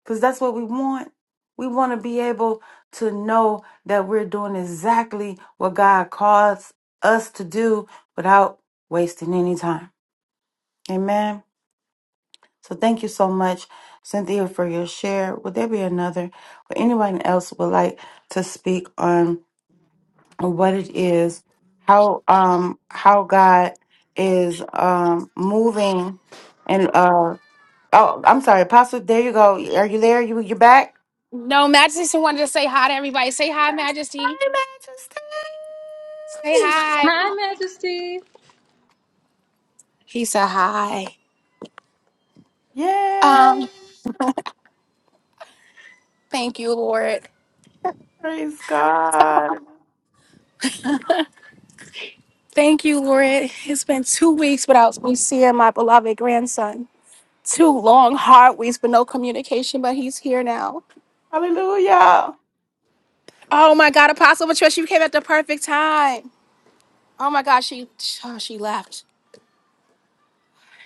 S2: because that's what we want. We want to be able to know that we're doing exactly what God calls us to do without wasting any time. Amen. So thank you so much, Cynthia, for your share. Would there be another or anyone else would like to speak on? what it is, how um how God is um moving and uh oh I'm sorry, Apostle, there you go. Are you there? You you back?
S1: No, Majesty wanted to say hi to everybody. Say hi,
S2: Yes,
S1: Majesty.
S2: My Majesty.
S1: Say hi.
S7: Hi, Majesty.
S1: He said hi.
S2: Yay!
S1: Um, thank you, Lord.
S2: Praise God.
S1: Thank you, Lord. It's been two weeks without me seeing my beloved grandson. Two long, hard weeks with no communication, but he's here now.
S2: Hallelujah.
S1: Oh my God, Apostle Patricia, you came at the perfect time. Oh my God, she oh, she left.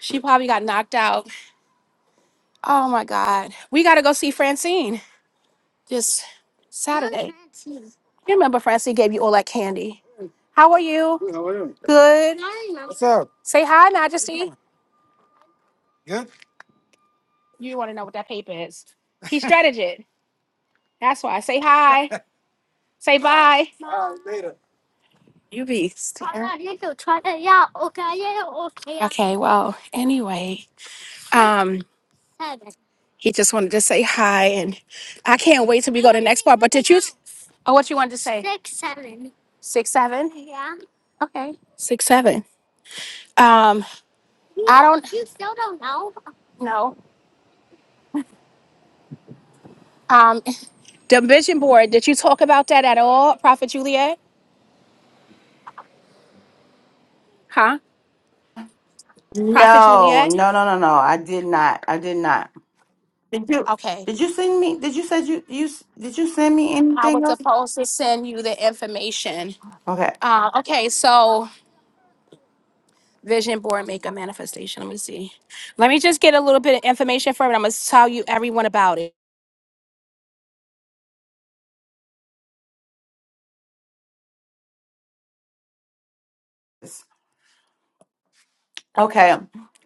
S1: She probably got knocked out. Oh my God, we gotta go see Francine this Saturday. You remember Francine gave you all that candy? How are you? Good. What's up? Say hi, Majesty. Good? You want to know what that paper is? He strategized. That's why. Say hi. Say bye. Later. You beast. Okay, well, anyway, um, he just wanted to say hi, and I can't wait till we go to the next part. But did you? Oh, what you wanted to say? Six seven. Okay. Six seven. Um, I don't know. Um, the vision board. Did you talk about that at all, Prophet Juliet? Huh? Prophet
S2: No, no,
S1: Juliet.
S2: no, no, no. I did not. I did not. Did you
S1: Okay.
S2: did you send me did you said you you s- did you send me
S1: I
S2: anything
S1: was
S2: else?
S1: supposed to send you the information.
S2: Okay.
S1: Uh, okay, so vision board make a manifestation. Let me see. Let me just get a little bit of information from it. I'm gonna tell you everyone about it.
S2: Okay.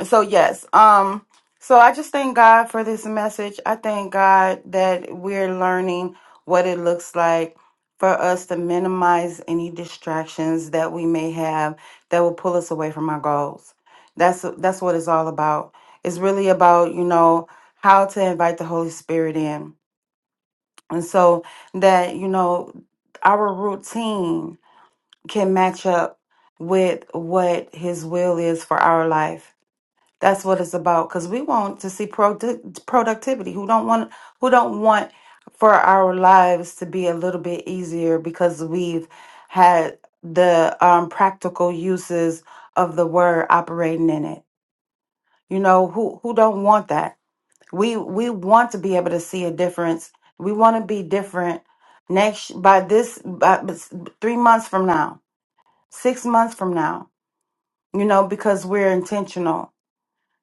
S2: So yes. Um so I just thank God for this message. I thank God that we're learning what it looks like for us to minimize any distractions that we may have that will pull us away from our goals. That's that's what it's all about. It's really about, you know, how to invite the Holy Spirit in. And so that, you know, our routine can match up with what his will is for our life that's what it's about. Because we want to see produ- productivity. Who don't want? Who don't want for our lives to be a little bit easier because we've had the um, practical uses of the word operating in it. You know who who don't want that? We we want to be able to see a difference. We want to be different next by this by, three months from now, six months from now. You know because we're intentional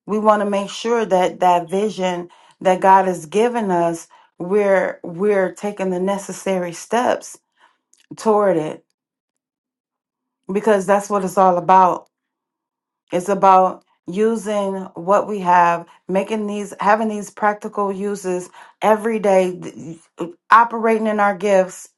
S2: we want to make sure that that vision that God has given us, we're we're taking the necessary steps toward it because that's what it's all about. It's about using what we have, making these, having these practical uses every day, th- operating in our gifts,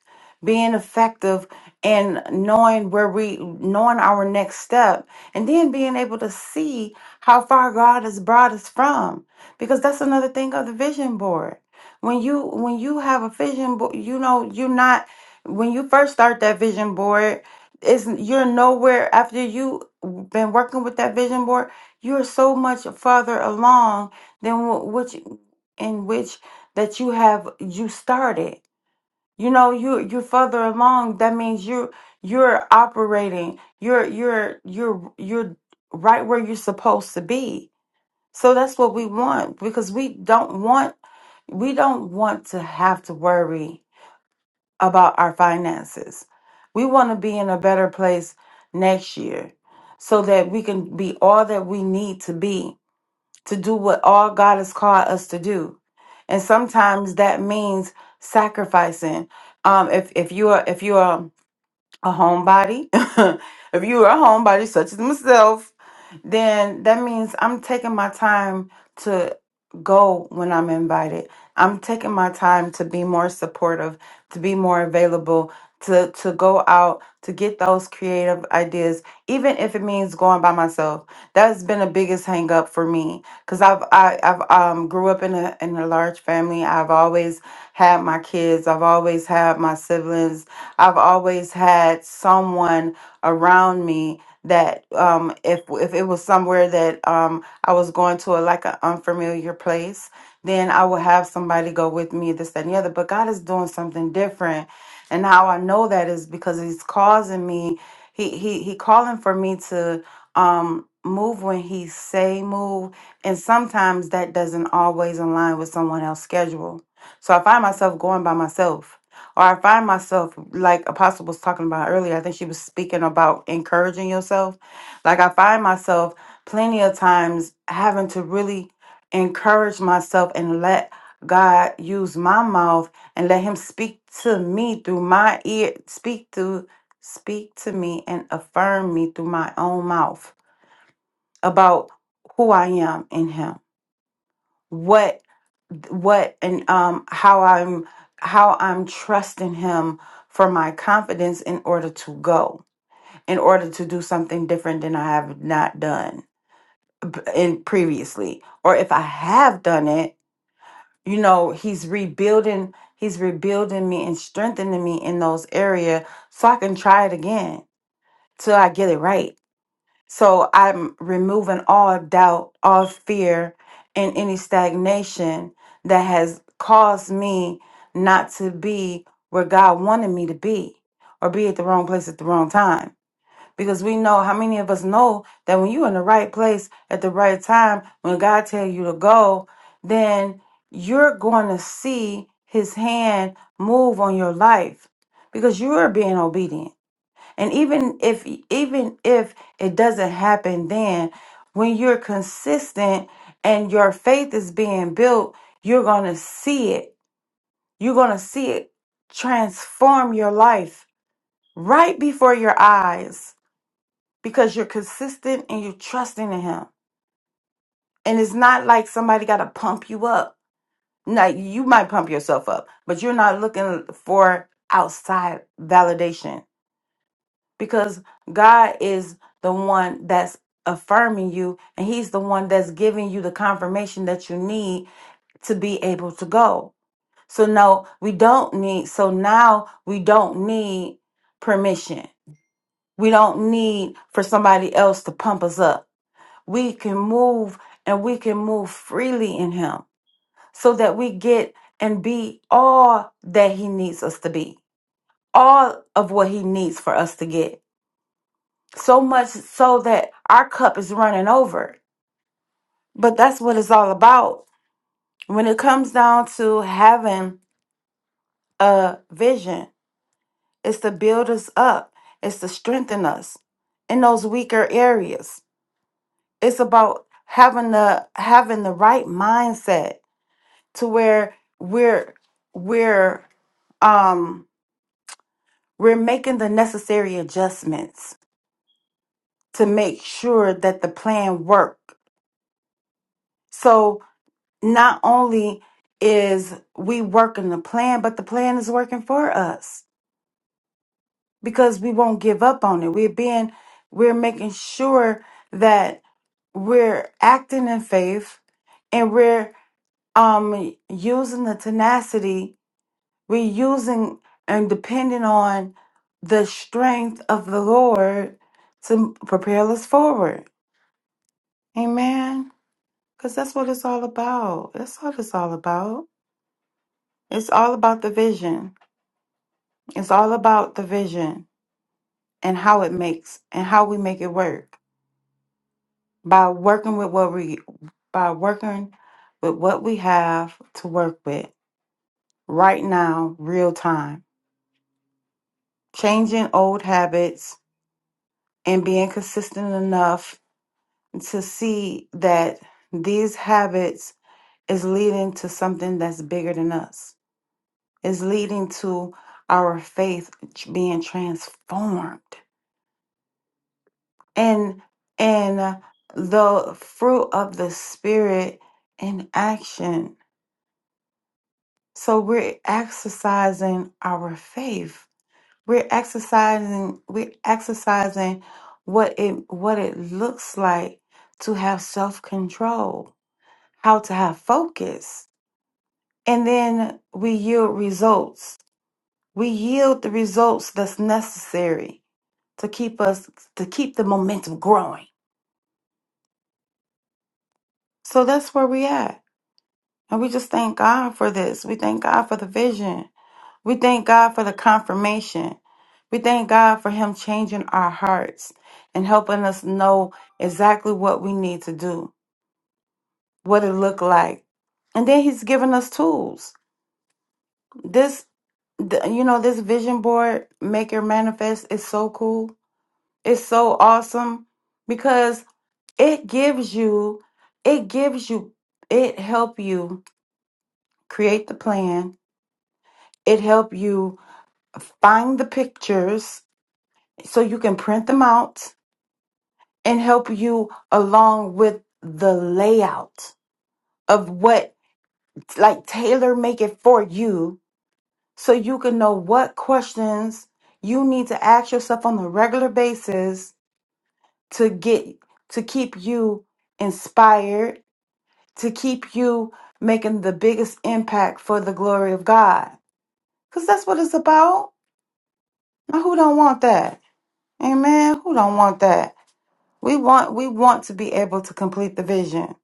S2: being effective, and knowing where we, knowing our next step, and then being able to see how far God has brought us from. Because that's another thing of the vision board. When you when you have a vision board, you know you're not. When you first start that vision board, it's you're nowhere after you been working with that vision board you're so much farther along than wh- which in which that you have you started you know you you're further along that means you're you're operating you're you're you're you're right where you're supposed to be so that's what we want because we don't want we don't want to have to worry about our finances. We want to be in a better place next year so that we can be all that we need to be to do what all God has called us to do. And sometimes that means sacrificing. Um, if if you are if you are a homebody, if you are a homebody such as myself, then that means I'm taking my time to go when I'm invited. I'm taking my time to be more supportive, to be more available, to to go out to get those creative ideas, even if it means going by myself. That's been the biggest hang up for me because I've I, I've um grew up in a in a large family. I've always had my kids. I've always had my siblings I've always had someone around me that um, if if it was somewhere that um, I was going to a, like an unfamiliar place, then I would have somebody go with me, this, that, and the other. But God is doing something different, and how I know that is because He's causing me. He he he calling for me to um move when he say move and sometimes that doesn't always align with someone else's schedule so i find myself going by myself or I find myself like Apostle was talking about earlier. I think she was speaking about encouraging yourself. Like I find myself plenty of times having to really encourage myself and let God use my mouth and let Him speak to me through my ear, speak to speak to me and affirm me through my own mouth about who I am in Him. What what and um how I'm how I'm trusting him for my confidence in order to go, in order to do something different than I have not done b- in previously. Or if I have done it, you know, he's rebuilding he's rebuilding me and strengthening me in those area so I can try it again till I get it right so I'm removing all doubt, all fear, and any stagnation that has caused me not to be where God wanted me to be or be at the wrong place at the wrong time. Because we know how many of us know that when you're in the right place at the right time, when God tells you to go, then you're going to see his hand move on your life because you are being obedient and even if even if it doesn't happen then, when you're consistent and your faith is being built, you're going to see it. You're going to see it transform your life right before your eyes because you're consistent and you're trusting in him. And it's not like somebody got to pump you up. Like you might pump yourself up, but you're not looking for outside validation because God is the one that's affirming you and he's the one that's giving you the confirmation that you need to be able to go. So no, we don't need so now we don't need permission. We don't need for somebody else to pump us up. We can move and we can move freely in him so that we get and be all that he needs us to be. All of what he needs for us to get so much so that our cup is running over. But that's what it's all about. When it comes down to having a vision, it's to build us up, it's to strengthen us in those weaker areas. It's about having the having the right mindset to where we're we're um we're making the necessary adjustments to make sure that the plan works. So not only is we working the plan, but the plan is working for us because we won't give up on it. We're being, we're making sure that we're acting in faith and we're um using the tenacity. We're using and depending on the strength of the Lord to propel us forward. Amen. Because that's what it's all about. That's what it's all about. It's all about the vision. It's all about the vision and how it makes and how we make it work by working with what we by working with what we have to work with right now, real time. Changing old habits and being consistent enough to see that these habits is leading to something that's bigger than us. Is leading to our faith being transformed. and and uh, the fruit of the spirit in action so we're exercising our faith we're exercising we're exercising what it what it looks like to have self-control how to have focus and then we yield results we yield the results that's necessary to keep us to keep the momentum growing so that's where we at And we just thank God for this. We thank God for the vision. We thank God for the confirmation. We thank God for Him changing our hearts and helping us know exactly what we need to do, what it looked like. And then He's given us tools. This, th- you know, this vision board, Make Your Manifest, is so cool. It's so awesome because it gives you, it gives you, it help you create the plan. It help you find the pictures so you can print them out and help you along with the layout of what like tailor make it for you so you can know what questions you need to ask yourself on a regular basis to get to keep you inspired to keep you making the biggest impact for the glory of God cuz that's what it's about now who don't want that amen who don't want that We want we want to be able to complete the vision.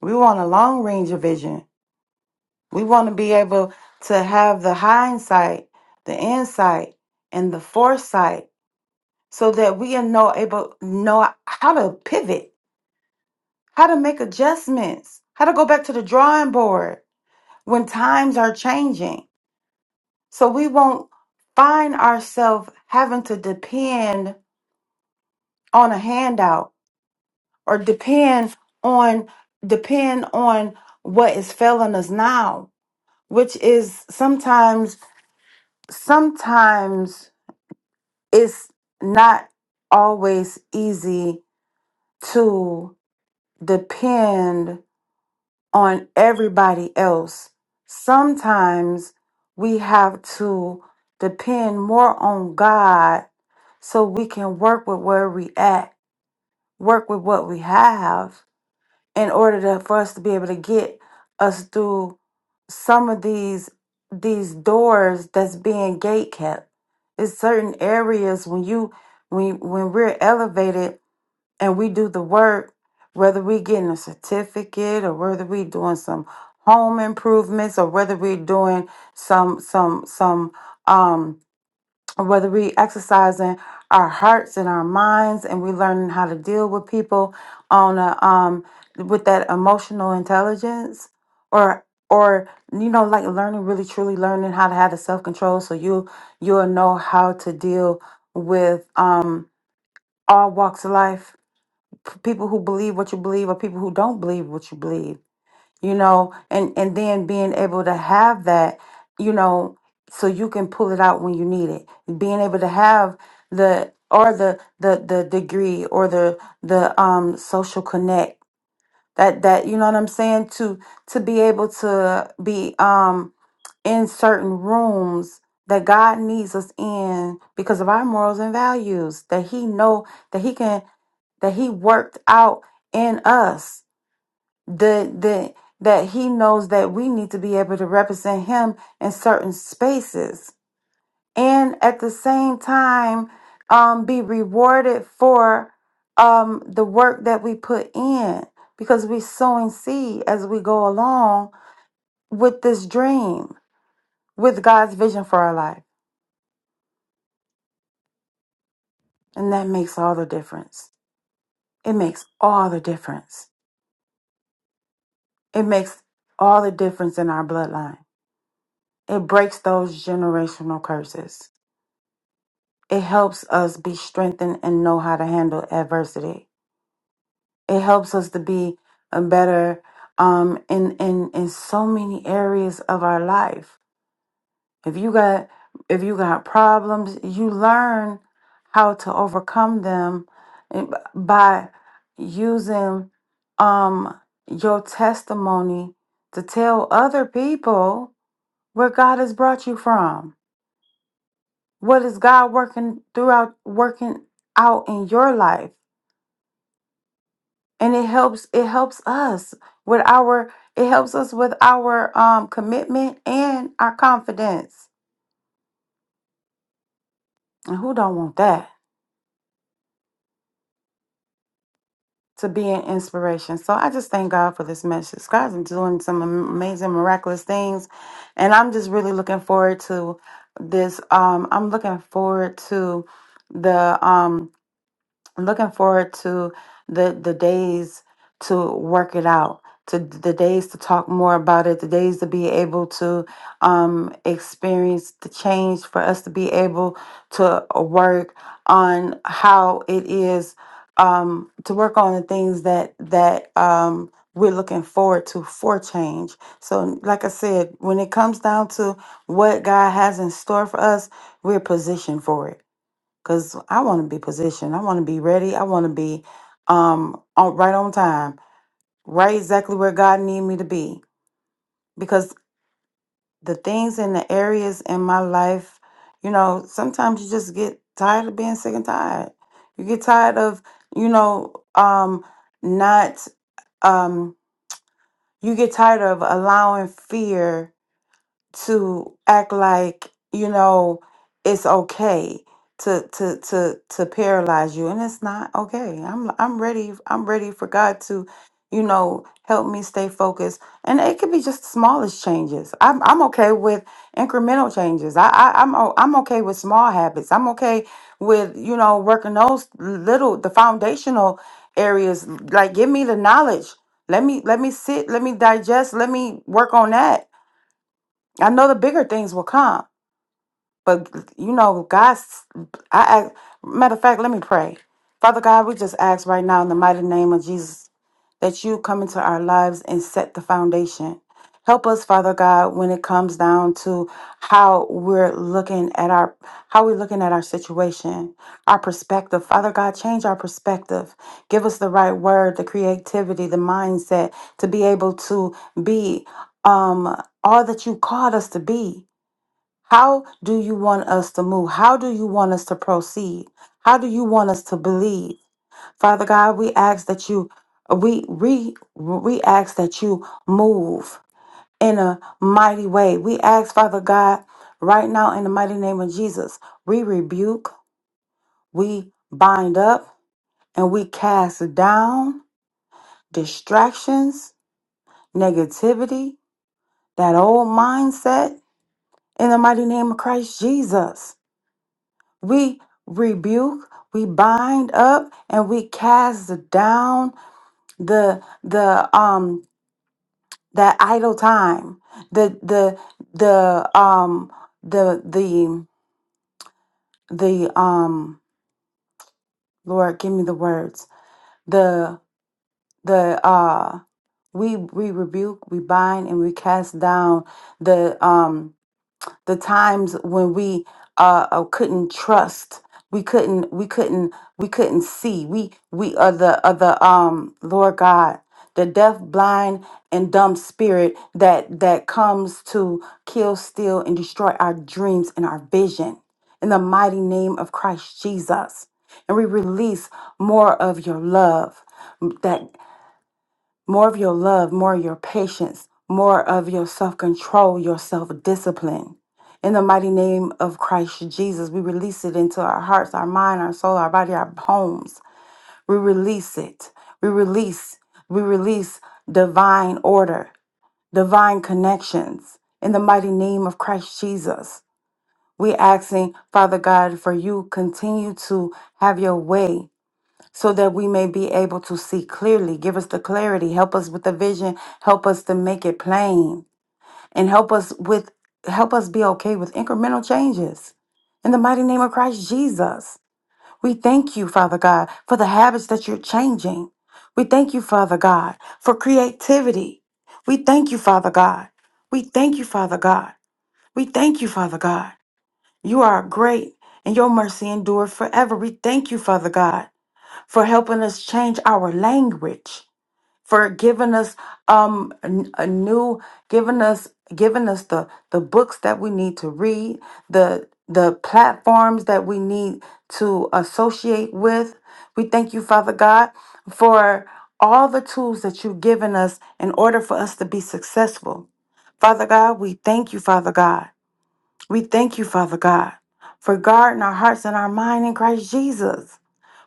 S2: We want a long range of vision. We want to be able to have the hindsight, the insight, and the foresight so that we are know able know how to pivot, how to make adjustments, how to go back to the drawing board when times are changing. So we won't find ourselves having to depend on a handout or depend on depend on what is failing us now, which is sometimes sometimes it's not always easy to depend on everybody else. Sometimes we have to depend more on God so we can work with where we at, work with what we have in order to, for us to be able to get us through some of these these doors that's being gate kept. It's certain areas when you when when we're elevated and we do the work, whether we getting a certificate or whether we doing some home improvements or whether we're doing some some some um whether we exercising our hearts and our minds and we learning how to deal with people on a um with that emotional intelligence or or you know like learning really truly learning how to have the self-control so you you'll know how to deal with um all walks of life p- people who believe what you believe or people who don't believe what you believe you know and and then being able to have that you know so you can pull it out when you need it being able to have the or the the the degree or the the um social connect that that you know what i'm saying to to be able to be um in certain rooms that god needs us in because of our morals and values that he know that he can that he worked out in us the the that he knows that we need to be able to represent him in certain spaces and at the same time um be rewarded for um the work that we put in because we sowing seed as we go along with this dream with God's vision for our life and that makes all the difference it makes all the difference it makes all the difference in our bloodline it breaks those generational curses It helps us be strengthened and know how to handle adversity. It helps us to be a better um in in in so many areas of our life. If you got if you got problems, you learn how to overcome them eh, b- by using um your testimony to tell other people where God has brought you from. What is God working throughout working out in your life? and it helps it helps us with our it helps us with our um commitment and our confidence and who don't want that to be an inspiration so i just thank god for this message god's been doing some am- amazing miraculous things and i'm just really looking forward to this um i'm looking forward to the um I'm looking forward to the the days to work it out, to the days to talk more about it, the days to be able to um, experience the change, for us to be able to uh, work on how it is um, to work on the things that that um, we're looking forward to for change. So, like I said, when it comes down to what God has in store for us, we're positioned for it because I want to be positioned. I want to be ready. I want to be um on, right on time, right exactly where God need me to be. Because the things and the areas in my life, you know, sometimes you just get tired of being sick and tired. You get tired of, you know, um, not um, you get tired of allowing fear to act like you know it's okay to to to to paralyze you and it's not okay i'm i'm ready i'm ready for god to you know help me stay focused and it could be just the smallest changes i'm i'm okay with incremental changes i, I i'm o- i'm okay with small habits i'm okay with you know working those little the foundational areas like give me the knowledge let me let me sit let me digest let me work on that I know the bigger things will come. But you know, God's. I ask, matter of fact, let me pray. Father God, we just ask right now in the mighty name of Jesus that you come into our lives and set the foundation. Help us, Father God, when it comes down to how we're looking at our how we're looking at our situation, our perspective. Father God, change our perspective. Give us the right word, the creativity, the mindset to be able to be um all that you called us to be. How do you want us to move? How do you want us to proceed? How do you want us to believe? Father God, we ask that you we we we ask that you move in a mighty way. We ask, Father God, right now in the mighty name of Jesus, we rebuke, we bind up, and we cast down distractions, negativity, that old mindset in the mighty name of Christ Jesus. We rebuke, we bind up, and we cast down the the um that idle time, the the the um the the the um Lord, give me the words. The the uh we we rebuke, we bind, and we cast down the um the times when we uh, uh, couldn't trust we couldn't we couldn't we couldn't see we we are the are the um lord god the deaf blind and dumb spirit that that comes to kill steal and destroy our dreams and our vision in the mighty name of christ jesus and we release more of your love more of your love, more of your patience, more of your self control, your self discipline. In the mighty name of Christ Jesus, we release it into our hearts, our mind, our soul, our body, our homes. We release it. We release. We release divine order, divine connections. In the mighty name of Christ Jesus, we asking Father God for you continue to have your way so that we may be able to see clearly. Give us the clarity, help us with the vision, help us to make it plain, and help us with help us be okay with incremental changes. In the mighty name of Christ Jesus, we thank you, Father God, for the habits that you're changing. We thank you, Father God, for creativity. We thank you, Father God. We thank you, Father God. We thank you, Father God. You are great and your mercy endure forever. We thank you, Father God for helping us change our language, for giving us um n- a new, giving us giving us the the books that we need to read, the the platforms that we need to associate with. We thank you, Father God, for all the tools that you've given us in order for us to be successful. Father God, we thank you, Father God. We thank you, Father God, for guarding our hearts and our mind in Christ Jesus.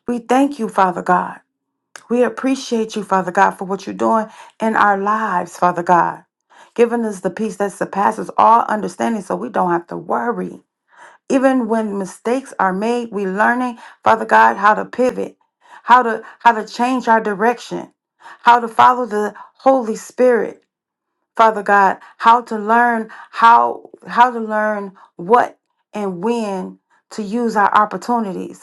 S2: We thank you, Father God. We appreciate you, Father God, for what you're doing in our lives, Father God, giving us the peace that surpasses all understanding so we don't have to worry. Even when mistakes are made, we learning, Father God, how to pivot, how to how to change our direction, how to follow the Holy Spirit, Father God, how to learn how how to learn what and when to use our opportunities.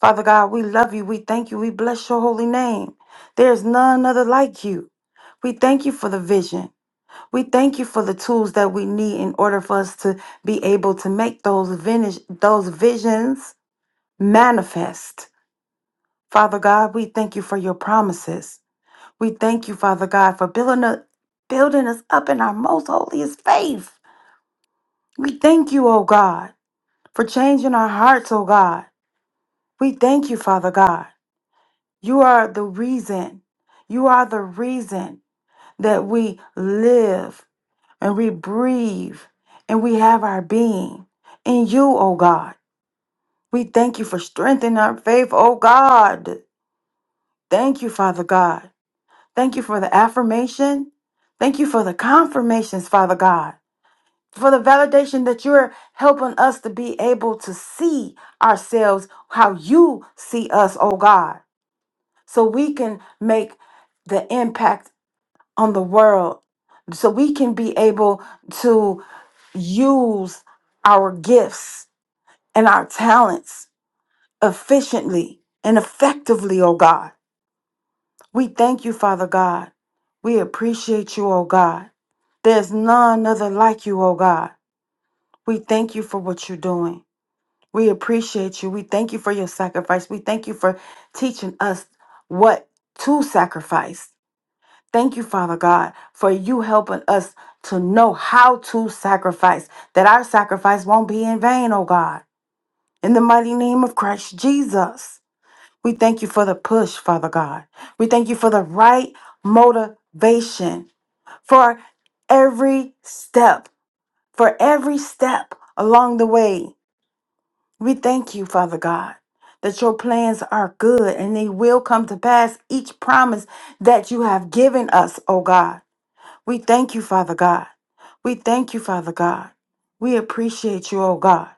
S2: Father God, we love you. We thank you. We bless your holy name. There is none other like you. We thank you for the vision. We thank you for the tools that we need in order for us to be able to make those vintage, those visions manifest. Father God, we thank you for your promises. We thank you, Father God, for building us, building us up in our most holiest faith. We thank you, oh God, for changing our hearts, oh God. We thank you, Father God. You are the reason. You are the reason that we live and we breathe and we have our being in you, O God. We thank you for strengthening our faith, O God. Thank you, Father God. Thank you for the affirmation. Thank you for the confirmations, Father God. For the validation that you're helping us to be able to see ourselves how you see us, O God, so we can make the impact on the world so we can be able to use our gifts and our talents efficiently and effectively, oh God. We thank you, Father God. We appreciate you, oh God. There's none other like you, oh God. We thank you for what you're doing. We appreciate you. We thank you for your sacrifice. We thank you for teaching us what to sacrifice Thank you, Father God, for you helping us to know how to sacrifice, that our sacrifice won't be in vain, oh God. In the mighty name of Christ Jesus, we thank you for the push, Father God. We thank you for the right motivation for every step, for every step along the way. We thank you, Father God, that your plans are good and they will come to pass each promise that you have given us, oh God. We thank you, Father God. We thank you, Father God. We appreciate you, oh God.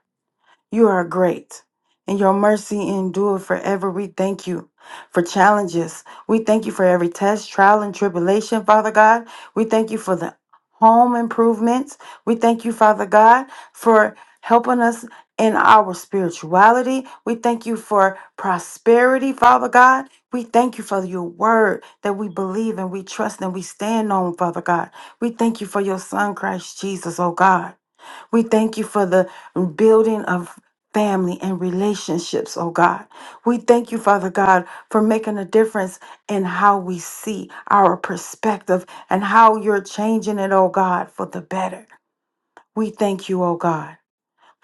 S2: You are great, and your mercy endure forever. We thank you for challenges. We thank you for every test, trial, and tribulation, Father God. We thank you for the home improvements. We thank you, Father God, for helping us in our spirituality. We thank you for prosperity, Father God. We thank you for your word that we believe and we trust and we stand on, Father God. We thank you for your son, Christ Jesus, oh God. We thank you for the building of family and relationships, oh God. We thank you, Father God, for making a difference in how we see our perspective and how you're changing it, oh God, for the better. We thank you, oh God.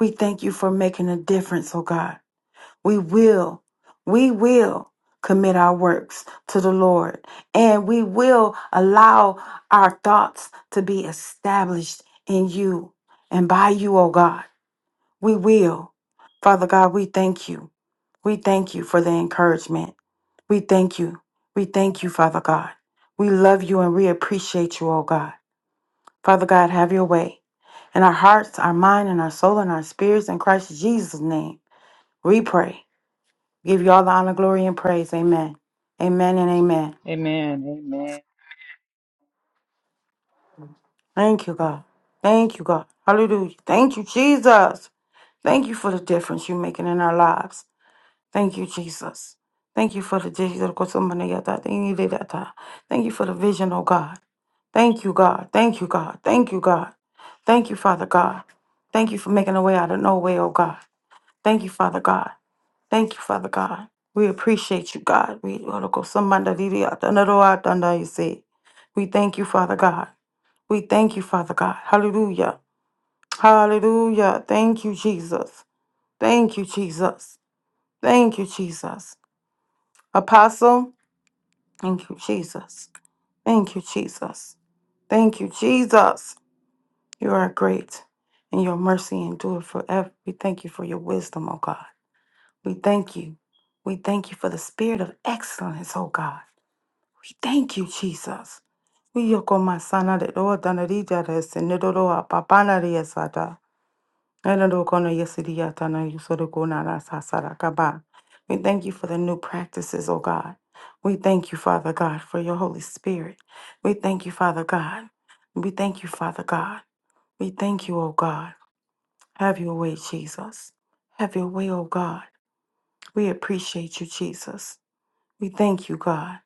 S2: We thank you for making a difference, oh God. We will, we will commit our works to the Lord and we will allow our thoughts to be established in you and by you, oh God. We will. Father God, we thank you. We thank you for the encouragement. We thank you. We thank you, Father God. We love you and we appreciate you, oh God. Father God, have your way. In our hearts, our mind, and our soul, and our spirits, in Christ Jesus' name, we pray. Give you all the honor, glory, and praise. Amen. Amen and amen.
S6: Amen. Amen.
S2: Thank you, God. Thank you, God. Hallelujah. Thank you, Jesus. Thank you for the difference you're making in our lives. Thank you, Jesus. Thank you for the digital kosomanayata, tinididata. Thank you for the vision, oh God. Thank you, God. Thank you, God. Thank you, God. Thank you, Father God. Thank you for making a way out of no way, oh God. Thank you, Father God. Thank you, Father God. We appreciate you, God. We you say. We thank you, Father God. We thank you, Father God. Hallelujah. Hallelujah. Thank you, Jesus. Thank you, Jesus. Thank you, Jesus. Apostle. Thank you, Jesus. Thank you, Jesus. Thank you, Jesus. You are great, and your mercy endure forever. We thank you for your wisdom, O God. We thank you. We thank you for the spirit of excellence, O God. We thank you, Jesus. We yoko masana de do danarija de sinidoro apapana de Anadokona yesidiyatana yusodokona nasasaragaba. We thank you for the new practices, O God. We thank you, Father God, for your Holy Spirit. We thank you, Father God. We thank you, Father God. We thank you, O God. Have your way, Jesus. Have your way, O God. We appreciate you, Jesus. We thank you, God.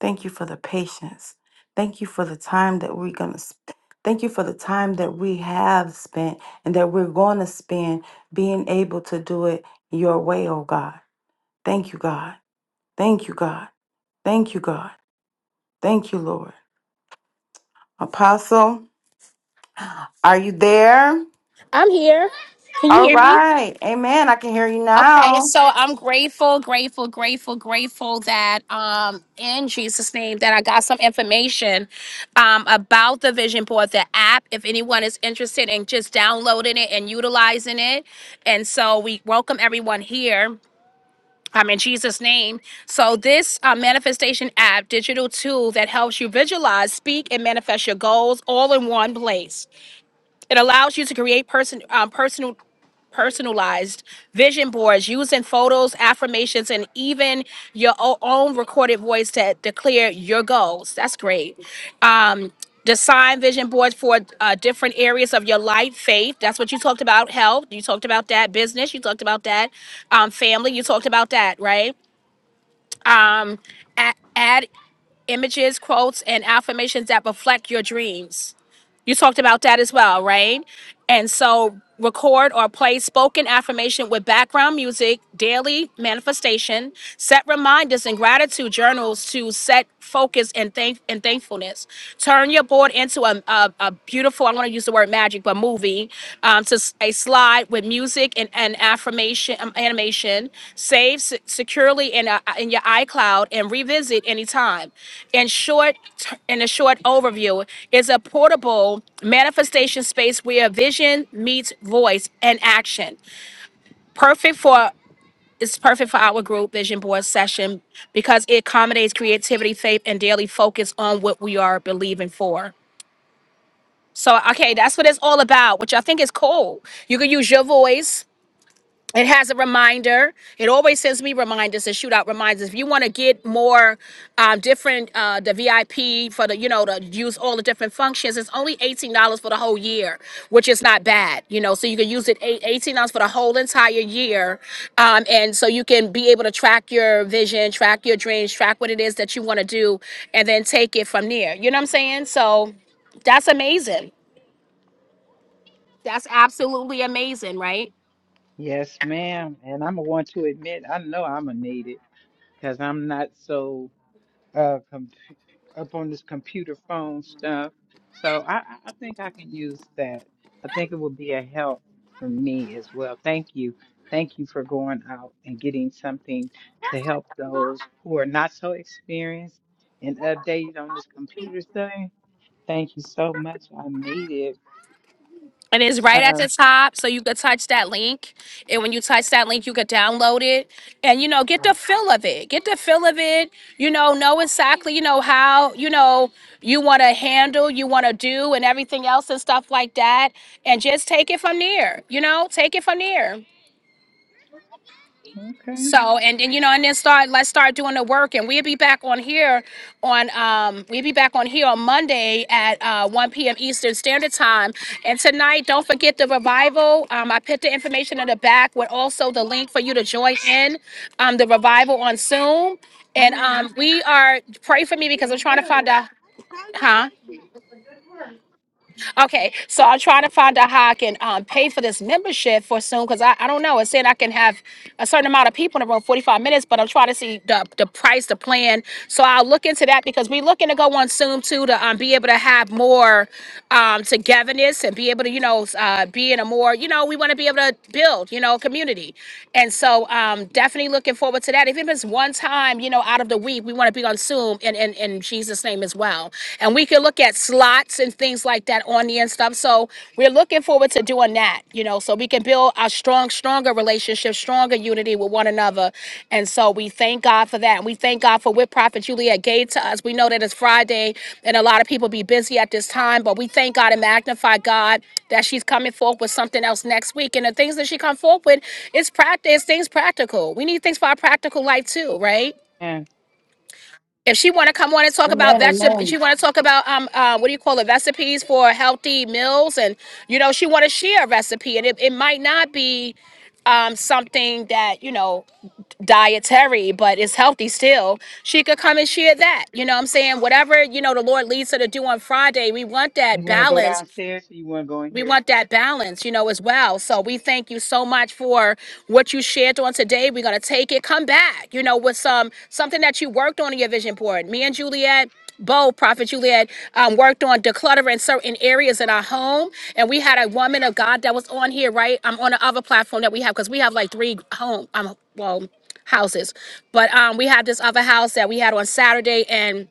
S2: Thank you for the patience. Thank you for the time that we're going to spend. Thank you for the time that we have spent and that we're going to spend being able to do it your way, oh God. Thank you, God. Thank you, God. Thank you, God. Thank you, Lord. Apostle, are you there?
S1: I'm here. Can you
S2: All
S1: hear me?
S2: right. Amen. I can hear you
S1: Okay,
S2: now.
S1: so I'm grateful, grateful, grateful, grateful that um in Jesus' name that I got some information um about the vision board, the app. If anyone is interested in just downloading it and utilizing it. And so we welcome everyone here um, in Jesus' name. So, this uh, manifestation app, digital tool that helps you visualize, speak, and manifest your goals all in one place. It allows you to create person, um, personal, personalized vision boards using photos, affirmations, and even your o- own recorded voice to declare your goals. That's great. Um, design vision boards for uh, different areas of your life faith that's what you talked about health you talked about that business you talked about that um, family you talked about that right um, add, add images, quotes, and affirmations that reflect your dreams. You talked about that as well, right? And so record or play spoken affirmation with background music, daily manifestation, set reminders and gratitude journals to set focus and thank and thankfulness. Turn your board into a, a, a beautiful, I want to use the word magic, but movie um, to s- a slide with music and, and affirmation um, animation. Save se- securely in a, in your iCloud and revisit anytime. In short, in a short overview, is a portable manifestation space where vision meets voice and action. Perfect for it's perfect for our group vision board session because it accommodates creativity, faith, and daily focus on what we are believing for. So, okay, that's what it's all about, which I think is cool. You can use your voice. It has a reminder. It always sends me reminders and shootout reminders. If you want to get more um, different, uh, the VIP for the, you know, to use all the different functions, it's only $18 for the whole year, which is not bad, you know. So you can use it eight- $18 for the whole entire year. Um, and so you can be able to track your vision, track your dreams, track what it is that you want to do, and then take it from there. You know what I'm saying? So that's amazing. That's absolutely amazing, right?
S6: Yes, ma'am. And I'm a want to admit, I know I'm a need it because I'm not so uh up on this computer phone stuff. So I, I I think I can use that. I think it would be a help for me as well. Thank you. Thank you for going out and getting something to help those who are not so experienced and updated on this computer thing. Thank you so much. I need it.
S1: It is right at the
S6: Um,
S1: top, so you could touch that link. And when you touch that link, you could download it and, you know, get the feel of it. Get the feel of it. You know, know exactly, you know, how, you know, you want to handle, you want to do, and everything else and stuff like that. And just take it from there, you know, take it from there.
S6: okay.
S1: So and and you know and then start let's start doing the work and we'll be back on here on um we'll be back on here on Monday at uh 1 p.m. Eastern Standard Time and tonight don't forget the revival um I put the information in the back with also the link for you to join in um the revival on Zoom and
S6: Hi.
S1: um we are pray for me because I'm trying to find out huh Okay, so I'm trying to find out how I can um, pay for this membership for soon because I, I don't know. It's saying I can have a certain amount of people in the room, 45 minutes, but I'm trying to see the, the price, the plan. So I'll look into that because we're looking to go on Zoom too to um, be able to have more um, togetherness and be able to, you know, s- uh, be in a more, you know, we want to be able to build, you know, community. And so um, definitely looking forward to that. If it's one time, you know, out of the week, we want to be on Zoom and in, in in Jesus' name time as well. And we can look at slots and things like that on the end stuff. So we're looking forward to doing that, you know, so we can build a strong, stronger relationship, stronger unity with one another. And so we thank God for that. And we thank God for what Prophet Juliet gave to us. We know that it's Friday and a lot of people be busy at this time, but we thank God and magnify God that she's coming forth with something else next week. And the things that she come forth with is practice, things practical. We need things for our practical life too, right?
S6: And
S1: If she want to come on and talk about
S2: Amen.
S1: vegetable, she
S2: Amen.
S1: want to talk about um uh, what do you call it recipes for healthy meals, and you know she want to share a recipe, and it, it might not be um something that you know dietary, but it's healthy still. She could come and share that. You know what I'm saying whatever you know the Lord leads her to do on Friday, we want that
S6: you want to go
S1: balance
S6: downstairs or you want to go in
S1: we
S6: here?
S1: want that balance, you know, as well. So we thank you so much for what you shared on today. We're gonna take it, come back, you know, with some something that you worked on in your vision board. Me and Juliet, both Prophet Juliet, um, worked on decluttering certain areas in our home, and we had a woman of God that was on here, right? I'm on the other platform that we have because we have like three home, um, well, houses, but um, we had this other house that we had on Saturday, and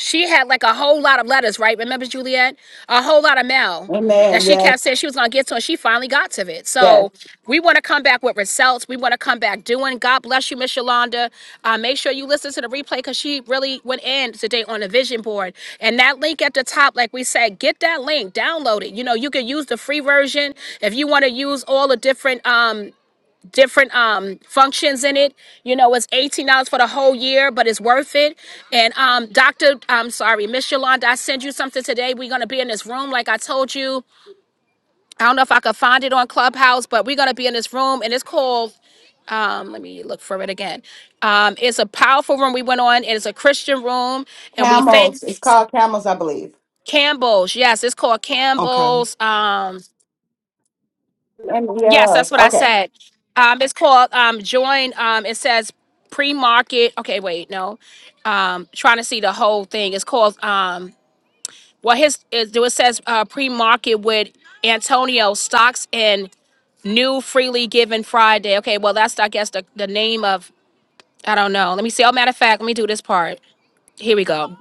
S1: she had like a whole lot of letters, right? Remember, Juliet? A whole lot of mail
S2: Amen.
S1: that she
S2: Yes.
S1: kept saying she was going to get to, and she finally got to it.
S2: Yes.
S1: So we want to come back with results. We want to come back doing. God bless you, Miss Yolanda. Uh, make sure you listen to the replay because she really went in today on the vision board. And that link at the top, like we said, get that link, download it. You know, you can use the free version if you want to use all the different. Um, different um functions in it. You know, it's eighteen dollars for the whole year, but it's worth it. And um, Doctor, I'm sorry, Miss Yolanda, I send you something today. We're gonna be in this room, like I told you. I don't know if I could find it on Clubhouse, but we're gonna be in this room, and it's called. Um, let me look for it again. Um, it's a powerful room we went on. It's a Christian room, and we thank
S2: Camels. It's called camels, I believe.
S1: Campbell's. Yes, it's called
S8: Okay.
S1: Campbell's. Um,
S2: And
S1: Yes, that's
S2: yes.
S1: what I
S2: Okay.
S1: said. Um, it's called um, join. Um, it says pre-market. Okay, wait, no. Um, trying to see the whole thing. It's called. Um, well, his it, do- it says uh, pre-market with Antonio stocks and new freely given Friday. Okay, well that's I guess the the name of I don't know. Let me see. Oh, matter of fact, let me do this part. Here we go.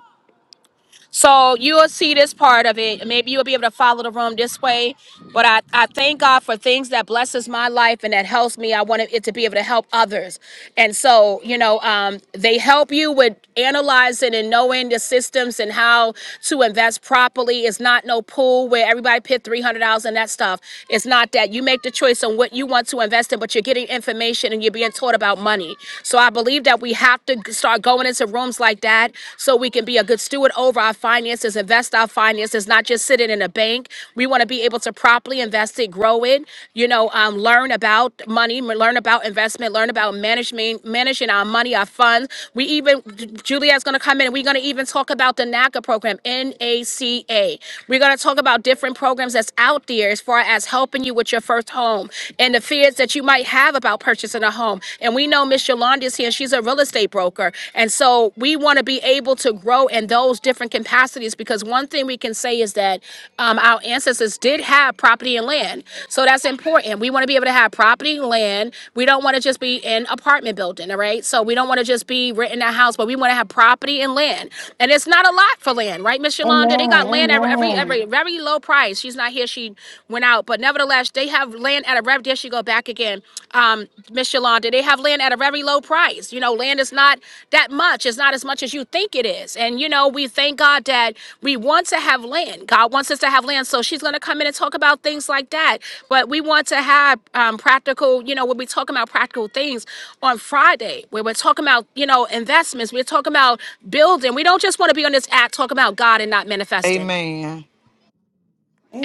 S1: So you'll see this part of it. Maybe you'll be able to follow the room this way. But I, I thank God for things that blesses my life and that helps me. I want it to be able to help others. And so, you know, um, they help you with analyzing and knowing the systems and how to invest properly. It's not no pool where everybody pit $300 and that stuff. It's not that. You make the choice on what you want to invest in, but you're getting information and you're being taught about money. So I believe that we have to start going into rooms like that so we can be a good steward over our finances, invest our finances, not just sit it in a bank. We want to be able to properly invest it, grow it, you know, um, learn about money, m- learn about investment, learn about management, managing our money, our funds. We even, Juliet's going to come in and we're going to even talk about the NACA program, NACA. We're going to talk about different programs that's out there as far as helping you with your first home and the fears that you might have about purchasing a home. And we know Miss Yolanda is here. She's a real estate broker. And so we want to be able to grow in those different capacities because one thing we can say is that um, our ancestors did have property and land. So that's important. We want to be able to have property and land. We don't want to just be in apartment building, all right? So we don't want to just be renting a house, but we want to have property and land. And it's not a lot for land, right, Miss
S2: Amen.
S1: Yolanda? They got land at every
S2: Amen.
S1: every very low price. She's not here. She went out, but Nevertheless, they have land at a rev. There she go back again, um, Miss Yolanda. They have land at a very low price. You know, land is not that much. It's not as much as you think it is. And you know, we thank God that we want to have land. God wants us to have land. So she's going to come in and talk about things like that. But we want to have um, practical. You know, when we talk about practical things on Friday, where we're talking about you know investments, we're talking about building. We don't just want to be on this app talking about God and not manifesting.
S8: Amen.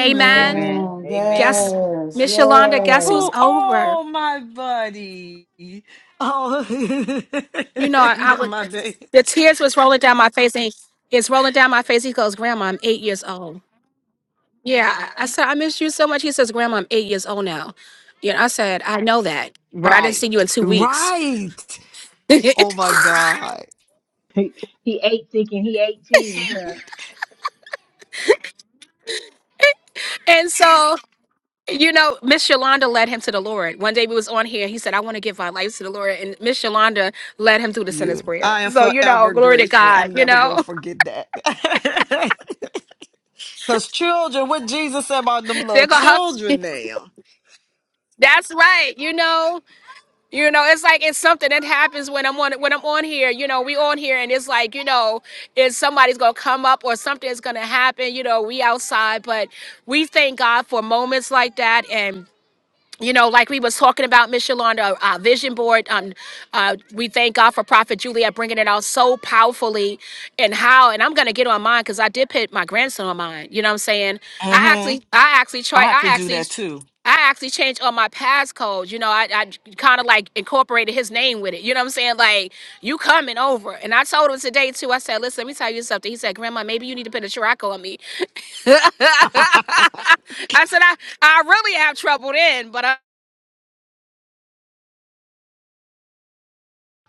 S1: Amen
S6: Amen. Amen.
S1: guess
S2: Yes.
S1: Miss Yolanda, guess who's
S8: Oh,
S2: Yes.
S1: over?
S8: oh my buddy. Oh,
S1: You know, I, I would
S8: my baby.
S1: the tears was rolling down my face and it's rolling down my face. He goes, Grandma, I'm eight years old. Yeah. I said, I miss you so much. He says, Grandma, I'm eight years old now. You know, I said, I know that, but I didn't
S8: Right.
S1: see you in two weeks.
S8: Right.
S1: and
S8: Oh my God.
S6: He, he ate thinking he 18. Huh?
S1: so, you know, Miss Yolanda led him to the Lord. One day we was on here, he said, I want to give my life to the Lord. And Miss Yolanda led him through the sinner's
S8: You.
S1: prayer.
S8: I am
S1: So, you know,
S8: forever
S1: glory to
S8: grateful.
S1: God,
S8: I'm
S1: you
S8: never going
S1: know.
S8: to forget that. Because children, what Jesus said about them little
S1: They're gonna hug.
S8: children now.
S1: That's right, you know. You know, it's like it's something that happens when I'm on when I'm on here. You know, we on here and it's like you know, is somebody's gonna come up or something is gonna happen. You know, we outside, but we thank God for moments like that and. You know, like we was talking about, Miss Yolanda, our vision board. Um, uh, we thank God for Prophet Juliet bringing it out so powerfully, and how. And I'm gonna get on mine because I did put my grandson on mine. You know what I'm saying? I
S8: hmm
S1: actually, I actually
S8: I
S1: tried.
S8: have to
S1: I
S8: do
S1: actually
S8: that too.
S1: I actually changed all my passcodes. You know, I, I kind of like incorporated his name with it. You know what I'm saying? Like, you coming over. And I told him today, too. I said, listen, let me tell you something. He said, Grandma, maybe you need to put a Chirac on me. I
S8: oh,
S1: said, I, I really have trouble then, but I,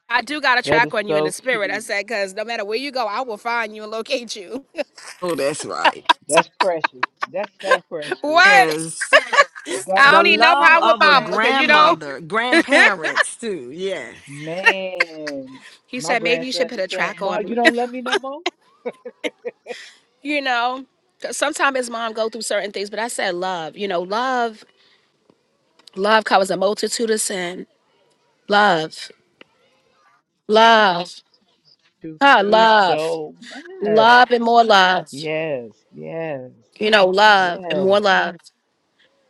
S1: I do got a
S6: That
S1: track
S6: is
S1: on you in the
S6: so
S1: spirit.
S6: cute.
S1: I said, because no matter where you go, I will find you and locate you.
S8: that's right.
S6: That's precious. That's so precious.
S1: what?
S8: Yes.
S1: I
S6: God
S8: The
S1: don't need
S6: is
S1: no
S8: love
S1: problem
S6: so
S1: with
S8: of a
S1: mama, because, you know,
S6: precious.
S8: grandmother, grandparents too. Yes.
S6: Man,
S1: he
S6: my
S1: said, maybe you should
S6: grandson
S1: put
S6: be
S1: a
S6: saying,
S1: track
S6: Ma,
S1: on me.
S6: you don't love me no more?
S1: you know sometimes his mom go through certain things but i said love you know love love covers a multitude of sin love love
S6: You
S1: huh,
S6: do
S1: love
S6: so much.
S1: love and more love
S6: Yes, yes,
S1: you know love and
S6: yes,
S1: more love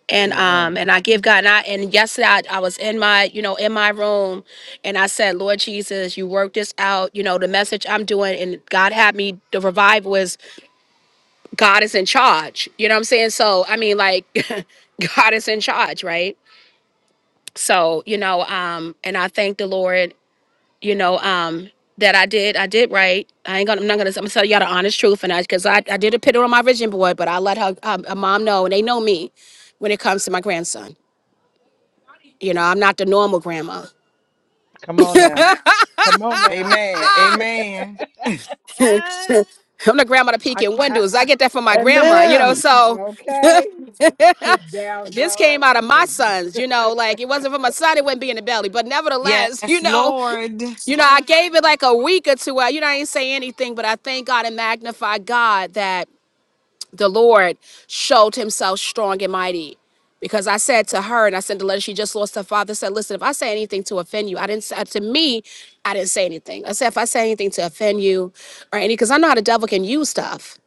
S1: and
S6: yes.
S1: um and i give god and i and yesterday I, I was in my you know in my room and i said lord jesus you work this out you know the message i'm doing and god had me the revival is god is in charge you know what i'm saying so i mean like god is in charge right So, you know, um, and I thank the Lord, you know, um, that I did, I did right. I ain't gonna, I'm not gonna, I'm gonna tell y'all the honest truth. And I, cause I, I did a picture on my vision board, but I let her, um, a mom know, and they know me when it comes to my grandson. You know, I'm not the normal grandma.
S6: Come on now.
S1: I'm
S6: Come on now.
S8: Amen. Amen.
S1: the grandma to peek
S6: I,
S1: in
S6: I,
S1: windows. I get that from my grandma, you know.
S2: Amen.
S1: So
S6: okay. Kick down
S1: this came out of my
S6: doors
S1: sons, you know, like it wasn't for my son, it wouldn't be in the belly. But nevertheless,
S8: Yes,
S1: you know,
S8: Lord.
S1: You know, I gave it like a week or two. I, you know, I didn't say anything, but I thank God and magnify God that the Lord showed himself strong and mighty. Because I said to her, and I sent a letter, she just lost her father. I Said, listen, if I say anything to offend you, I didn't say, uh, to me, I didn't say anything. I said, if I say anything to offend you or any, because I know how the devil can use stuff.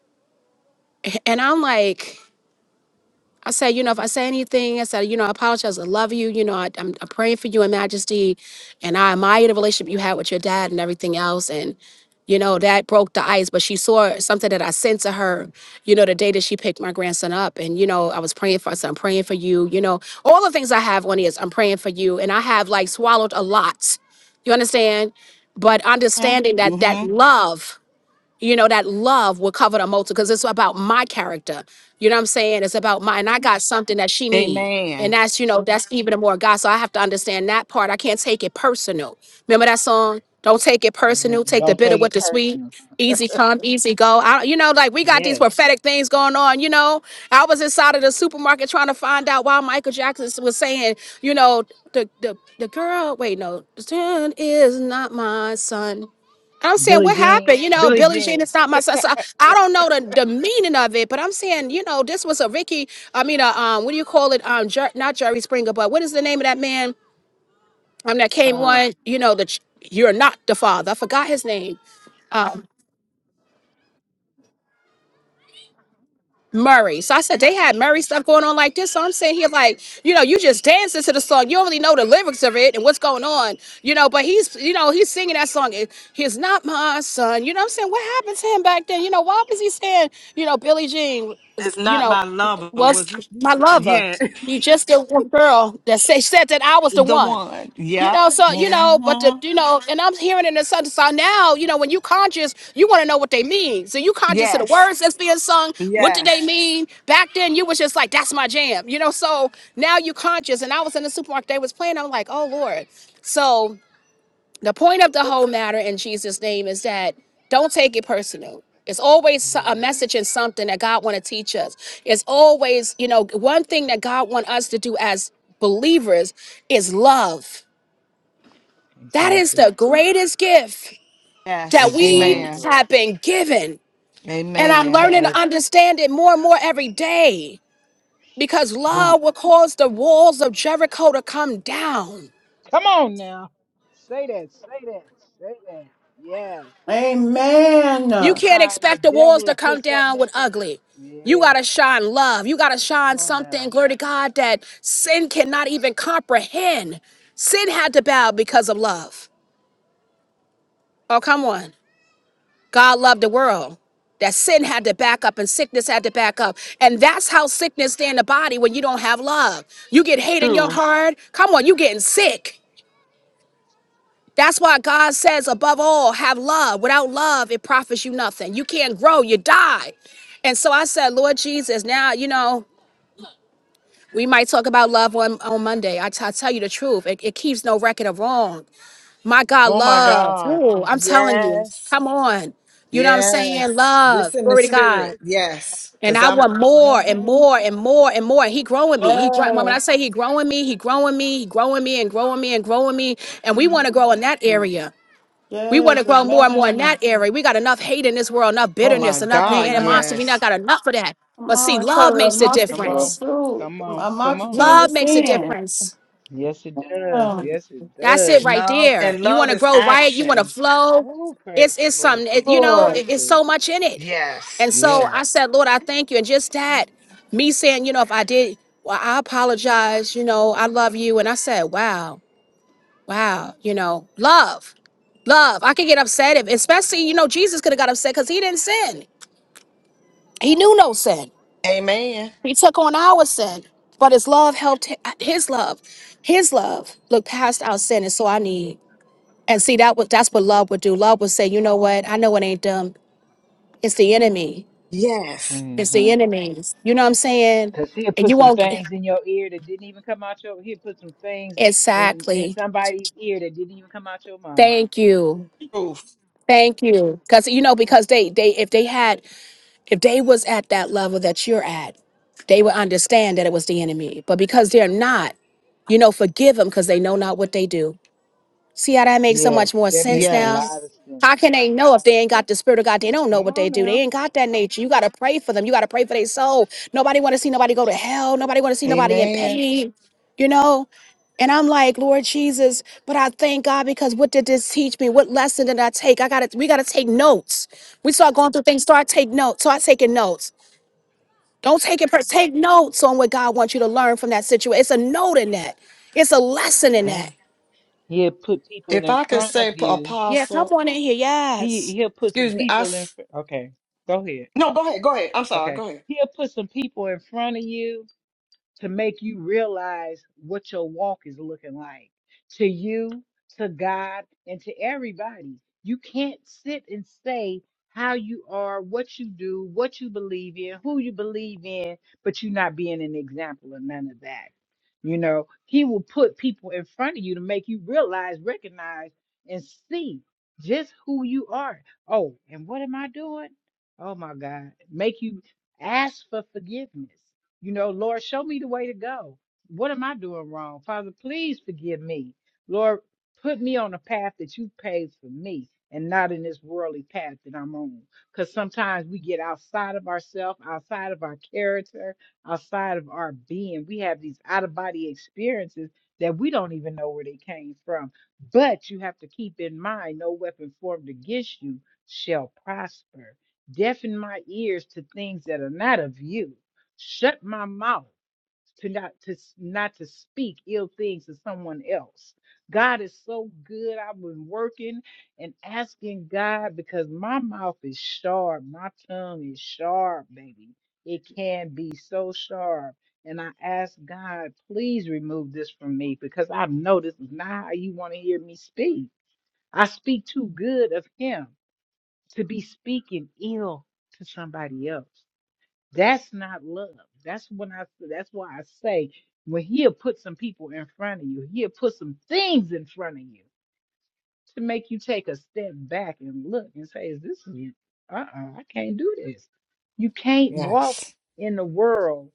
S1: And I'm like, I said, you know, if I say anything, I said, you know, I apologize. I love you. You know, I, I'm, I'm praying for you and Majesty, and I admire the relationship you had with your dad and everything else. And, you know, that broke the ice. But she saw something that I sent to her, you know, the day that she picked my grandson up. And, you know, I was praying for us. I'm praying for you. You know, all the things I have on is I'm praying for you. And I have like swallowed a lot. You understand? But understanding that that
S8: Mm-hmm.
S1: love you know that love will cover the multitude because it's about my character you know what i'm saying it's about my and i got something that she need and
S8: Amen.
S1: that's you know that's even more god so i have to understand that part i can't take it personal remember that song don't take it personal
S6: and
S1: take the
S6: don't
S1: bitter
S6: take
S1: with
S6: it
S1: the sweet
S6: personal.
S1: easy come easy go I, you know like we got these
S6: Yes.
S1: prophetic things going on you know i was inside of the supermarket trying to find out why michael jackson was saying you know the the, the girl wait no the son is not my son I'm saying,
S6: Billie
S1: what
S6: Jean.
S1: happened? You know,
S6: Billie
S1: Billie Jean
S6: Jean.
S1: is not my son. So I I don't know the, the meaning of it, but I'm saying, you know, this was a Ricky. I mean, a, um, what do you call it? Um, Jer- not Jerry Springer, but what is the name of that man? Um, that came
S6: Um,
S1: on. You know, the ch- you're not the father. I forgot his name. Um, Murray. So I said they had Murray stuff going on like this. So I'm sitting here like, you know, you just dancing to the song. You don't really know the lyrics of it and what's going on, you know. But he's, you know, he's singing that song. It- He's not my son. You know what I'm saying? What happened to him back then? You know, why was he saying, you know, Billie Jean,
S8: It's
S1: you
S8: not
S1: know,
S8: my lover,
S1: was
S8: was it?
S1: my
S8: This?
S1: lover?
S8: Yeah.
S1: You just the one girl that say, said that I was the
S8: The
S1: one.
S8: one.
S1: You
S8: Yep.
S1: know, so you know, but the
S8: Mm-hmm.
S1: you know, and I'm hearing it in the song. So now, you know, when you conscious, you want to know what they mean. So you conscious to the
S8: Yes.
S1: words that's being sung. What do
S8: Yes.
S1: they mean? Back then, you was just like, "That's my jam," you know. So now you conscious. And I was in the supermarket. They was playing. I'm like, "Oh Lord." So the point of the whole matter in Jesus' name is that don't take it personal. It's always so-
S6: yeah.
S1: a message and something that God want to teach us. It's always, you know, one thing that God want us to do as believers is love that is the
S6: Exactly.
S1: greatest gift that
S8: Yes.
S1: we
S8: Amen.
S6: Exactly.
S1: have been given. And I'm
S8: Amen.
S1: learning
S6: Because
S1: to understand it more and more every day because love will cause the walls of Jericho to come down.
S6: come on now. Say that. Say that. Say that. Yes.
S2: Amen.
S1: You can't
S6: Sometimes the
S1: expect the walls
S6: devil
S1: to
S6: will
S1: come
S6: put something
S1: down with
S6: into
S1: ugly. You got
S6: Yeah.
S1: to shine love. You got to shine
S6: Come on
S1: something,
S6: now.
S1: glory to God, that sin cannot even comprehend. Sin had to bow because of love. Oh, come on. God loved the world. That sin had to back up and sickness had to back up. And that's how sickness stay in the body when you don't have love. You get hate in your
S8: True.
S1: heart. Come on, you getting sick. That's why God says, above all, have love. Without love, it profits you nothing. You can't grow, you die. And so I said, Lord Jesus, now, you know, we might talk about love on, on Monday. I t- I tell you the truth, it, it keeps no record of wrong. My God,
S8: Oh my
S1: love.
S8: God.
S1: Ooh, I'm telling you,
S8: Yes.
S1: come on. You know what I'm saying?
S8: Yes. This
S1: Love.
S8: in the
S1: Glory to God.
S8: spirit. Yes.
S1: And
S8: Cause
S1: I
S8: I'm.
S1: want more and
S8: mm-hmm.
S1: more and more and more. He growing me. He growing. When I
S2: Yes.
S1: say he growing me, he growing me, he growing me and growing me and growing me. And we want to grow in that
S2: Amen.
S1: area. We want
S2: Yes.
S1: to grow more and more in that
S2: Amen.
S1: area. We got enough hate in this world, enough
S8: Oh my
S1: bitterness,
S2: Come
S1: enough
S2: on
S8: God,
S2: now.
S1: animosity. We not
S8: yes.
S1: got enough of that.
S2: Come
S1: But see,
S2: on.
S1: love
S2: Cover a
S1: makes a
S2: multitude
S6: Come
S2: of
S6: on.
S1: difference.
S2: fruit.
S6: Come on.
S2: A
S6: Come on
S2: multitude
S1: Love
S2: of
S6: now.
S1: makes a
S2: sin.
S1: difference.
S6: Yes it does.
S2: Yeah.
S6: Yes it
S1: That's it
S6: does.
S1: right
S8: Love
S1: there.
S8: and
S1: You
S8: love
S1: want to
S8: is
S1: grow right, you want to
S8: action.
S1: flow.
S6: Oh, praise
S1: It's
S6: the
S1: it's
S6: Lord.
S1: something, it,
S6: Thank
S1: you
S6: you,
S1: know,
S2: Lord.
S1: it- it's
S6: Jesus.
S1: so much in it.
S8: Yes.
S1: And so
S6: Yes.
S1: I said, Lord, I thank you. And just that, me saying, you know, if I did, well, I apologize, you know, I love you. And I said, wow, wow, you know, love, love. I could get upset if, especially, you know, Jesus could have got upset because he didn't sin. He knew no sin.
S8: Amen.
S1: He took on our sin, but his love helped hi- his love. His love looked past our sin. And so I need. And see, that was that's what love would do. Love would say, you know what? I know it ain't them. It's the enemy.
S8: Yes.
S1: It's the
S6: Mm-hmm.
S1: enemies. You know what I'm saying?
S6: Cause he'll
S1: And
S6: put
S1: you
S6: some
S1: won't get
S6: things in your ear that didn't even come out your he'll put some things in, in
S1: exactly.
S6: somebody's ear that didn't even come out your mouth.
S1: Thank you.
S8: Proof.
S1: Thank you. Because you know, because they they if they had if they was at that level that you're at, they would understand that it was the enemy. But because they're not, you know, forgive them because they know not what they do. See how that makes so
S6: Yes,
S1: much more
S6: that
S1: sense
S6: makes a
S1: now?
S6: lot
S8: Yes.
S6: of sense.
S1: How can they know if they ain't got the spirit of God? They don't know
S6: Come
S1: what they
S6: on
S1: do. They
S6: now.
S1: ain't got that nature. You gotta pray for them. You gotta pray for their soul. Nobody wanna see nobody go to hell. Nobody wanna see nobody in
S8: Amen.
S1: pain. You know? And I'm like, Lord Jesus, but I thank God because what did this teach me? What lesson did I take? I gotta we gotta take notes. We start going through things, start take notes. Start taking notes. Don't take it per take notes on what God wants you to learn from that situation. It's a note in that. It's a lesson in
S6: Yeah.
S1: that.
S6: He'll put people
S8: If
S6: in
S8: I could
S6: front of
S8: say p-
S6: you.
S1: Yeah, come
S8: apostle,
S1: on in here. Yes.
S6: He he'll put some
S8: excuse me, I
S6: people in.
S8: s-
S6: fr- Okay, go ahead.
S8: no, go ahead, go ahead. I'm sorry,
S6: Okay,
S8: go ahead.
S6: he'll put some people in front of you to make you realize what your walk is looking like to you, to God, and to everybody. You can't sit and say how you are, what you do, what you believe in, who you believe in, but you not being an example of none of that. You know, He will put people in front of you to make you realize, recognize, and see just who you are. Oh, and what am I doing? Oh my God, make you ask for forgiveness you know, Lord, show me the way to go. What am I doing wrong? Father, please forgive me. Lord, put me on a path that you paved for me and not in this worldly path that I'm on. Because sometimes we get outside of ourselves, outside of our character, outside of our being. We have these out of body experiences that we don't even know where they came from. But you have to keep in mind no weapon formed against you shall prosper. Deafen my ears to things that are not of you shut my mouth to not to s- not to speak ill things to someone else. God is so good. I've been working and asking God because my mouth is sharp. My tongue is sharp, baby. It can be so sharp. And I ask God, please remove this from me because I know this is not how you want to hear me speak. I speak too good of Him to be speaking ill to somebody else. That's not love. That's when I. That's why I say when he'll put some people in front of you, he'll put some things in front of you to make you take a step back and look and say, "Is this? is Uh, uh I can't do this." You can't walk
S8: Yes.
S6: in the world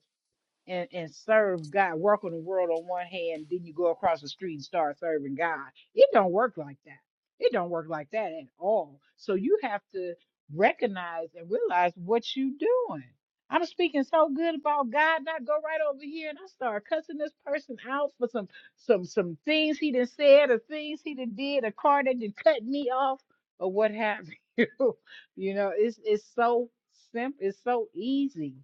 S6: and, and serve God, work on the world on one hand, then you go across the street and start serving God. It don't work like that. It don't work like that at all. So you have to recognize and realize what you doing. I'm speaking so good about God, and I go right over here and I start cussing this person out for some some some things he done said or things he done did, a car that done cut me off or what have you. you know, it's it's so simple, it's so easy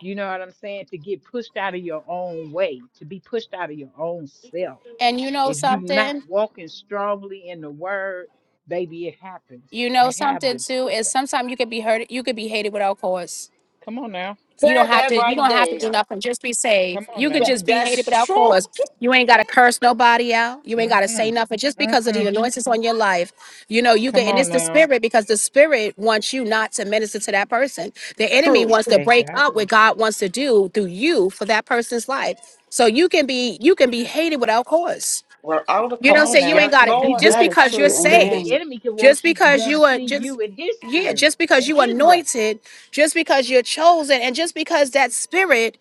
S6: you know what I'm saying? To get pushed out of your own way, to be pushed out of your own self.
S1: And you know
S6: If you're not
S1: something?
S6: walking strongly in the word, baby, it happens.
S1: You know
S6: You have
S1: something
S6: this
S1: too
S6: slip
S1: is
S6: up.
S1: sometimes you could be hurt. You could be hated without cause.
S6: Come on now.
S1: You don't
S8: Said
S1: have
S8: that
S1: to. You
S8: right
S1: don't have to do
S8: there.
S1: nothing. Just be saved.
S6: Come on
S1: You could
S8: Tha-
S6: now.
S1: just be hated
S8: that's
S1: without
S8: true.
S1: cause. You ain't got to curse nobody out. You ain't got to say
S6: Mm-mm.
S1: nothing just because of the
S6: Mm-mm.
S1: anointings on your life. You know you could,
S6: Come
S1: and
S6: on
S1: it's the
S6: now.
S1: spirit because the spirit wants you not to minister to that person. The enemy wants
S8: Truth.
S1: to break up what
S6: Exactly.
S1: God wants to do through you for that person's life. So you can be you can be hated without cause
S8: We're out of
S1: You
S6: Come
S1: don't
S6: on
S1: say
S8: cause.
S1: you
S6: now.
S1: ain't
S8: Yes,
S1: got
S6: He,
S1: it
S8: Lord.
S1: just
S6: this
S2: That is
S1: because you're
S6: the,
S2: true.
S6: the, the
S1: saved,
S2: Amen.
S6: enemy can
S1: just
S6: want you
S1: because
S6: want to
S1: you are
S6: see
S1: just
S6: you in his
S1: yeah,
S6: spirit,
S1: just because
S6: in
S1: you
S6: his way.
S1: anointed, just because you're chosen, and just because that spirit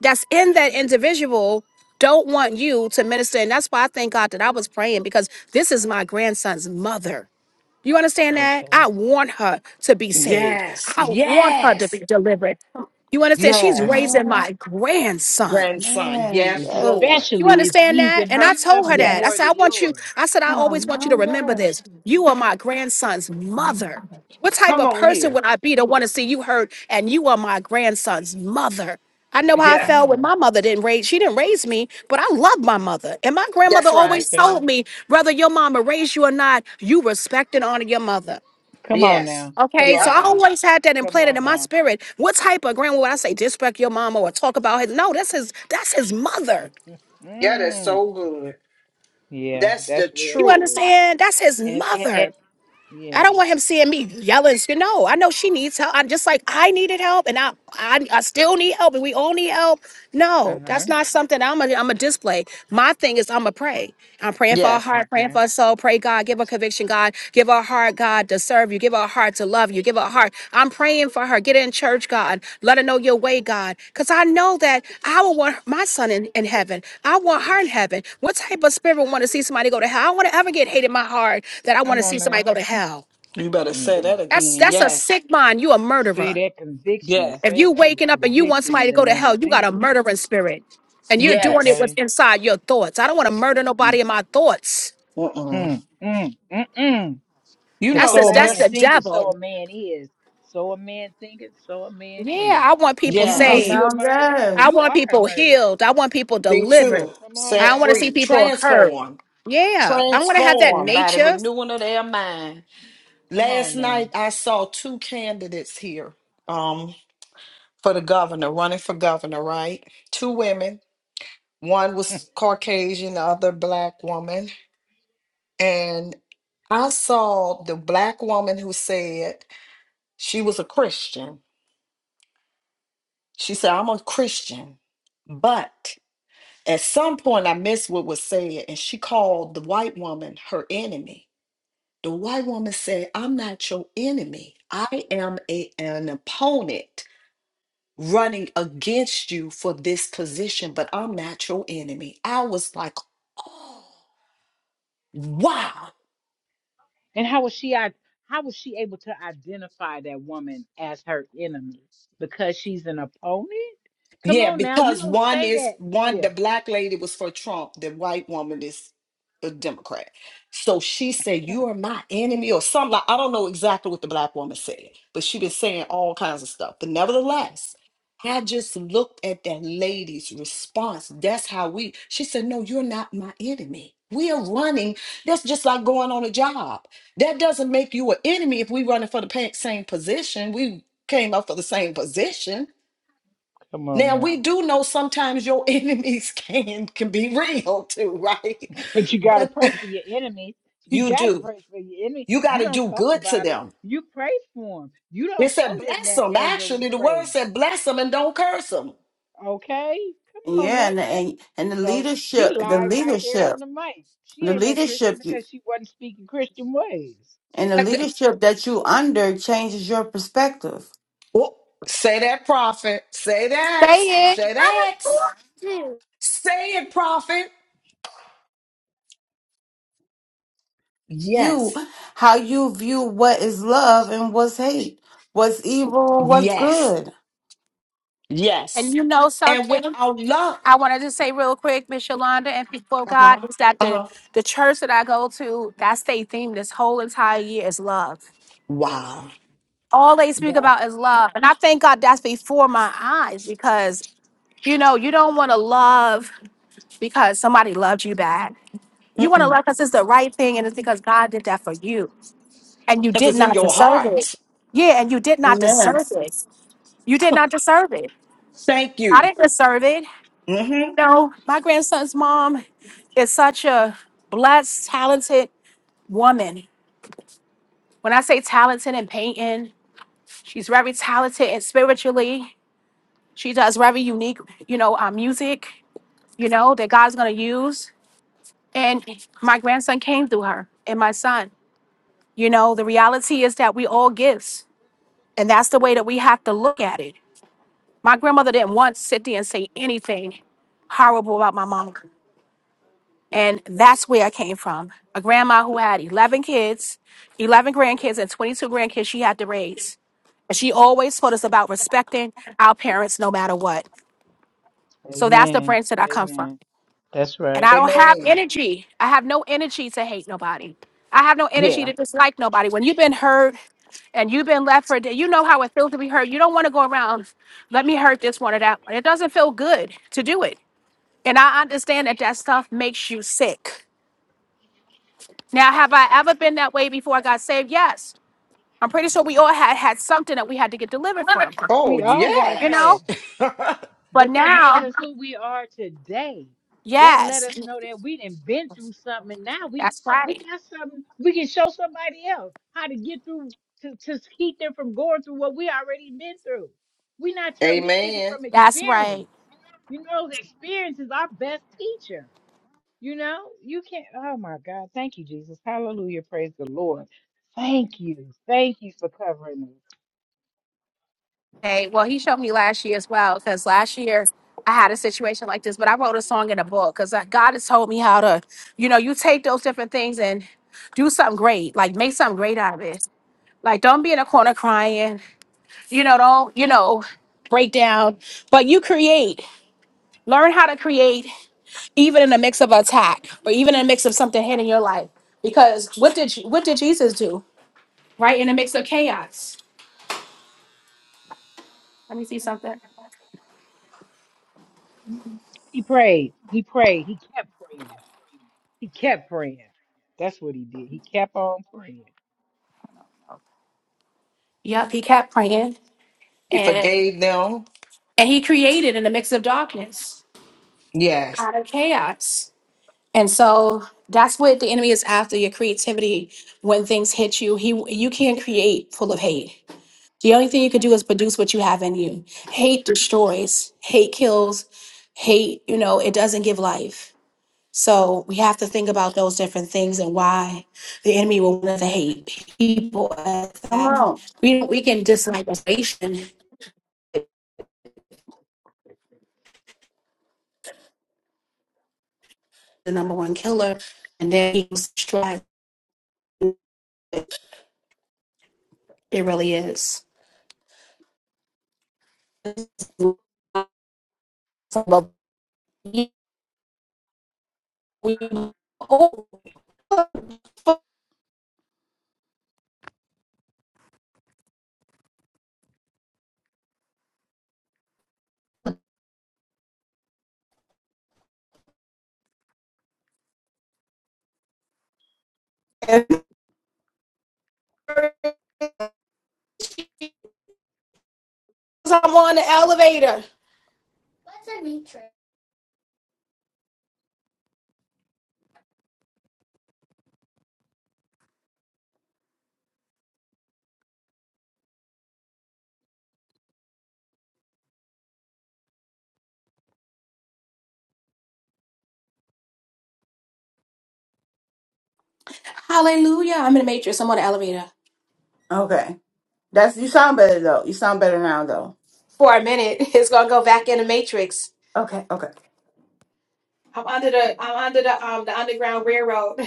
S1: that's in that individual don't want you to minister. And that's why I thank God that I was praying because this is my grandson's mother. You understand that?
S6: Okay.
S1: I want her to be saved.
S8: Yes.
S1: I want her to be
S8: Yes.
S1: delivered. You understand? She's
S8: Yes.
S6: Right.
S1: raising
S2: Amen.
S1: my grandson.
S8: Grandson.
S2: Amen.
S8: Yes,
S2: Yes.
S8: Lord.
S1: You
S6: Especially if
S1: understand
S6: he's
S1: that?
S6: in
S1: And I
S6: her
S1: told her
S6: company
S2: Amen.
S1: that. I
S6: more
S8: Yes.
S1: said, I
S6: than
S1: want you,
S6: yours.
S1: I said, I always
S2: Come
S1: want you to
S2: on now.
S1: remember
S2: Yes.
S1: this. You are my grandson's mother. What type
S8: Come
S1: of
S8: on
S1: person
S8: here.
S1: would I be to want to see you hurt and you are my grandson's mother? I know how I
S8: Yeah.
S6: Come
S1: felt when
S6: on.
S1: my mother didn't raise, she didn't raise me, but I love my mother. And my grandmother
S8: That's right.
S1: always
S6: Okay.
S1: told me, whether your mama raised you or not, you respect and honor your mother.
S6: Come on
S8: Yes.
S6: now. Come
S1: Okay, so
S6: on
S8: Yep.
S1: I
S6: now.
S1: always had that
S6: Come
S1: implanted
S6: on
S1: in my
S6: now.
S1: spirit. What type of grandma would I say disrespect your mama or talk about his? No, that's his. That's his mother.
S8: Yeah, that's
S6: Mm.
S8: so good.
S6: Yeah,
S8: That's the
S6: that's real
S1: You
S8: truth.
S6: good.
S1: understand? That's his
S6: And, and, and
S1: mother. I
S6: yeah.
S1: don't want him seeing me yelling. sc- No, I know she needs help. I'm just like I needed help, and I, I I still need help, and we all need help. No,
S6: Uh-huh.
S1: that's not something I'm a I'm a display. My thing is I'm a pray. I'm praying for our
S8: Yes.
S1: heart, praying
S6: Okay.
S1: for our soul. Pray God, give her conviction. God, give her a heart. God, to serve you. Give her a heart to love you. Give her a heart. I'm praying for her. Get her in church, God. Let her know your way, God. Because I know that I will want my son in, in heaven. I want her in heaven. What type of spirit want to see somebody go to hell? I don't want to ever get hate in my heart that I want to
S6: Come
S1: see
S6: on
S1: somebody
S6: now.
S1: go to hell.
S8: You better say that
S6: Mm-mm.
S1: That's
S8: again.
S1: that's a
S8: Yes.
S1: sick mind. You a
S6: See
S1: murderer.
S6: that conviction.
S8: Yes.
S1: If
S6: Say
S1: you
S6: that with
S1: waking up and you want
S6: conviction
S1: somebody
S6: in
S1: to
S6: the
S1: go to
S6: name of
S1: hell, you got a
S6: Jesus.
S1: murdering spirit. And you're doing it
S8: Yes.
S1: with
S6: Okay.
S1: inside your thoughts. I don't want to murder
S6: Mm,
S1: nobody in my thoughts.
S8: Mm-mm.
S6: mm, mm, mm.
S8: You
S6: Because
S1: That's
S8: know,
S1: the,
S6: so a
S1: that's
S6: man
S8: last.
S1: the
S6: thinketh, so
S1: devil.
S6: a man is. So a man thinketh, so a man
S1: Yeah,
S6: is.
S1: I want
S6: If
S1: people
S6: you
S2: Come on
S6: think
S8: Yes.
S1: saved.
S6: you're a
S2: now.
S6: murderer,
S2: Yes.
S1: I
S6: you
S1: want
S6: are a
S1: people
S6: murderer.
S1: healed. I want people
S8: Me
S1: delivered.
S8: too.
S6: Come on
S1: I
S8: Set
S1: want to
S6: now.
S1: see
S8: free.
S1: people heard.
S8: Transformed.
S1: Yeah, I want to have that
S8: Transformed by the
S1: nature.
S8: renewing of their mind.
S6: Come
S8: Last
S6: on now.
S8: night I saw two candidates here um for the governor, running for governor, right? Two women. One was Caucasian, the other black woman and I saw the black woman who said she was a Christian. She said, I'm a Christian. But at some point, I missed what was said, and she called the white woman her enemy. The white woman said, I'm not your enemy. I am a, an opponent running against you for this position, but I'm not your enemy. I was like, oh, wow.
S6: And how was she i- how was she able to identify that woman as her enemy? Because she's an opponent? Come
S8: Yeah,
S6: on now, you
S8: because
S6: don't
S8: one
S6: say
S8: is
S6: that.
S8: one,
S6: Yeah.
S8: the black lady was for Trump, the white woman is a Democrat. So she said, You are my enemy, or something like I don't know exactly what the black woman said, but she been saying all kinds of stuff. But nevertheless, I just looked at that lady's response. That's how we she said, No, you're not my enemy. We are running. That's just like going on a job. That doesn't make you an enemy if we running for the pa- same position. We came up for the same position
S6: Come on
S8: now we
S6: now.
S8: do know sometimes your enemies can can be real too, right?
S6: But you gotta
S8: But
S6: pray for your enemies. You
S8: you
S6: gotta
S8: do.
S6: pray for your enemy.
S8: You got
S6: You
S8: to
S6: don't
S8: do
S6: talk
S8: good to
S6: about them.
S8: them.
S6: You pray for them. You
S8: It
S6: don't show
S8: said
S6: them
S8: bless
S6: that
S8: them.
S6: angry
S8: Actually, the word
S6: phrase.
S8: said bless them and don't curse them.
S6: Okay? Come on
S2: Yeah,
S6: now.
S2: and and and the
S6: So she
S2: leadership, the
S6: lied right there on
S2: leadership,
S6: the mic. She
S2: the
S6: ain't no Christian
S2: leadership, you
S6: because she wasn't speaking Christian ways.
S2: and the leadership that you under changes your perspective.
S8: Oh, say that, prophet. Say that.
S1: Say it.
S8: Say that. Say it, prophet.
S2: You,
S8: Yes.
S2: how you view what is love and what's hate, what's evil and what's
S8: Yes.
S2: good.
S8: Yes.
S1: And you know
S8: And without
S1: something?
S8: love.
S1: I wanted to say real quick, Miss Yolanda and people of
S8: Uh huh.
S1: God, is that
S8: Uh
S1: the,
S8: huh.
S1: the church that I go to, that's their theme this whole entire year is love.
S8: Wow.
S1: All they speak
S8: Wow.
S1: about is love. And I thank God that's before my eyes because, you know, you don't want to love because somebody loved you bad. You want to
S8: Because
S1: love because it's the right thing and it's because God did that for you. and you did
S8: it's in
S1: not
S8: your
S1: deserve it.
S8: heart.
S1: Yeah, and you did not
S2: Amen.
S1: deserve it. You did not deserve it.
S8: Thank you.
S1: I didn't deserve it.
S8: hmm
S1: No, my grandson's mom is such a blessed, talented woman. When I say talented in painting, she's very talented and spiritually. She does very unique, you know, uh, music, you know, that God's gonna use. And my grandson came through her and my son. You know, the reality is that we all gifts, and that's the way that we have to look at it My grandmother didn't once sit there and say anything horrible about my mom. And that's where I came from. A grandma who had 11 kids, 11 grandkids, and 22 grandkids she had to raise. And she always told us about respecting our parents no matter what. So that's the
S6: Amen.
S1: branch that I come
S6: Amen.
S1: from.
S6: That's
S1: And
S6: right.
S1: I don't have
S8: Amen.
S1: energy. I have no energy to hate nobody. I have no energy
S8: Yeah.
S1: to dislike nobody. When you've been hurt and you've been left for dead, you know how it feels to be hurt. You don't want to go around, let me hurt this one or that one. It doesn't feel good to do it. And I understand that that stuff makes you sick. Now, have I ever been that way before I got saved? Yes. I'm pretty sure we all had had something that we had to get delivered from,
S8: Oh,
S6: We all got a
S1: you
S8: yes.
S1: know?
S6: past,
S1: But
S6: But that make
S1: now,
S6: us who we are today. That let
S1: yes,
S6: us know that we done been through something and now we
S1: that's
S6: we
S1: right.
S6: got something we can show somebody else how to get through to, to keep them from going through what we already been through. We not tell we speaking
S8: Amen.
S6: from
S1: That's
S6: experience.
S1: right.
S6: You know, the experience is our best teacher. You know, you can't oh my God, thank you, Jesus. Hallelujah. Praise the Lord. Thank you. Thank you for covering us.
S1: Hey, well, he showed me last year as well, because last year I had a situation like this, but I wrote a song in a book because God has told me how to, you know, you take those different things and do something great, like make something great out of it. Like, don't be in a corner crying you know don't you know break down but you create learn how to create even in the mix of attack or even in the mix of something hitting your life because what did what did jesus do right in the mix of chaos let me see something
S6: He prayed. He prayed. He kept praying. He kept praying. That's what he did. He kept on praying.
S1: yep he kept praying
S8: He
S1: and
S8: forgave them.
S1: and he created in the mix of darkness
S8: Yes.
S1: out of chaos and so that's what the enemy is after your creativity when things hit you he you can not create full of hate The only thing you could do is produce what you have in you. Hate destroys, hate kills, hate, you know, it doesn't give life. So we have to think about those different things and why the enemy will want to hate people as
S2: Come
S1: that.
S2: on.
S1: We we can dislike a nation, the number one killer, and then he was destroyed. It really is. Oh, I'm on the elevator. Hallelujah. I'm in the matrix. I'm on the elevator.
S2: Okay, that's you sound better though. You sound better now though.
S1: for a minute. It's gonna go back in the matrix.
S2: Okay, okay.
S1: Under the- under the oat.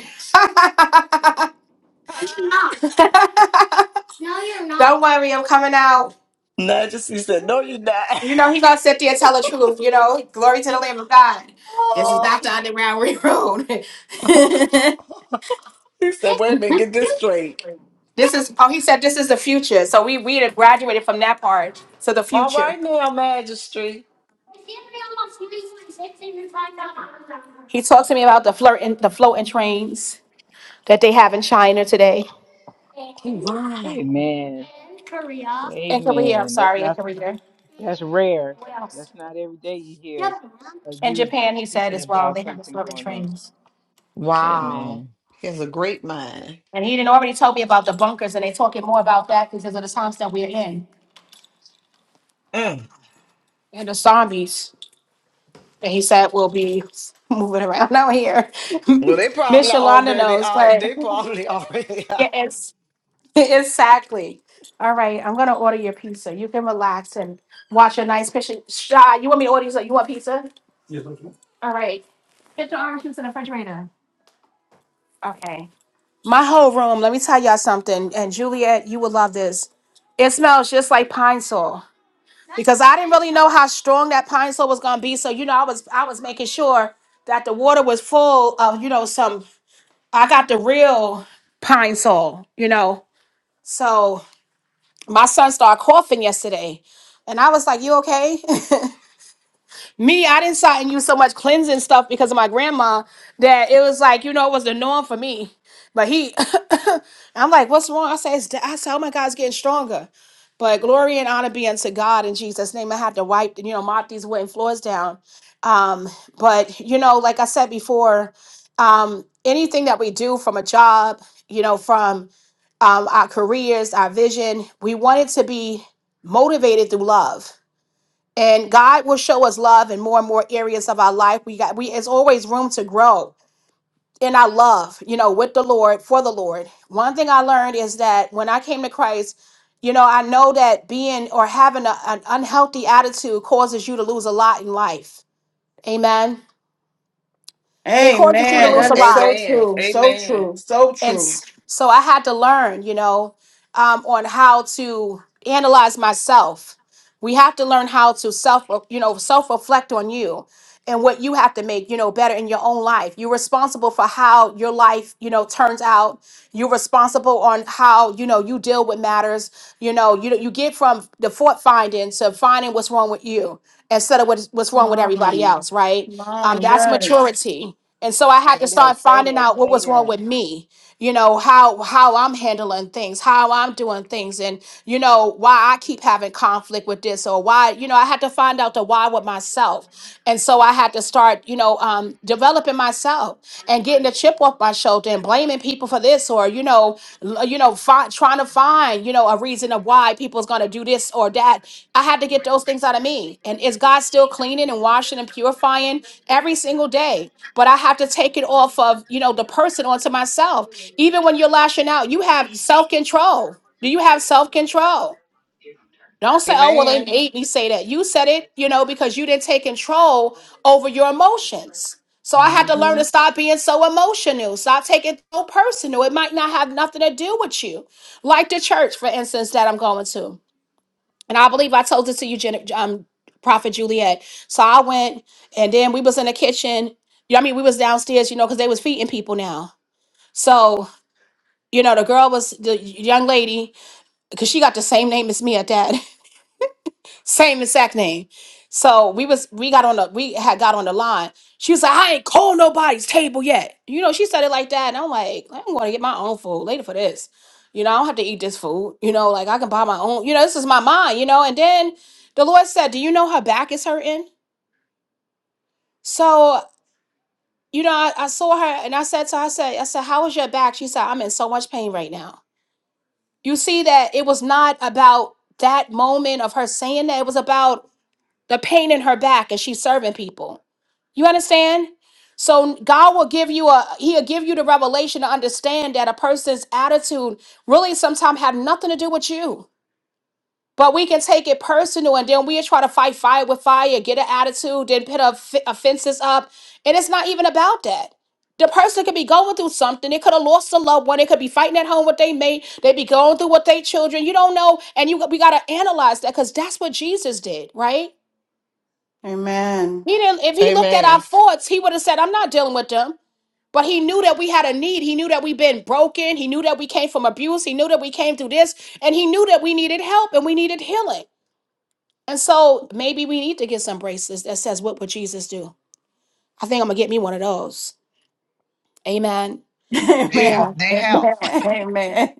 S1: No, you're not. Don't worry, I'm coming out.
S8: Not just he said, No, you're not.
S1: You know he gonna sit there and tell the truth. You know, glory to the Lamb of God. This is
S8: oh.
S1: not the underground railroad.
S8: he said, Wait a minute, get this straight.
S1: this is oh, he said this is the future. So we we had graduated from that part to the
S8: All
S1: future.
S8: right now, Magistrate.
S1: He talked to me about the flirt and the floating trains that they have in China today.
S8: Oh, wow.
S6: Amen.
S1: In Korea, I'm
S6: Amen. That's
S1: sorry, in
S6: not
S1: Korea.
S6: that's rare. That's not every day you hear a
S1: In
S6: youth
S1: Japan, he said
S6: speaking
S1: as well,
S6: about
S1: they have the
S6: something
S1: floating
S6: going on.
S1: trains.
S8: Wow.
S6: Amen.
S8: He has a great mind.
S1: And he didn't already tell me about the bunkers, and they talking more about that because of the times that we're in
S8: Mm.
S1: and the zombies that he said will be moving around out here.
S8: Well, they probably
S1: Miss Yolanda
S8: already
S1: knows,
S8: out.
S1: but
S8: They probably already out.
S1: yeah, it's exactly. All right, I'm gonna order your pizza. You can relax and watch a nice picture. Shy, you want me to order you? some- You want pizza? All right, get your orange juice in the refrigerator. Okay. My whole room. Let me tell y'all something. And Juliet, you will love this. It smells just like pine saw. because I didn't really know how strong that pine sol was gonna be. So you know, I was I was making sure that the water was full of you know some. I got the real pine sol, you know. So my son started coughing yesterday, and I was like, "You okay?" Me, I didn't start and use so much cleansing stuff because of my grandma that it was like, you know, it was the norm for me. But he, I'm like, what's wrong? I say, it's, di- I say, oh my God, it's getting stronger. But glory and honor be unto God in Jesus' name. I had to wipe, you know, mop these wooden floors down. Um, but you know, like I said before, um, anything that we do from a job, you know, from um, our careers, our vision, we want it to be motivated through love and God will show us love in more and more areas of our life. We got we it's always room to grow in our love, you know, with the Lord for the Lord. One thing I learned is that when I came to Christ, you know, I know that being or having a- an unhealthy attitude causes you to lose a lot in life. Amen. It causes you to
S2: Amen.
S1: lose
S8: Amen.
S2: That
S1: a
S2: is
S1: lot.
S2: so
S8: Amen.
S2: true. So
S8: Amen.
S2: true. So
S1: and
S2: true.
S1: s- so I had to learn, you know, um, on how to analyze myself. We have to learn how to self, you know, self reflect on you and what you have to make, you know, better in your own life. You're responsible for how your life, you know, turns out you're responsible on how you know you deal with matters. You know, you you get from the fault finding to finding what's wrong with you instead of what's what's
S2: Come
S1: wrong with everybody
S2: on.
S1: else, right?
S2: Come
S1: Um,
S2: on.
S1: that's
S2: Yes.
S1: maturity. And so I had to
S6: Say that,
S1: start
S6: say
S1: finding
S6: that,
S1: out what
S6: say
S1: was wrong with me. You know how know how i'm handling things how i'm doing things and you know why i keep having conflict with this or why you know i had to find out the why with myself and so i had to start you know um, developing myself and getting the chip off my shoulder and blaming people for this or you know l- you know fi- trying to find you know a reason of why people's going to do this or that i had to get those things out of me and is god still cleaning and washing and purifying every single day but i have to take it off of you know the person onto myself even when you're lashing out, you have self control. Do you have self control? Don't say, oh, well, they
S8: Amen.
S1: made me say that. You said it, you know, because you didn't take control over your emotions. So I had to learn
S8: hmm
S1: to stop being so emotional, stop taking it so personal. It might not have nothing to do with you. Like the church, for instance, that I'm going to. And I believe I told this to you, Jen, um, Prophet Juliet. So I went and then we was in the kitchen. You know, I mean, we was downstairs, you know, because they was feeding people now. So you know, the girl was the young lady because she got the same name as me at that, same exact name. So we was we got on the we had got on the line. She was like, I ain't called nobody's table yet. You know, she said it like that, and I'm like, I'm gonna get my own food later for this. You know, I don't have to eat this food. You know, like I can buy my own. You know, this is my mind. You know, and then the Lord said, Do you know her back is hurting? So you know, I, I saw her and I said to her, I said, I said, how is your back? She said, I'm in so much pain right now. you see that it was not about that moment of her saying that it was about the pain in her back and she's serving people you understand so god will give you a he'll give you the revelation to understand that a person's attitude really sometimes had nothing to do with you but we can take it personal and then we try to fight fire with fire, get an attitude, then put off- offenses up. And it's not even about that. The person could be going through something. They could have lost a loved one. They could be fighting at home with their mate. They be going through with their children. You don't know. And you we gotta analyze that because that's what Jesus did, right?
S2: Amen.
S1: He didn't if he looked at our
S8: Amen.
S1: thoughts, he would have said, I'm not dealing with them. But he knew that we had a need. He knew that we been broken. He knew that we came from abuse. He knew that we came through this. And he knew that we needed help and we needed healing. And so maybe we need to get some bracelets that says, What would Jesus do? I think I'm gonna get me one of those. Amen.
S2: Amen.
S8: Yeah,
S1: Yeah.
S8: they help.
S2: Amen. Amen.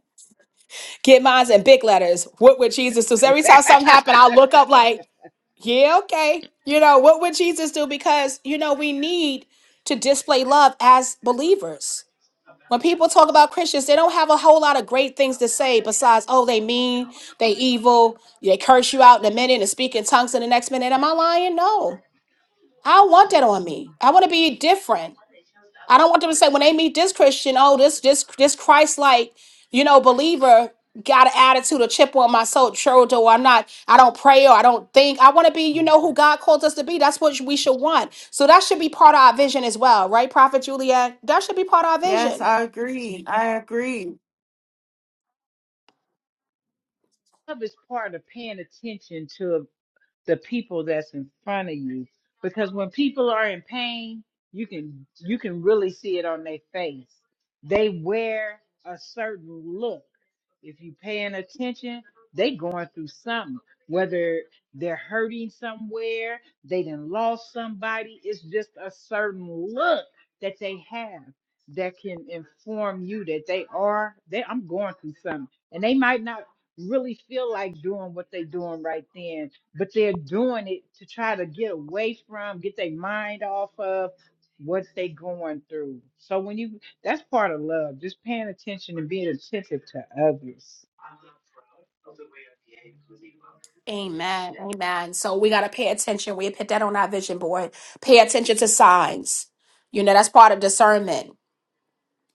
S1: Get mine in big letters. What would Jesus do?
S6: that.
S1: So every time something happened, I'll look up like, yeah, okay. You know, what would Jesus do? Because, you know, we need to display love as believers. When people talk about Christians, they don't have a whole lot of great things to say besides, oh, they mean, they evil, they curse you out in a minute and speak in tongues in the next minute. Am I lying? No. I don't want that on me. I want to be different. I don't want them to say when they meet this Christian, oh, this this this Christ like, you know, believer got an attitude, a chip on my soul, shoulder, or I'm not, I don't pray or I don't think. I want to be, you know, who God calls us to be. That's what we should want. So that should be part of our vision as well, right, Prophet Juliet? That should be part of our
S2: Yes,
S1: vision.
S2: I agree. I agree.
S6: Love is part of paying attention to the people that's in front of you because when people are in pain you can you can really see it on their face they wear a certain look if you paying attention, they going through something. Whether they're hurting somewhere, they done lost somebody. It's just a certain look that they have that can inform you that they are they I'm going through something. And they might not really feel like doing what they're doing right then, but they're doing it to try to get away from, get their mind off of what they going through. So when you that's part of love, just paying attention and being attentive to others.
S1: Amen. Amen. So we got to pay attention. We put that on our vision board. Pay attention to signs. You know, that's part of discernment.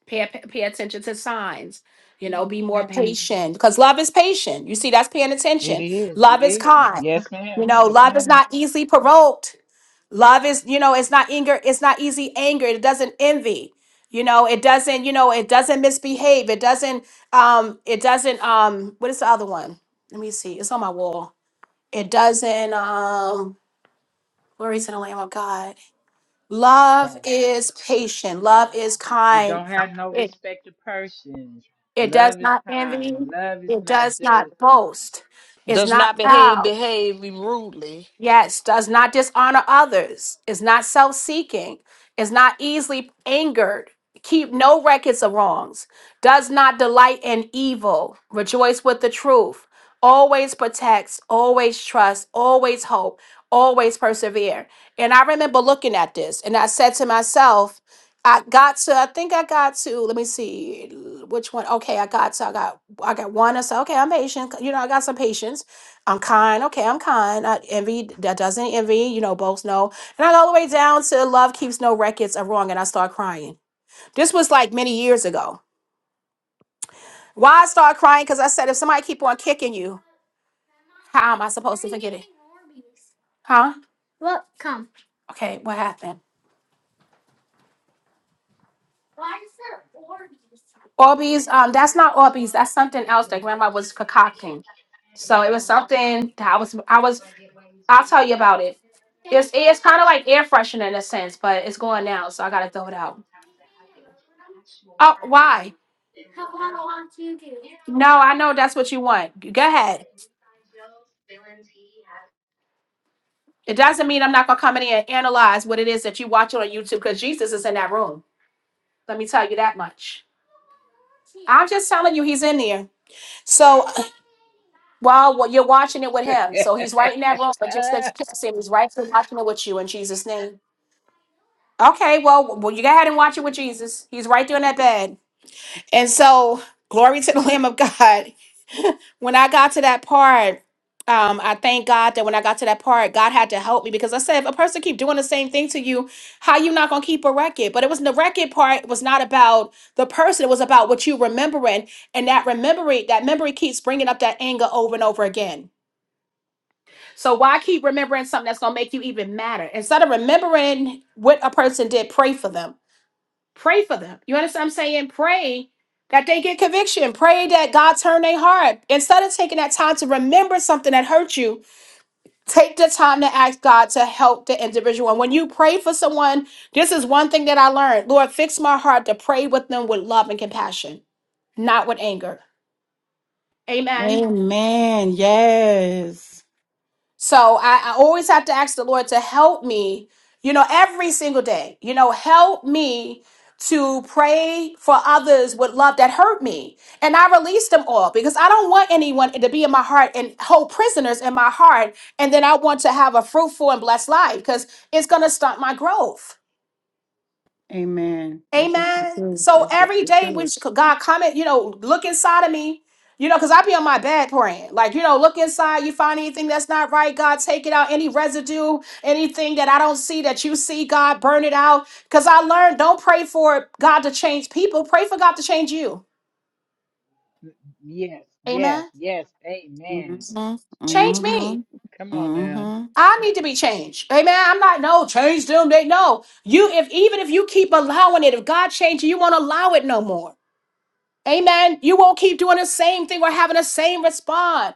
S1: Pay, pay attention to signs. You know, be more
S2: Amen.
S1: patient because love is patient. You see, that's paying
S6: It
S1: attention.
S6: is,
S1: Love
S6: it
S1: is
S6: is.
S1: kind.
S6: Yes,
S1: You
S6: ma'am.
S1: know,
S6: Yes,
S1: love is
S6: ma'am.
S1: not easily provoked. Love is, you know, it's not anger. It's not easy anger. It doesn't envy. You know, it doesn't, you know, it doesn't misbehave. It doesn't, um, it doesn't, um, what is the other one? Let me see. It's on my wall it doesn't, um, glory to the Lamb of God. Love
S6: So,
S1: is patient. Love is
S6: It
S1: kind.
S6: don't have no
S1: It
S6: respect to persons.
S1: it does
S6: Love is
S1: not
S6: kind.
S1: envy.
S6: Love is
S1: It
S6: not
S1: does not
S6: jealousy.
S1: boast. It's
S8: Does
S1: not
S8: not
S6: Right.
S8: behave, behave rudely.
S1: Yes, does not dishonor others, is not self seeking, is not easily angered, keep no records of wrongs, does not delight in evil, rejoice with the truth, always protects, always trusts, always hope, always persevere. And I remember looking at this and I said to myself, I got to, I think I got to, let me see which one. Okay, I got to, I got, I got one. I said, okay, I'm patient. You know, I got some patience. I'm kind. Okay, I'm kind. I envy that doesn't envy, you know, both know. And I go all the way down to love keeps no records of wrong, and I start crying. This was like many years ago. Why I start crying? Because I said, if somebody keep on kicking you, how am I supposed to forget it? Huh? Okay, what happened? Orbeez, um, that's not Orbeez. That's something else that grandma was concocting. So it was something that I was, I was, I'll tell you about it. It's, it's kind of like air freshener in a sense, but it's going now, so I gotta throw it out. Oh, why? No, I know that's what you want. Go ahead. It doesn't mean I'm not gonna come in here and analyze what it is that you watch on YouTube because Jesus is in that room. Let me tell you that much. I'm just telling you he's in there. So while wa- you're watching it with him, so he's right in that room, but just that you can't see him, he's right there watching it with you in Jesus' name. Okay, well, well, you go ahead and watch it with Jesus. He's right there in that bed. And so, glory to the Lamb of God. when I got to that part, um, I thank God that when I got to that part, God had to help me because I said, if a person keep doing the same thing to you, how you not gonna keep a record? But it was the record part was not about the person; it was about what you remembering, and that remembering that memory keeps bringing up that anger over and over again. So why keep remembering something that's gonna make you even madder instead of remembering what a person did? Pray for them Pray for them. You understand what I'm saying? Pray that they get conviction. Pray that God turn their heart. Instead of taking that time to remember something that hurt you, take the time to ask God to help the individual. And when you pray for someone, this is one thing that I learned. Lord, fix my heart to pray with them with love and compassion, not with anger. Amen.
S2: Amen. Yes.
S1: So I, I always have to ask the Lord to help me, you know, every single day, you know, help me to pray for others with love that hurt me. And I release them all because I don't want anyone to be in my heart and hold prisoners in my heart. And then I want to have a fruitful and blessed life because it's going to stunt my growth.
S2: Amen. That's what you
S1: Amen.
S2: do.
S1: So
S2: That's what
S1: every
S2: you
S1: day when
S2: do.
S1: she- God come in, you know, look inside of me, you know, because I be on my bed praying. Like, you know, look inside, you find anything that's not right, God, take it out. Any residue, anything that I don't see that you see, God, burn it out. Because I learned don't pray for God to change people, pray for God to change you.
S6: yes, yes,
S1: Amen.
S6: yes. Amen.
S2: Mm-hmm.
S6: That-
S1: Change me.
S6: come
S2: Mm-hmm.
S6: on now.
S2: Mm-hmm.
S1: I need to be changed. Amen. I'm not no change them. They know you if even if you keep allowing it, if God changes you, you won't allow it no more. Amen. You won't keep doing the same thing or having the same response.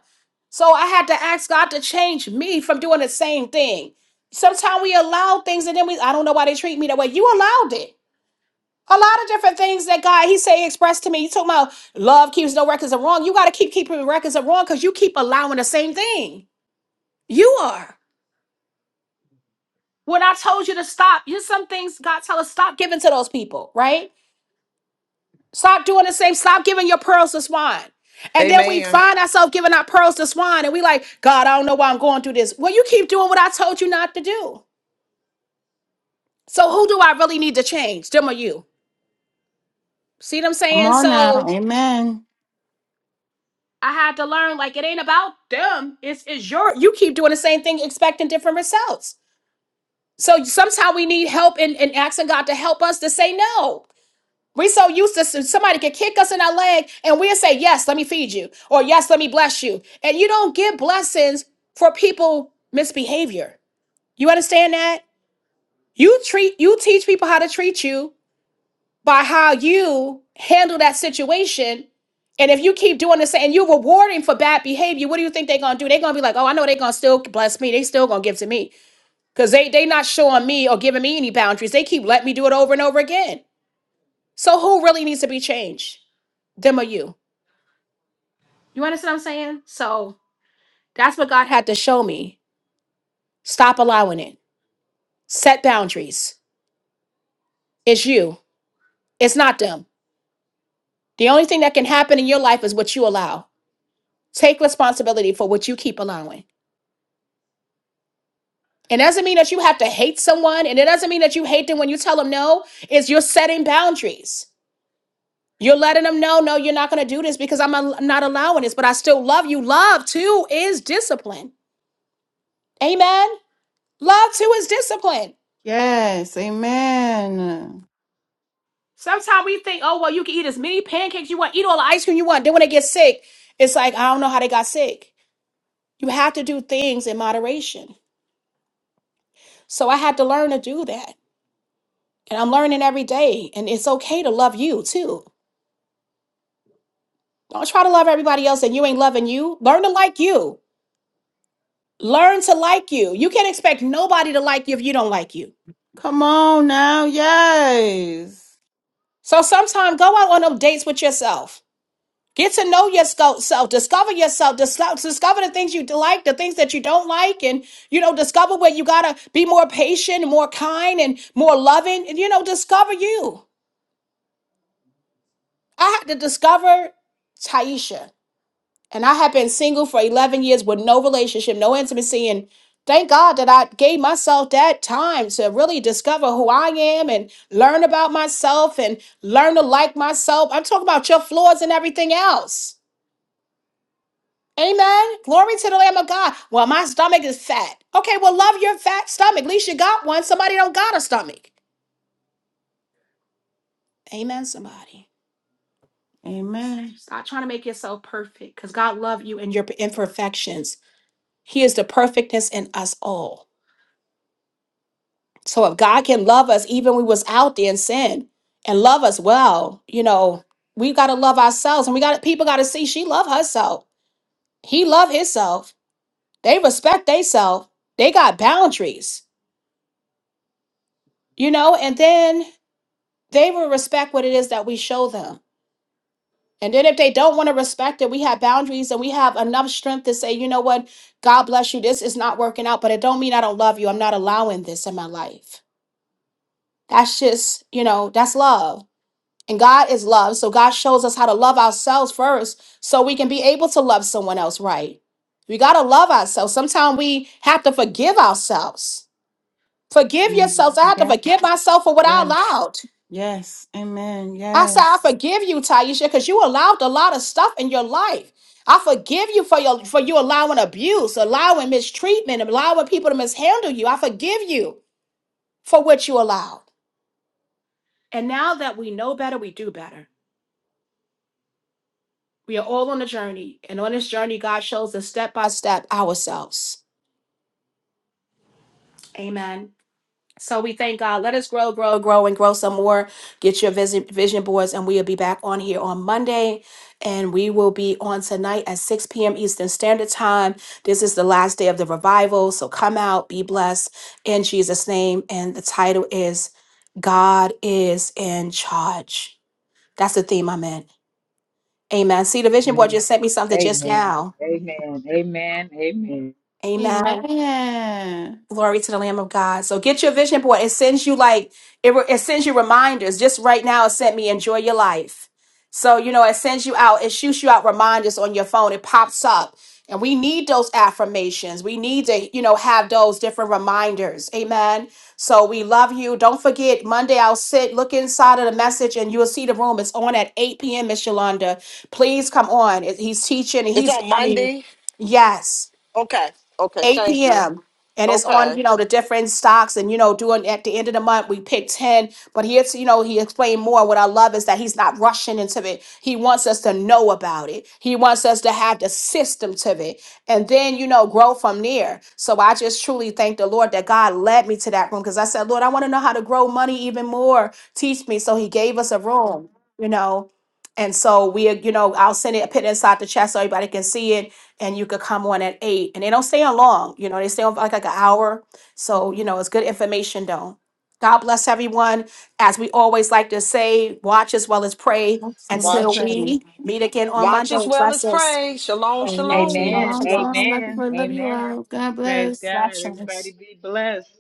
S1: So I had to ask God to change me from doing the same thing. Sometimes we allow things and then we, I don't know why they treat me that way. You allowed it. A lot of different things that God, He say, expressed to me. You talking about love keeps no records of wrong. You got to keep keeping records of wrong because you keep allowing the same thing. You are. When I told you to stop, you some things God tell us stop giving to those people, right? Stop doing the same. Stop giving your pearls to swine. And then we
S8: Amen.
S1: find ourselves giving our pearls to swine and we like, God, I don't know why I'm going through this. Well, you keep doing what I told you not to do. So who do I really need to change? Them or you? See what I'm
S2: Come
S1: saying?
S2: on
S1: So
S2: now. Amen.
S1: I had to learn like it ain't about them. It's it's your you keep doing the same thing, expecting different results. So sometimes we need help in, in asking God to help us to say no. We so used to somebody could kick us in our leg and we'll say, Yes, let me feed you, or yes, let me bless you. And you don't give blessings for people misbehavior. You understand that? You treat you teach people how to treat you by how you handle that situation. And if you keep doing this and you're rewarding for bad behavior, what do you think they're gonna do? They're gonna be like, oh, I know they're gonna still bless me, they still gonna give to me. Because they they not showing me or giving me any boundaries. They keep letting me do it over and over again. So who really needs to be changed? Them or you? You understand what I'm saying? So that's what God had to show me. Stop allowing it. Set boundaries. It's you, it's not them. The only thing that can happen in your life is what you allow. Take responsibility for what you keep allowing. It doesn't mean that you have to hate someone, and it doesn't mean that you hate them when you tell them no. Is you're setting boundaries. You're letting them know, no, you're not going to do this because I'm al- not allowing this, but I still love you. Love too is discipline. Amen. Love too is discipline.
S2: Yes. Amen.
S1: Sometimes we think, oh well, you can eat as many pancakes you want, eat all the ice cream you want. Then when they get sick, it's like I don't know how they got sick. You have to do things in moderation. So I had to learn to do that, and I'm learning every day. And it's okay to love you too. Don't try to love everybody else and you ain't loving you. Learn to like you. Learn to like you. You can't expect nobody to like you if you don't like you.
S2: Come on now. Yes.
S1: So sometimes go out on them dates with yourself. Get to know yourself. Discover yourself. Discover, discover the things you like, the things that you don't like, and you know, discover where you gotta be more patient, more kind, and more loving. And you know, discover you. I had to discover Taisha, and I have been single for eleven years with no relationship, no intimacy, and thank God that I gave myself that time to really discover who I am and learn about myself and learn to like myself. I'm talking about your flaws and everything else. Amen. Glory to the Lamb of God. Well, my stomach is fat. Okay, well, love your fat stomach. At least you got one. Somebody don't got a stomach. Amen, somebody.
S2: Amen.
S1: Stop trying to make yourself perfect because God loves you and your imperfections. He is the perfectness in us all. So if God can love us even we was out there in sin and love us well, you know, we gotta love ourselves and we got people gotta see she love herself. He love himself. They respect theyself. They got boundaries, you know, and then they will respect what it is that we show them. And then if they don't want to respect it, we have boundaries and we have enough strength to say, you know what, God bless you. This is not working out, but it don't mean I don't love you. I'm not allowing this in my life. That's just, you know, that's love. And God is love. So God shows us how to love ourselves first so we can be able to love someone else right. We got to love ourselves. Sometimes we have to forgive ourselves. Forgive yourselves. I
S2: Mhm.
S1: have to
S2: Yes.
S1: forgive myself for what I
S2: Yes.
S1: allowed.
S2: Yes. Amen.
S1: I said, I
S2: Yes.
S1: forgive you, Taisha, because you allowed a lot of stuff in your life. I forgive you for your for you allowing abuse, allowing mistreatment, allowing people to mishandle you. I forgive you for what you allowed. And now that we know better, we do better. We are all on a journey. And on this journey, God shows us step by step ourselves. Amen. So we thank God. Let us grow, grow, grow, and grow some more. Get your vision, vision boards, and we'll be back on here on Monday. And we will be on tonight at 6 p.m. Eastern Standard Time. This is the last day of the revival. So come out, be blessed in Jesus' name. And the title is God is in Charge. That's the theme I'm in. Amen. See, the vision board
S6: Amen.
S1: just sent me something just
S6: Amen.
S1: now.
S6: Amen. Amen. Amen.
S1: Amen.
S2: Amen.
S1: Glory to the Lamb of God. So get your vision board. It sends you like it, re- it sends you reminders. Just right now, it sent me enjoy your life. So you know, it sends you out. It shoots you out reminders on your phone. It pops up, and we need those affirmations. We need to you know have those different reminders. Amen. So we love you. Don't forget Monday. I'll sit. Look inside of the message, and you'll see the room. It's on at eight p.m. Miss Yolanda. Please come on. It- He's teaching, and
S8: It's
S1: he's.
S8: on
S1: I mean,
S8: Monday.
S1: yes.
S8: Okay. Okay.
S1: 8
S8: Thank you.
S1: p.m. And it's on,
S8: Okay.
S1: you know, the different stocks and, you know, doing at the end of the month, we pick 10. But here's, you know, he explained more. What I love is that he's not rushing into it. He wants us to know about it. He wants us to have the system to it and then, you know, grow from there. So I just truly thank the Lord that God led me to that room because I said, Lord, I want to know how to grow money even more. Teach me. So he gave us a room, you know. And so we, you know, I'll send it, put it inside the chat so everybody can see it and you could come on at eight. And they don't stay on long, you know, they stay on for like, like an hour. So, you know, it's good information though. God bless everyone. As we always like to say, watch as well as pray
S2: That's what it's
S1: until
S8: Watch.
S2: saying.
S1: we meet again on
S8: Watch as
S1: Monday.
S8: well as
S1: Blessings.
S8: pray. Shalom.
S1: Amen.
S8: Shalom.
S1: Shalom,
S6: Amen.
S2: Shalom,
S1: shalom.
S2: shalom. Love
S6: Amen.
S2: you, love you
S6: Amen.
S2: all. God
S6: Praise
S2: bless.
S6: God.
S1: Blessings.
S6: Everybody be blessed.